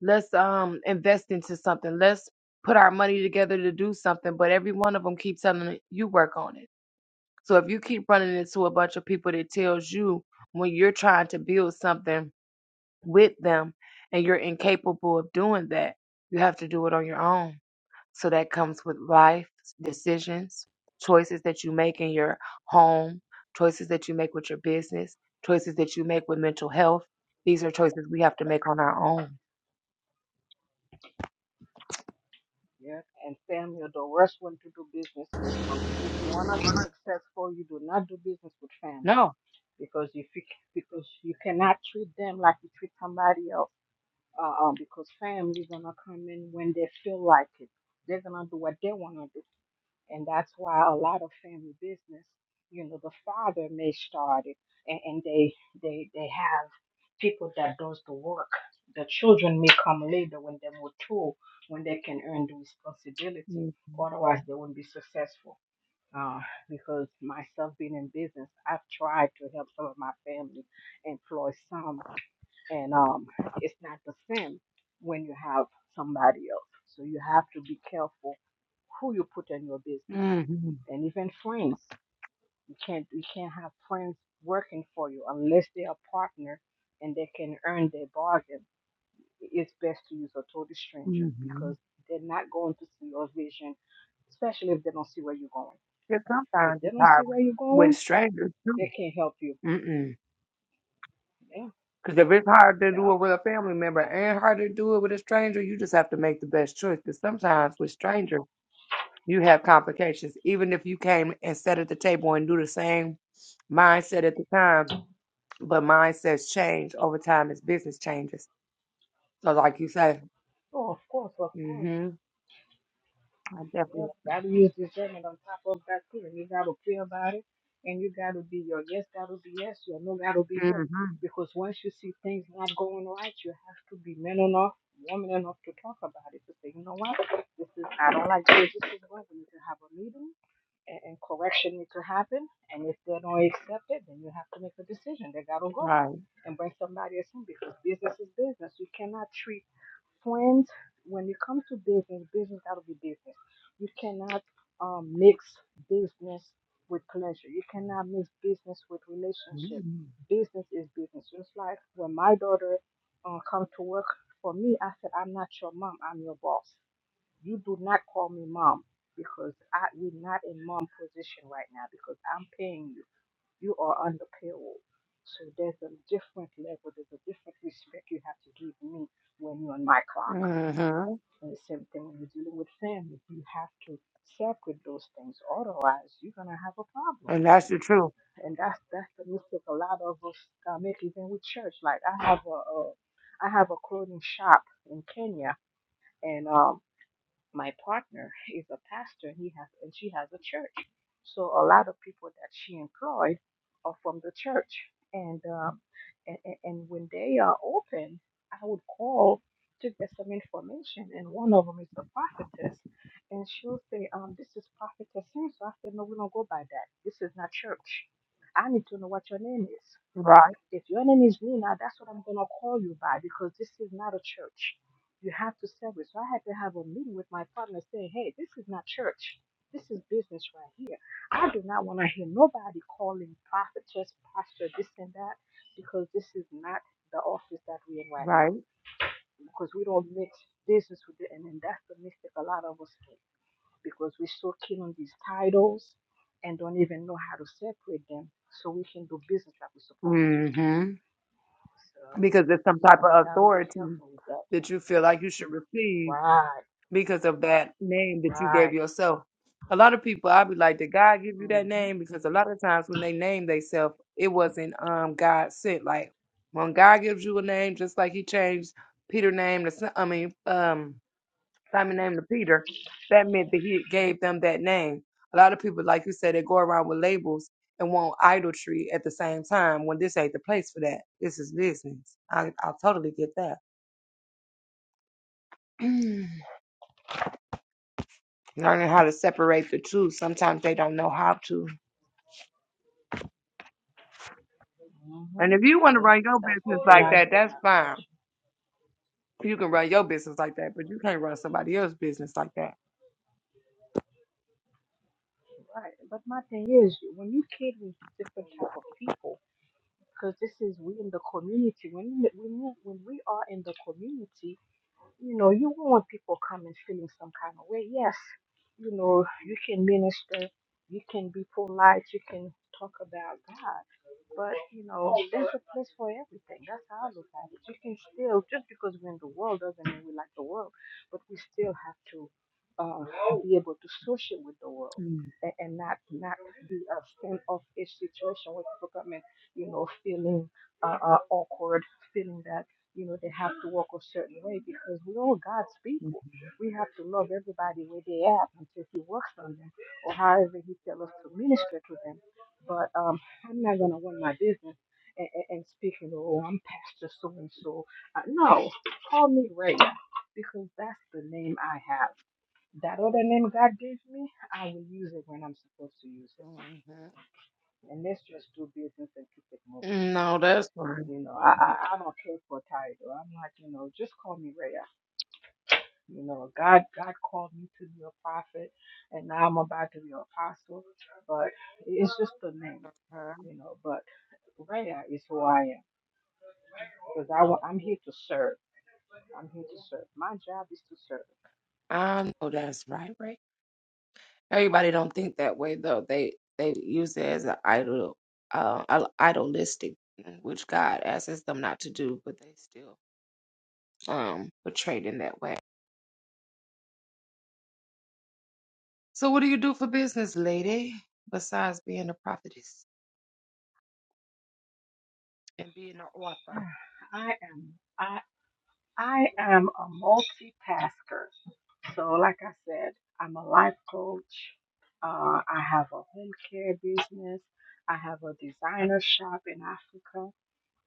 let's um invest into something. Let's put our money together to do something." But every one of them keeps telling me, "You work on it." So if you keep running into a bunch of people that tells you when you're trying to build something with them and you're incapable of doing that, you have to do it on your own. So that comes with life decisions, choices that you make in your home, choices that you make with your business, choices that you make with mental health. These are choices we have to make on our own.
Yeah. And family are the worst one to do business with. If you wanna be successful, you do not do business with family
No.
because you because you cannot treat them like you treat somebody else uh, um, because family's gonna come in when they feel like it. They're gonna do what they wanna do, and that's why a lot of family business, you know, the father may start it, and, and they they they have people that does the work. The children may come later when they're mature, when they can earn the responsibility.
Mm-hmm.
Otherwise, they won't be successful. Uh, because myself being in business, I've tried to help some of my family employ some and um, it's not the same when you have somebody else. So you have to be careful who you put in your business,
hmm
and even friends. You can't you can't have friends working for you unless they are partner and they can earn their bargain. It's best to use a total stranger
hmm
because they're not going to see your vision, especially if they don't see where you're going.
Because
If
sometimes
they
it's
don't see
hard
where
with,
you're
with
going,
strangers too.
they can't help you.
Mm-mm.
Yeah,
Because if it's hard to do
yeah.
it with a family member
And-
and hard to do it with a stranger, you just have to make the best choice. Because sometimes with strangers, you have complications. Even if you came and sat at the table and do the same mindset at the time, but mindsets change over time as business changes. So, like you say,
Oh, of course, of course.
mm-hmm, I definitely,
Yep, gotta use discernment on top of that too, and you gotta pray about it, and you gotta be your yes, gotta be yes, your no, gotta be no.
mm-hmm,
Because once you see things not going right, you have to be man enough, woman enough to talk about it. To say, you know what, this is I don't like this. This is what we need to have a meeting, and, and correction need to happen. And if they don't accept it, then you have to make a decision. They gotta go
right,
and bring somebody else in because business is business. You cannot treat friends, when it comes to business, business got to be business. You cannot um, mix business with pleasure. You cannot mix business with relationship.
mm-hmm,
Business is business. Just like when my daughter uh, comes to work for me, I said, I'm not your mom. I'm your boss. You do not call me mom because I, we're not in mom position right now because I'm paying you. You are on the payroll. So there's a different level, there's a different respect you have to give me when you're on my clock.
mm-hmm,
And the same thing when you're dealing with family. You have to separate those things. Otherwise, you're gonna have a problem.
and that's the truth,
And that's that's the mistake a lot of us uh, make, even with church. Like I have a, a I have a clothing shop in Kenya, and um my partner is a pastor and he has and she has a church so a lot of people that she employed are from the church and um and, and and when they are open i would call to get some information and one of them is a prophetess and she'll say um this is prophetess so i said no we don't go by that this is not church i need to know what your name is
right,
if your name is Luna, that's what I'm going to call you by because this is not a church. You have to serve it, So I had to have a meeting with my partner saying, hey, this is not church. This is business right here. I do not want to hear nobody calling prophetess, pastor, this and that, because this is not the office that we're in right now.
right,
Because we don't mix business with it. And then that's the mistake a lot of us make because we're so keen on these titles and don't even know how to separate them so we can do business like we're supposed to.
mm-hmm,
So
because there's some type
so we
of
got to be
authority
careful with that.
that you feel like you should receive
Right,
because of that name that you gave
right.
yourself. A lot of people, I'd be like, did God give you that
Mm-hmm.
name? Because a lot of times when they name themselves, it wasn't um God sent. Like when God gives you a name, just like He changed Peter name to Si- I mean um Simon name to Peter, that meant that He gave them that name. A lot of people, like you said, they go around with labels and want idolatry at the same time. When this ain't the place for that, this is business. I I totally get that. learning how to separate the two. Sometimes they don't know how to. And
Mm-hmm.
if you want to
Yeah,
run your
that's the
business
thing
like
I
that,
do in
that's
that
fine.
culture.
You can run your business like that, but you can't run somebody else's business like that.
Right. But my thing is, when you cater to different type of people, because this is we in the community. When you- when you- when we are in the community, you know, you want people coming feeling some kind of way. Yes, you know, you can minister, you can be polite, you can talk about God. But, you know, there's a place for everything. That's how I look at it. You can still, just because we're in the world doesn't mean we like the world, but we still have to uh, be able to associate with the world. a- And not not be a standoffish situation where people come in, you know, feeling uh, uh, awkward, feeling that you know, they have to walk a certain way because we're all God's people.
Hmm.
We have to love everybody where they at until He works on them or however He tells us to minister to them. But um, I'm not going to run my business and, and, and speak, you know, "Oh, I'm Pastor so and so. Uh, No, call me Raya because that's the name I have. That other name God gave me, I will use it when I'm supposed to use it.
Mm-hmm.
And let's just do business and keep it moving.
No, that's right.
You know, I I, I don't care for title. I'm like, you know, just call me Ray. You know, God God called me to be a prophet, and now I'm about to be an apostle. But it's just the name,
Mhm.
you know. But Raya is who I am because I wa- I'm here to serve. I'm here to serve. My job is to serve.
I know that's right, right? Everybody don't think that way though. They they use it as an idol, uh, idol- idolistic, mm, which God asks them not to do, but they still um portrayed in that way. So, what do you do for business, lady? Besides being a prophetess? and being an author.
I am I I am a multitasker. So like I said, I'm a life coach. Uh, I have a home care business. I have a designer shop in Africa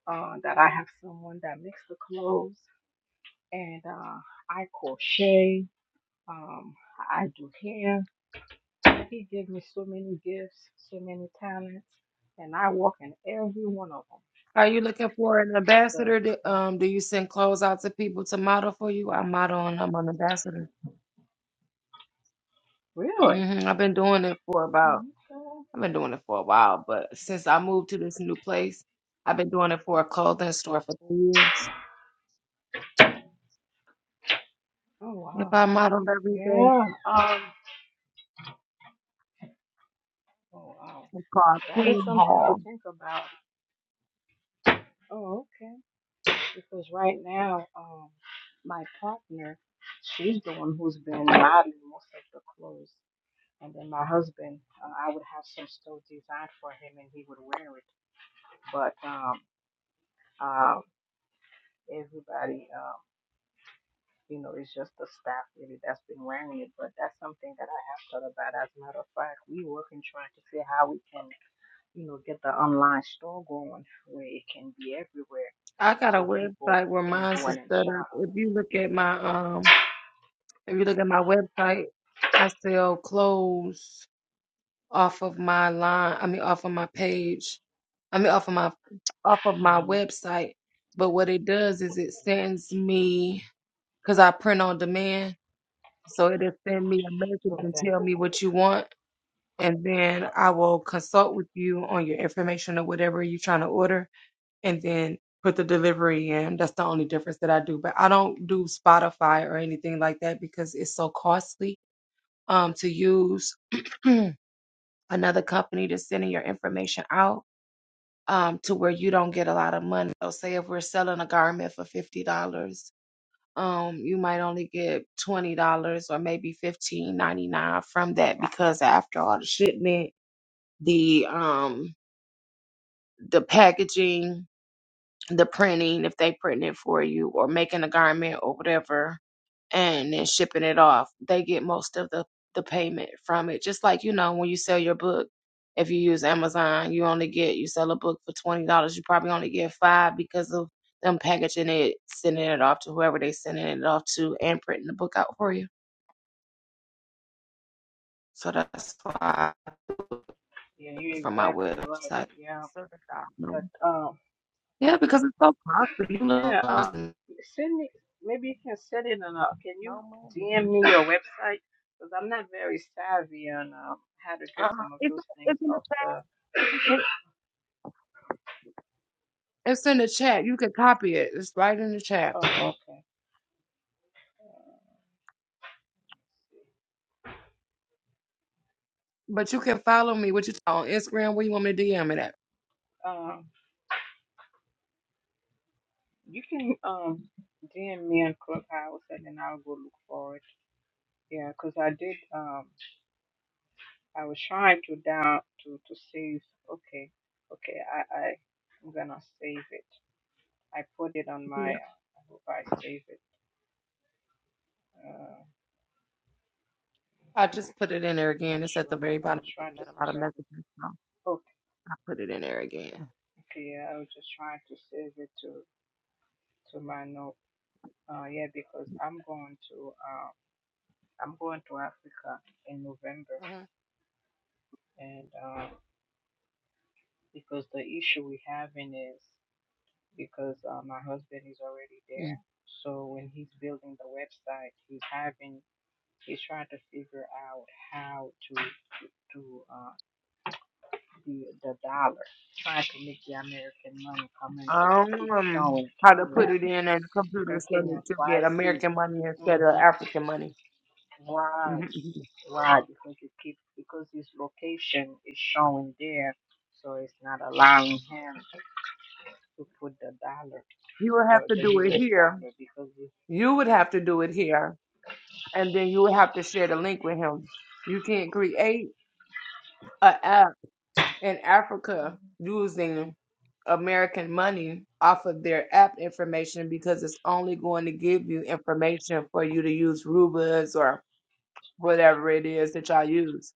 uh, that I have someone that makes the clothes. and uh, I crochet. Um, I do hair. He gave me so many gifts, so many talents, and I work in every one of them.
Are you looking for an
So
ambassador? Do,
oh,
um, do you send clothes out to people to model for you? I model and I'm an ambassador.
really, okay.
hmm I've been doing it for about,
oh
I've been doing it for a while, but since I moved to this new place, I've been doing it for a clothing store for three years. If I
wow,
model every day,
yeah. Um, oh wow,
it's called
that is
Queen
something to
Hall.
think about. Oh okay, because right now, um, my partner, she's the one who's been modeling most of the clothes. And then my husband, uh, I would have some stuff designed for him, and he would wear it but um, um, everybody, um, you know, it's just the staff really that's been wearing it. But that's something that I have thought about. As a matter of fact, we working trying to see how we can, you know, get the online store going where it can be everywhere,
I got a
so people
website where
can
mine's
go
is
in and
set up.
shop.
If you look at my um, if you look at my website, I sell clothes off of my line. I mean, off of my page I mean, off of my off of my
hmm
website. But what it does is it sends me because I print on demand, so it'll send me a message and
Okay.
tell me what you want, and then I will consult with you on your information or whatever you're trying to order, and then put the delivery in. That's the only difference that I do, but I don't do Spotify or anything like that because it's so costly um to use another company to sending your information out. um, to where you don't get a lot of money. So say if we're selling a garment for fifty dollars, um, you might only get twenty dollars or maybe fifteen ninety nine from that because after all the shipment, the um the packaging, the printing if they print it for you or making a garment or whatever and then shipping it off they get most of the the payment from it just like you know when you sell your book if you use amazon you only get you sell a book for $20 you probably only get five because of them packaging it sending it off to whoever they sending it off to and printing the book out for you so that's why
Yeah, you're
from my
exactly right.
website
Yeah,
So that's how I know.
but um,
yeah because it's so costly you know
Yeah,
no
um, send me. Maybe you can send it on. a- Can you
money
DM me your website? Because I'm not very savvy on um, how to get
uh,
some of
it's
those things
it's an
off the.
It, it's in the chat. You can copy it. It's right in the chat.
Oh, okay.
But you can follow me. What you on Instagram? Where you want me to DM it at?
Um, you can um DM me on Clubhouse, and then I'll go look for it. Yeah, because I did. Um, I was trying to down to to save. Okay, okay. I I I'm gonna save it. I put it on
Yeah.
my. Uh, I hope I save it. Uh,
I just put it in there
I'm not
again. It's at
sure.
the
I'm-
very
I
bottom
was
because
trying
we
to
had a
see if
lot of
I can
messages.
Okay,
I put it in there again.
okay, yeah, I was just trying to save it to to my note. Uh, yeah, because I'm going to uh, I'm going to Africa in November, and uh, because the issue we having is because uh, my husband is already
Mhm.
there, so when he's building the website, he's having he's trying to figure out how to to uh, the the dollar, trying to make the American money come in because it keeps
Um,
showing
how to put
Kenya
it in on the computer
and
so that
Kenya
you get
prices
American money instead of
Mm-hmm.
African money.
Right.
Mhm.
Right, because it keeps because his location is showing there, so it's not allowing him to put the dollar,
You would
the
have to
the
do it
U.S.
here.
dollar, because it,
You would have to do it here, and then you would have to share the link with him. You can't create a app In Africa, using American money off of their app information because it's only going to give you information for you to use rubas or whatever it is that y'all use.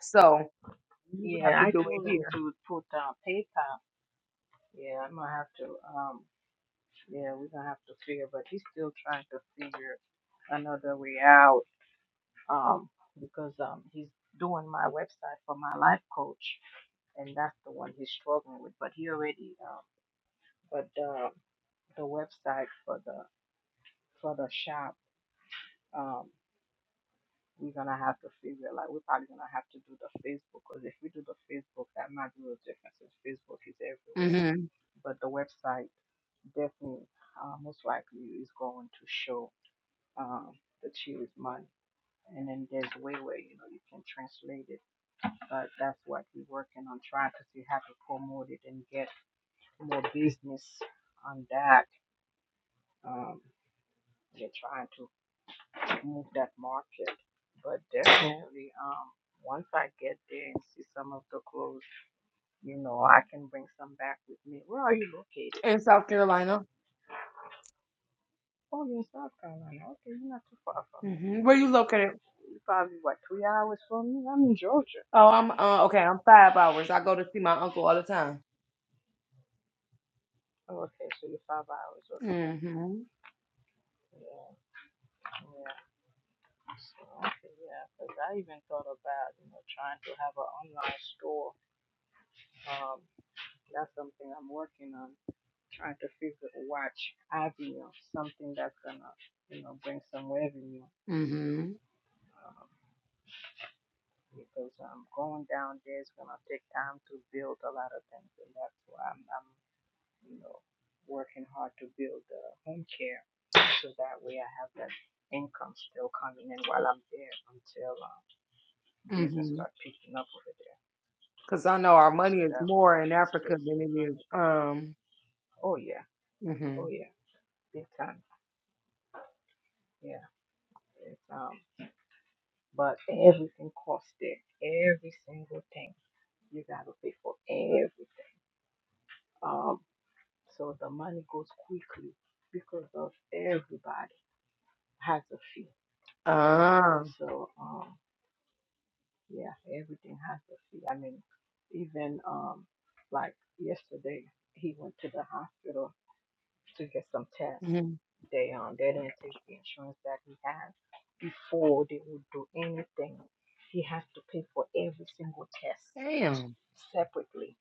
So you would have
yeah,
to
I
do it
told him
here
to put uh, PayPal. Yeah, I'm gonna have to um, yeah, we're gonna have to figure, but he's still trying to figure another way out um because um he's doing my website for my life coach, and that's the one he's struggling with, but he already um. but uh, the website for the for the shop, um, we're gonna have to figure like we're probably gonna have to do the Facebook because if we do the Facebook, that might be a difference. Since Facebook is everywhere,
hmm
but the website definitely uh, most likely is going to show um, the cheese money. And then there's a way where you know you can translate it, but that's what we're working on trying because you have to promote it and get more business on that. Um, we're trying to move that market. But definitely, um, once I get there and see some of the clothes, you know, I can bring some back with me. Where are you located?
in South Carolina.
Oh, you're in South Carolina. Okay, you're not too far from me.
hmm Where you located?
You're probably, what, three hours from me? I'm in Georgia.
Oh, I'm uh, okay. I'm five hours. I go to see my uncle all the time.
Oh, okay, so you're five hours. Okay.
hmm
Yeah, yeah. So, okay, yeah, because I even thought about, you know, trying to have an online store. Um, that's something I'm working on trying to figure to watch IVF, something that's gonna, you know, bring some revenue.
hmm
Um, because um, going down there is gonna take time to build a lot of things, and that's why I'm, I'm you know, working hard to build the home care, so that way I have that income still coming in while I'm there until uh, business
hmm
start picking up over there.
Because I know our
Yeah,
money
so
is
that way we
more in
can
Africa
still
than it is.
survive.
Um.
Oh yeah,
hmm
oh yeah, big time. Yeah, it's um. But everything costs there. Every single thing. You gotta pay for everything. Um, so the money goes quickly because of everybody has a fee.
Ah.
So um, yeah, everything has a fee. I mean, even um, like yesterday, he went to the hospital to get some tests. They um, they didn't take the insurance that he had before they would do anything. He has to pay for every single test
Damn,
separately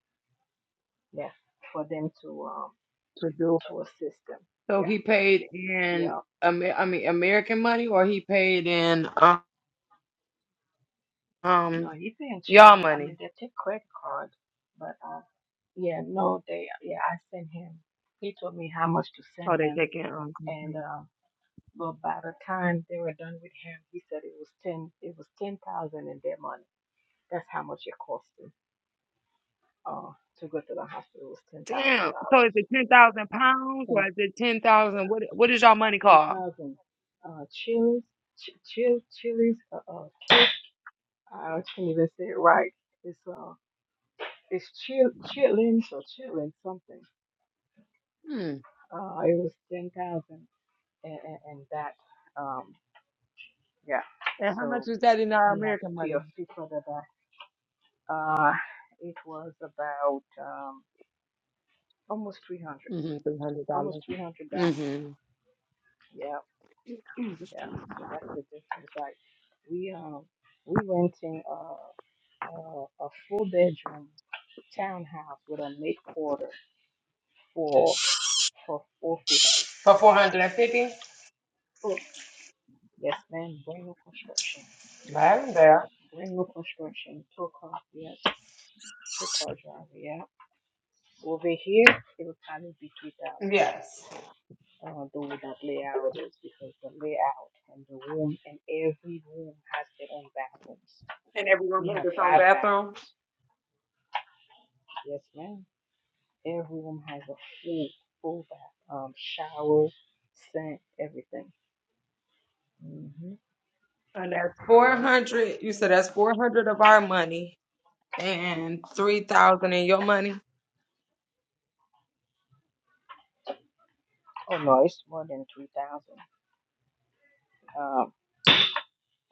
yeah, for them to um
to do it.
to assist them.
So
Yeah,
he paid in,
yeah.
Amer- I mean, American money, or he paid in uh,
No,
um
he didn't treat
y'all
me. I mean,
money.
they take credit card, but uh, yeah, no, they yeah, I sent him. He told me how much to send
Oh, they
him,
taking um.
and
mhm.
uh, but by the time they were done with him, he said it was ten. It was ten thousand in their money. That's how much it cost him. Uh, to go to the hospital It was ten thousand
Damn. So is
dollars.
it ten thousand pounds, or
Ten
is it ten thousand? What What is y'all money
ten
called?
thousand. Uh, Chili's, ch- chill, chilies. Uh, uh, I can't even say it right. It's uh. It's Chil- Chitlins or Chitlin something.
Hmm.
Uh, it was ten thousand and, and, and that. Um, yeah.
And how much
So
is that in our
he had to
American
pay
money?
a fee for the back. Uh, it was about um, almost three hundred,
Mm-hmm. Three hundred
almost
dollars.
three hundred dollars.
Mm-hmm.
Yeah, yeah. So that's the difference. Like we um we renting a a, a four bedroom townhouse with a mid quarter for for four fifty.
For four hundred and fifty.
Oh yes, man, brand new construction
Right there.
Rainbow Construction, Tokar, yeah, Tokar Drive, yeah. Over here, it will probably be 3,000.
Yes.
Uh, the that layout is because the layout and the room and every room has their own bathrooms.
And every room
We
has
have
its own
five
bathroom.
bathrooms. Yes, ma'am. Every room has a full, full bath, um, shower, sink, everything. Mm-hmm.
And that's four
Yeah.
hundred. You said that's four hundred of our money. And three thousand in your money?
Oh no, it's more than 3,000. Um,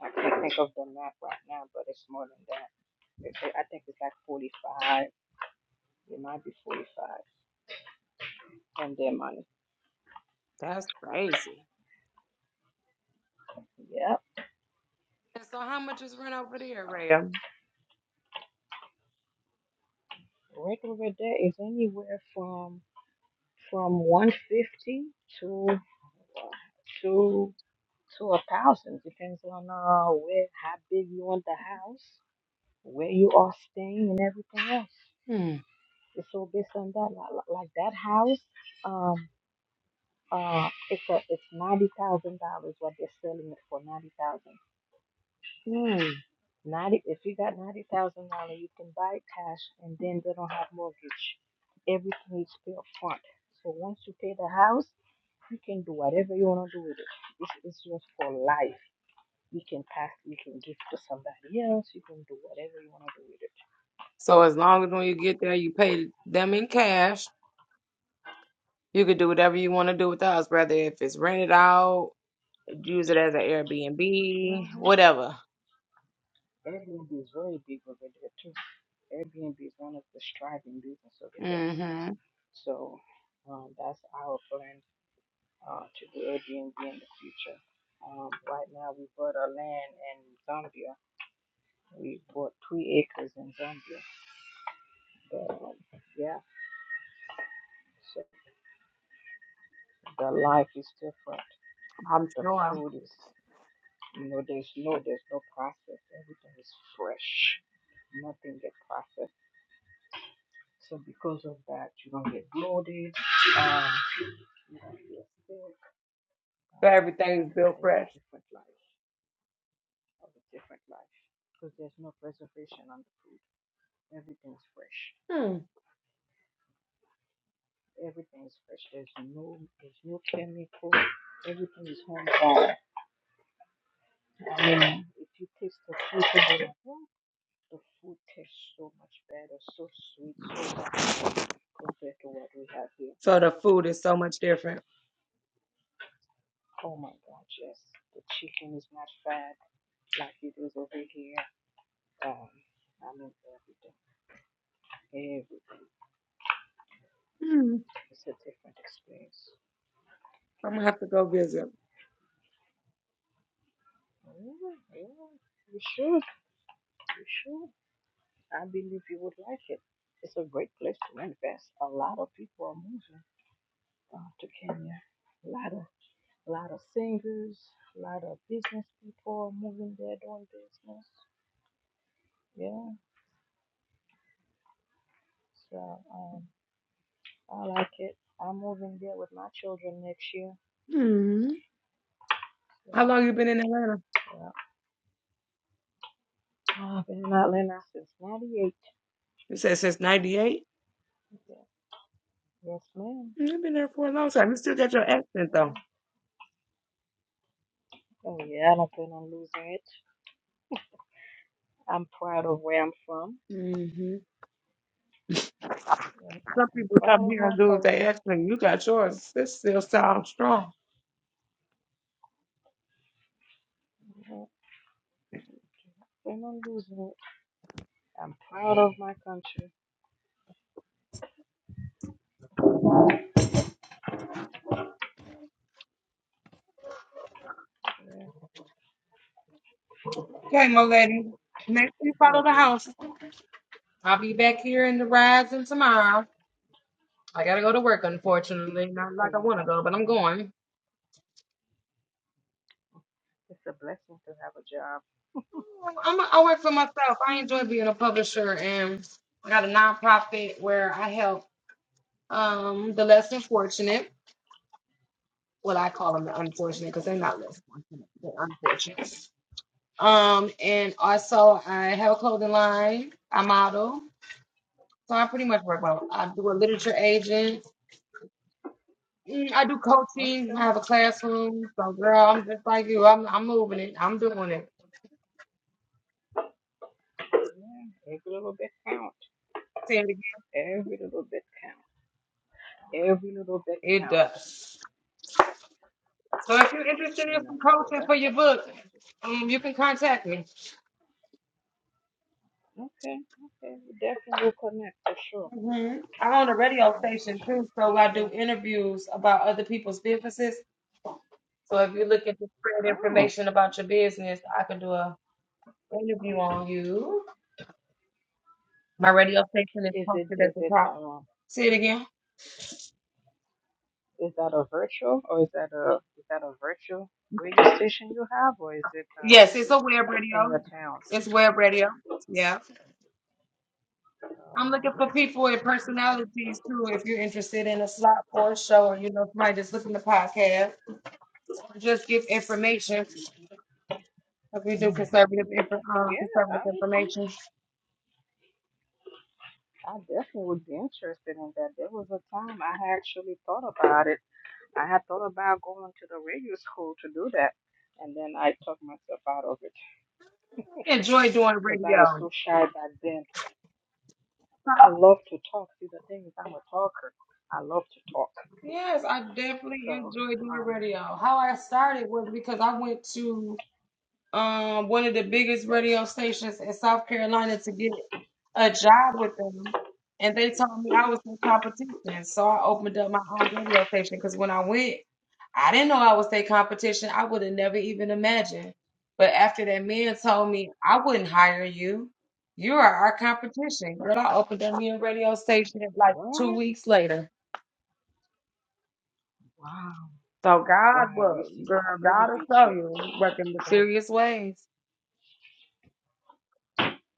I can't think of the map right now, but it's more than that. it- it- I think it's like 45. It might be 45 And their money.
That's crazy.
Yep.
And so how much is rent over there,
So
Ray?
regular day is anywhere from from 150 to to to a thousand. Depends on uh where how big you want the house, where you are staying, and everything else.
Hmm.
It's all based on that. Like, like like that house, um, uh, it's a it's ninety thousand dollars. What they're selling it for ninety thousand
Hmm.
Ninety, if you got ninety thousand dollars, you can buy it cash, and then they don't have mortgage. Everything is paid up front. So once you pay the house, you can do whatever you want to do with it. This is yours for life. You can pass, you can give to somebody else. You can do whatever you want to do with it.
So as long as when you get there you pay them in cash, you could do whatever you want to do with the house, whether if it's rented out, use it as an Airbnb,
hmm
whatever.
Airbnb is very big over there too. Airbnb is one of the striving business over there.
Mm-hmm.
So um, that's our plan uh, to the Airbnb in the future. Um, right now, we bought our land in Zambia. We bought three acres in Zambia. But um, yeah, so the life is different.
I'm
The
sure.
food is, you know, there's no there's no process. Everything is fresh. Nothing gets processed. So because of that, you don't get bloated. Um, you don't get sick.
So
Um,
everything's built
it's a
fresh.
different life. Of a different life because there's no preservation on the food. Everything's fresh.
Hmm.
Everything's fresh. There's no there's no chemical. Everything is homemade. I mean, if you taste the fruit over the the food tastes so much better, so sweet, so natural compared to what we have here.
So the food is so much different.
Oh my God, yes. The chicken is not fried like it is over here. Um, I mean everything. Everything.
Hmm.
It's a different experience.
I'm gonna have to go visit.
Yeah, yeah. You should. You should. I believe you would like it. It's a great place to invest. A lot of people are moving uh, to Kenya. A lot of a lot of singers, a lot of business people are moving there doing business. Yeah, so um, I like it. I'm moving there with my children next year.
Hmm.
So,
How long you been in Atlanta?
yeah. I've been in Atlanta since '98.
You said since ninety eight?
Yeah. Yes, ma'am.
You've been there for a long time. You still got your accent though.
Yeah. Oh yeah, I don't plan on losing it. I'm proud of where I'm from.
hmm
Yes, I
Some
am
people come
proud of
here
my
and lose their
culture.
accent. You got yours. This still sounds strong.
Yeah. and I'm losing it. I'm proud of my country. Yeah,
Okay, my lady. Next we follow
but
the
yeah,
house. I'll be back here in the rising tomorrow. I gotta go to work, unfortunately. Not
for
like I
you
wanna
back
go,
in
but I'm
there.
going.
It's a blessing to have a job.
I'm a, I work for myself. I enjoy
Mhm.
being a publisher and I got a nonprofit where I help um the less unfortunate. Well, I call them the unfortunate because
Awesome.
they're not less fortunate. They're unfortunate. Um, and also I have a clothing line. I model, so I pretty much work out. I do a literature agent. Mm, I do coaching. I
Okay.
have a classroom. So, girl, I'm just like you. I'm I'm moving it. I'm doing it.
Yeah, every little bit count.
Say it again.
Every little bit count. Every little bit
It
count.
does. So, if you're interested
You
in
know,
some
so
coaching for
that's
your
what I'm
book,
trying to. do.
um, you can contact me.
Okay, okay. We definitely will connect for sure.
hmm I own a radio
Yeah, for
station
sure,
too,
for
so I do
sure.
interviews about other people's businesses. So, if you're looking to spread
Oh,
information about your business, I can do a interview on you. My radio station is
is it
posted
is
at the
it
top.
um
Say it again.
is that a virtual or is that a is that a virtual radio station you have or is it um
Yes, it's a web radio.
in your town.
It's web radio. Yeah. I'm
Oh,
looking for
okay,
people and
okay.
personalities too. If you're interested in a slot for a show, or you know somebody just listen to podcast, or just give information. If we do conservative, inf- uh,
Yeah,
conservative
I would be.
information,
I definitely would be interested in that. There was a time I had actually thought about it. I had thought about going to the radio school to do that, and then I talked myself out of it
enjoy doing
because I was
radio.
so shy back then. I love to talk. See, the thing is, I'm a talker. I love to talk.
Yes, I definitely
So,
enjoy doing
um,
radio. How I started was because I went to um one of the biggest radio stations in South Carolina to get a job with them, and they told me I was in competition. So I opened up my own radio station because when I went, I didn't know I was their competition. I would have never even imagined. But after that man told me I
wow.
wouldn't hire you, you are our competition, girl. I opened up me a radio station like two
What?
weeks later.
Wow.
So God,
Wow. You
well,
see,
girl,
that
God will
motivates
show
you.
you working
So, That
mysterious ways.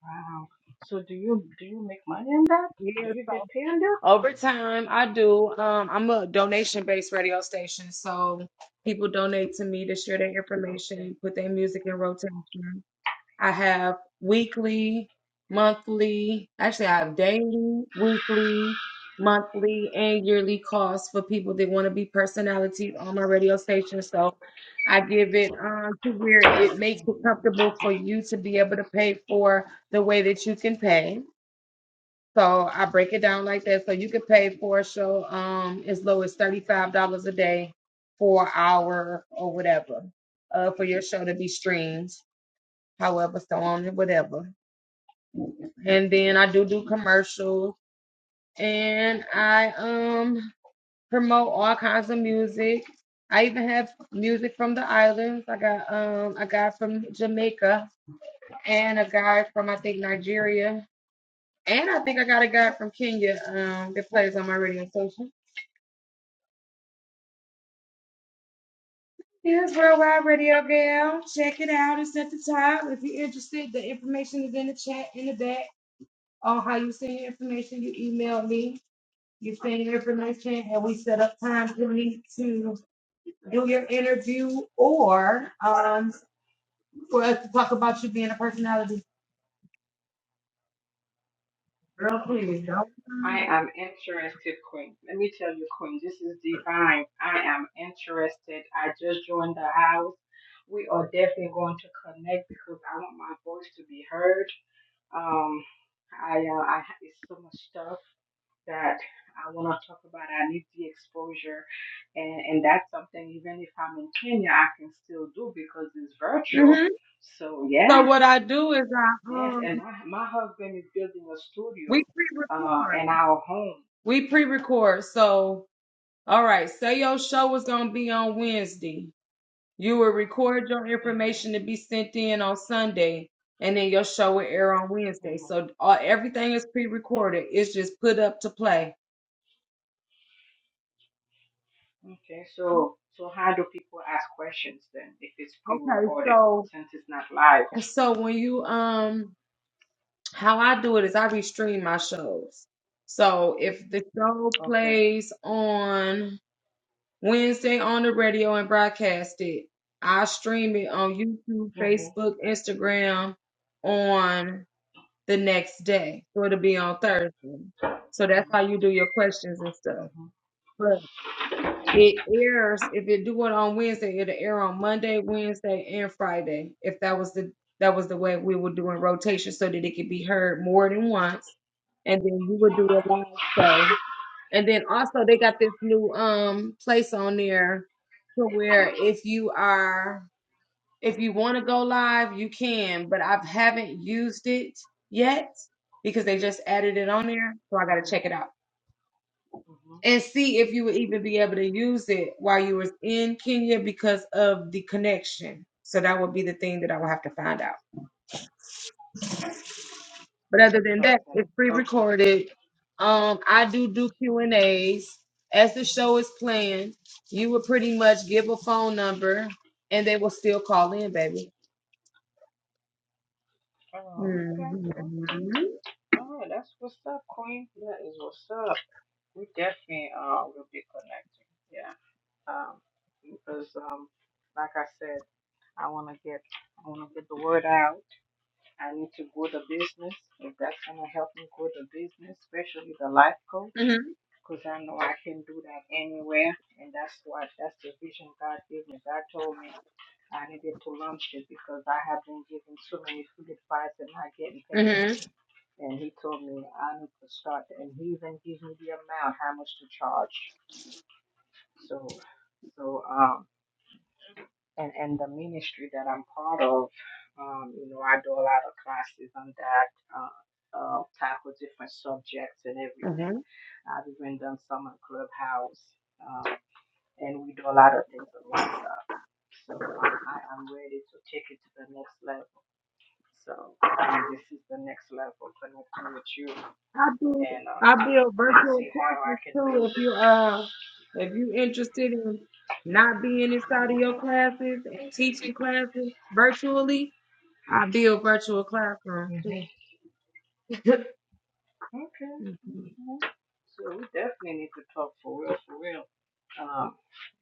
wow. So, do you do you make money in that? Do you
Yes,
get paid in that?
Over time, I do. Um, I'm a donation-based radio station, so people donate to me to share their
Okay.
information, put their music in rotation. I have weekly, monthly, actually, I have daily, weekly, monthly, and yearly costs for people that want to be personalities on my radio station. So I give it um, to where it makes it comfortable for you to be able to pay for the way that you can pay. So I break it down like that. So you could pay for a show um as low as $35 a day for an hour or whatever, uh, for your show to be streamed, however, so on and whatever. And then I do do commercials and I um promote all kinds of music. I even have music from the islands. I got um a guy from Jamaica and a guy from I think Nigeria. And I think I got a guy from Kenya um that plays on my radio station. Here's Worldwide Radio Gal. Check it out. It's at the top. If you're interested, the information is in the chat in the back on how you send your information. You email me, you send your information, and we set up time for me to do your interview or um for us to talk about you being a personality. Girl, please
I
don't.
am interested, Queen. Let me tell you, Queen, this is divine. I am interested. I just joined the house. We are definitely going to connect because I want my voice to be heard. Um, I, uh, I it's so much stuff that I want to talk about. I need the exposure, and and that's something. Even if I'm in Kenya, I can still do because it's virtual.
Mm-hmm.
So yes,
So what I do is I
yes,
um
and my my husband is building a
we
studio uh,
pre-record.
in our home.
We pre-record. So all right, say your show is gonna be on Wednesday. You will record your
Mm-hmm.
information to be sent in on Sunday, and then your show will air on Wednesday.
Mm-hmm.
So uh, everything is pre-recorded. It's just put up to play.
Okay, so so how do people ask questions then if it's
Okay,
pre-recorded
so
since it's not live?
so when you um how I do it is I restream my shows. So if the show
Okay.
plays on Wednesday on the radio and broadcast it, I stream it on YouTube,
Mm-hmm.
Facebook, Instagram, on the next day. So it'll be on Thursday. So that's how you do your questions and stuff.
Mm-hmm.
But it airs if you do it on Wednesday, it'll air on Monday, Wednesday, and Friday. If that was the that was the way we were doing rotation so that it could be heard more than once. And then you would do a live show. And then also they got this new um place on there to where if you are if you want to go live, you can, but I haven't used it yet because they just added it on there. So I got to
Mm-hmm.
check it out
Mm-hmm.
and see if you would even be able to use it while you was in Kenya because of the connection. So that would be the thing that I will have to find out. But other than that,
Okay.
it's
Okay.
pre-recorded. Um, I do do Q and A's as the show is planned. You would pretty much give a phone number and they will still call in, baby.
Oh, okay.
hmm
Okay. All right. That's what's up, Queen. That is what's up. We definitely uh will be connecting. Yeah. Um, because um, like I said, I want to get I want to get the word out I need to grow the business if that's going to help me grow the business, especially the life coach, because I know I can do that anywhere. And that's what, that's the vision God gave me. God told me I needed to launch it because I have been giving so many food advice and not getting paid.
hmm
And He told me I need to start, and He even gave me the amount, how much to charge. So, so, um, and, and the ministry that I'm part of, um, you know, I do a lot of classes on that, uh, uh, tackle different subjects and everything.
Mm-hmm.
I've even done some on Clubhouse, um, and we do a lot of things on WhatsApp. So uh, I, I'm ready to take it to the next level. So, and this is the next level, connecting with you
I do
and um,
I build
and see
virtual
how I
courses
can
too
build
if
it.
you uh if you interested in not being inside of your classes and teaching classes virtually, I build virtual classrooms
hmm
too.
Okay. Mhm. So we definitely need to talk for real, for real. Um,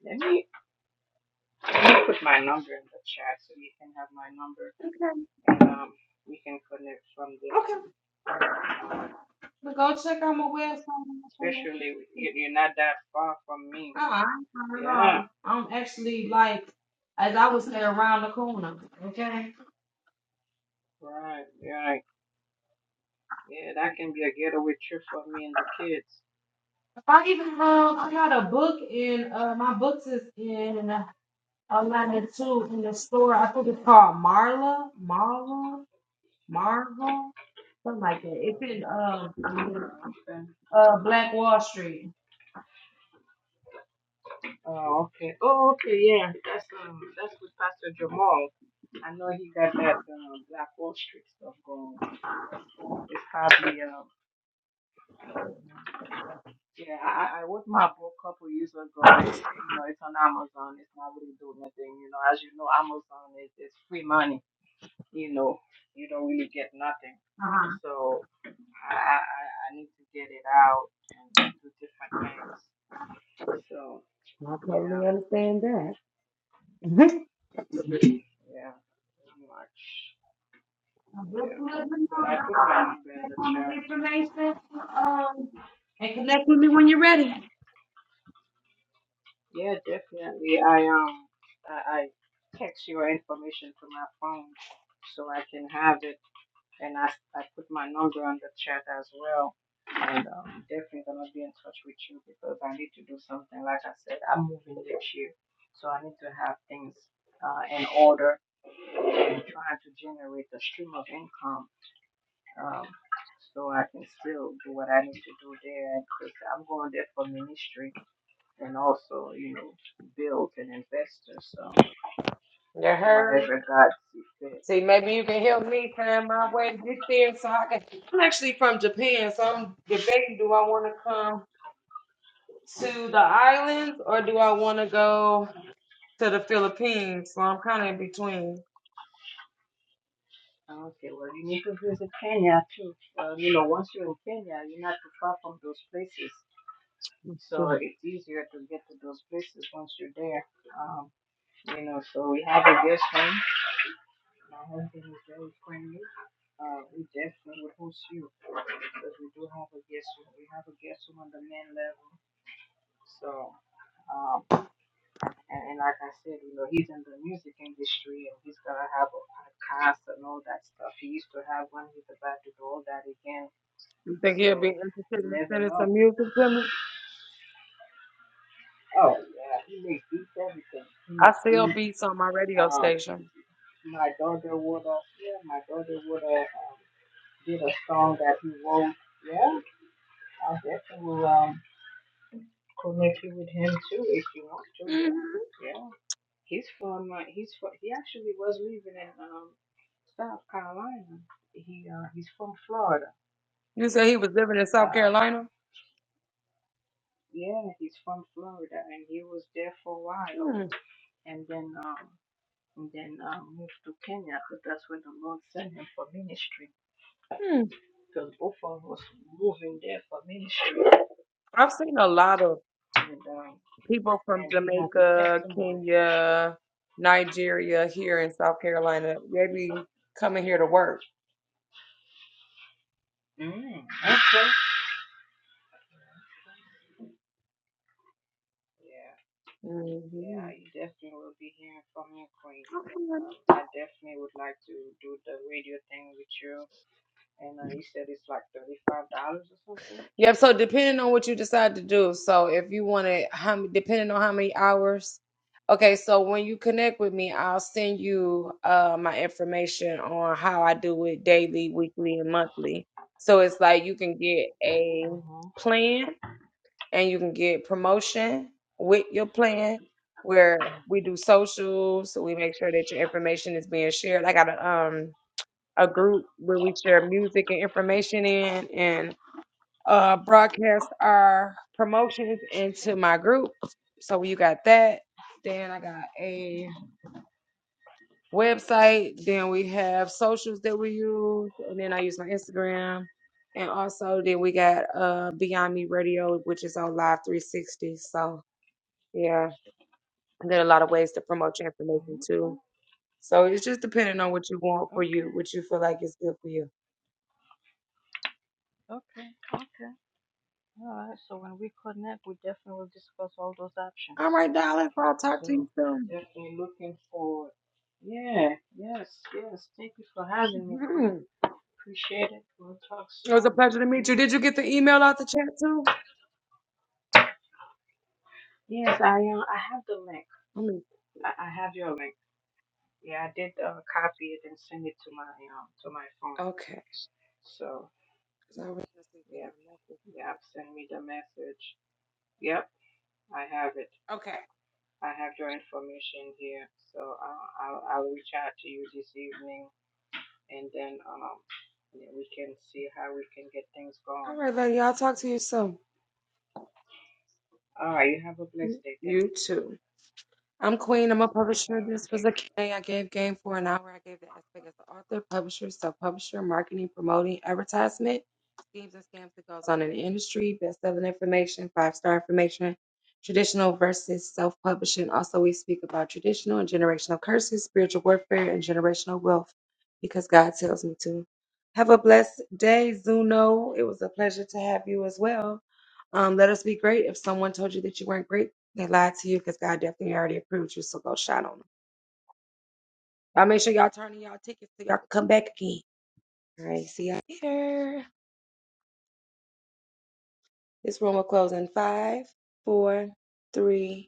let me let me put my number in the chat so you can have my number and um we can connect from there.
Okay.
Um,
But go check out my website. and look for my
especially with- you-
services.
you're not that far from me.
Uh, I ain't far at
Yeah,
all. I'm actually like as I would say around the corner. Okay.
right, right. Yeah, that can be a getaway trip for me and the kids.
If I even um I got a book in uh my books is in I landed two in the store. I think it's called Marla, Marla, Marva, something like that. It's
Oh,
in um
oh, okay.
uh Black Wall Street.
Oh, okay. Oh, okay. Yeah, that's um, that's with Pastor Jamal. I know he got that um, Black Wall Street stuff going. It's probably um yeah, I, I was my book a couple years ago. You know, it's on Amazon. It's not really doing nothing. You know, as you know, Amazon is it's free money. You know, you don't really get nothing. So I I, I I need to get it out and do different things. So
I totally
yeah,
understand that.
yeah, pretty much. Yeah, but I put my number in the chat.
And connect with me when you're ready.
Yeah, definitely. I um, I, I text your information to my phone so I can have it, and I I put my number on the chat as well. And um, definitely gonna be in touch with you because I need to do something. Like I said, I'm moving next year, so I need to have things uh, in order and trying to generate a stream of income. Um, so I can still do what I need to do there, because I'm going there for ministry and also, you know, build and investor. So
You heard?
whatever God sees fit.
See, maybe you can help me find my
Yeah.
way to get there so I can. I'm actually from Japan, so I'm debating do I want to come to the islands or do I want to go to the Philippines? So I'm kind of in between.
Okay. Well, you need to visit Kenya too. Well, you know, once you're in Kenya, you're not too far from those places, so it's easier to get to those places once you're there. Um, you know, so we have a guest room. My husband is very friendly. Uh, we definitely would host you because we do have a guest room. We have a guest room on the main level. So. um. And, and like I said, you know, he's in the music industry and he's going to have a podcast and all that stuff. He used to have one. He's about to do all that again.
You think he'll be
So
interested
you
in
never
sending
know.
some music to me?
Oh, yeah. He makes beats everything. He
I
makes
sell
beats.
beats on my radio
Um,
station.
my daughter would have, yeah, my daughter would have um, did a song that he wrote. Yeah, I definitely will um, connect you with him too if you want to.
hmm
Yeah, yeah. He's from, uh, he's from, he actually was living in um. South Carolina. He uh, he's from Florida.
You say he was living in South
Um,
Carolina?
yeah, he's from Florida, and he was there for a while,
mm
and then um, and then um, moved to Kenya because that's where the Lord sent him for ministry.
mm.
Because both of us moving there for ministry,
I've seen a lot of
and um,
people from
and he has a
Jamaica,
testimony for sure.
Kenya, Nigeria here in South Carolina. They be coming here to work.
Mm, okay. Yeah, yeah,
hmm
you definitely will be hearing from me, Queen.
Okay,
Um, I definitely would like to do the radio thing with you And uh, you said it's like thirty-five dollars or something.
Yep. So depending on what you decide to do, so if you want to, how m- depending on how many hours. Okay, so when you connect with me, I'll send you uh my information on how I do it daily, weekly, and monthly. So it's like you can get a plan and you can get promotion with your plan where we do socials, so we make sure that your information is being shared. I got a um a group where we share music and information in and uh broadcast our promotions into my group. So you got that. Then I got a website. Then we have socials that we use. And then I use my Instagram. And also then we got uh Beyond Me Radio, which is on Live 360. So yeah, there are a lot of ways to promote your information
Okay,
too. So it's just depending on what you want for you,
okay,
what you feel like is good for you.
okay, okay. All right. So when we connect, we definitely will discuss all those
All
options.
right, darling. I'll talk to you
So definitely looking forward. Yeah. Yes. Yes. Thank you for having me,
soon.
Queen. Appreciate it. We'll talk
It was a
soon.
pleasure to meet you. Did you
Yes.
get the email out the chat too?
Yes. I um. I have the link.
I mean,
I, I have your link. Yeah. I did uh, copy it and send it to my um to my phone.
okay.
So
'Cause I was gonna say, can
yeah.
I message
Yeah.
you?
Send me the message. Yep. I have it.
Okay.
I have your information here, so I'll, I'll, I'll reach out to you this evening, and then um, yeah, we can see how we can get things
All
going.
right, lady. I'll talk to you soon.
All right, you have a blessed day. Thank
You
you.
too. I'm Queen. I'm a
All
publisher.
right,
This was a
thanks.
Q&A I gave game for an hour. I gave the aspect as an author, publisher, self-publisher, marketing, promoting, advertisement, schemes and scams that goes on in the industry, best-selling information, five-star information, traditional versus self-publishing. Also, we speak about traditional and generational curses, spiritual warfare, and generational wealth because God tells me to. Have a blessed day, Zuno. It was a pleasure to have you as well. Um, let us be great. If someone told you that you weren't great, they lied to you because God definitely already approved you, so go shine on them. Y'all make sure y'all turn in y'all tickets so y'all can come back again. All right, see y'all later. This room will close in five, four, three,